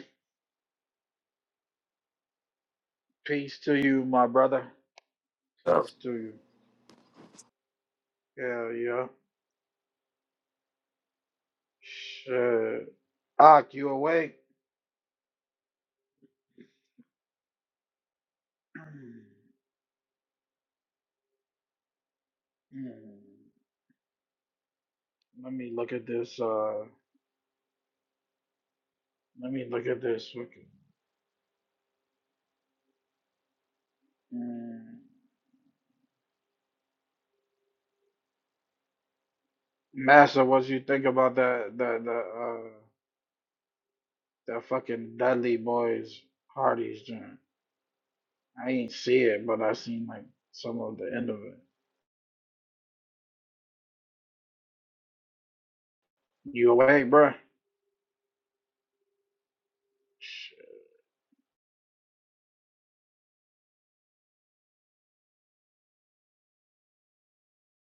Speaker 1: Peace to you, my brother. Peace to you. Hell yeah. Shit. Ock, you awake? Mm. Let me look at this. Uh, let me look at this. fucking- Mm. Massa, what you think about that? The the uh that fucking Dudley Boys Hardy's joint. I ain't see it, but I seen like some of the end of it. You away, bruh?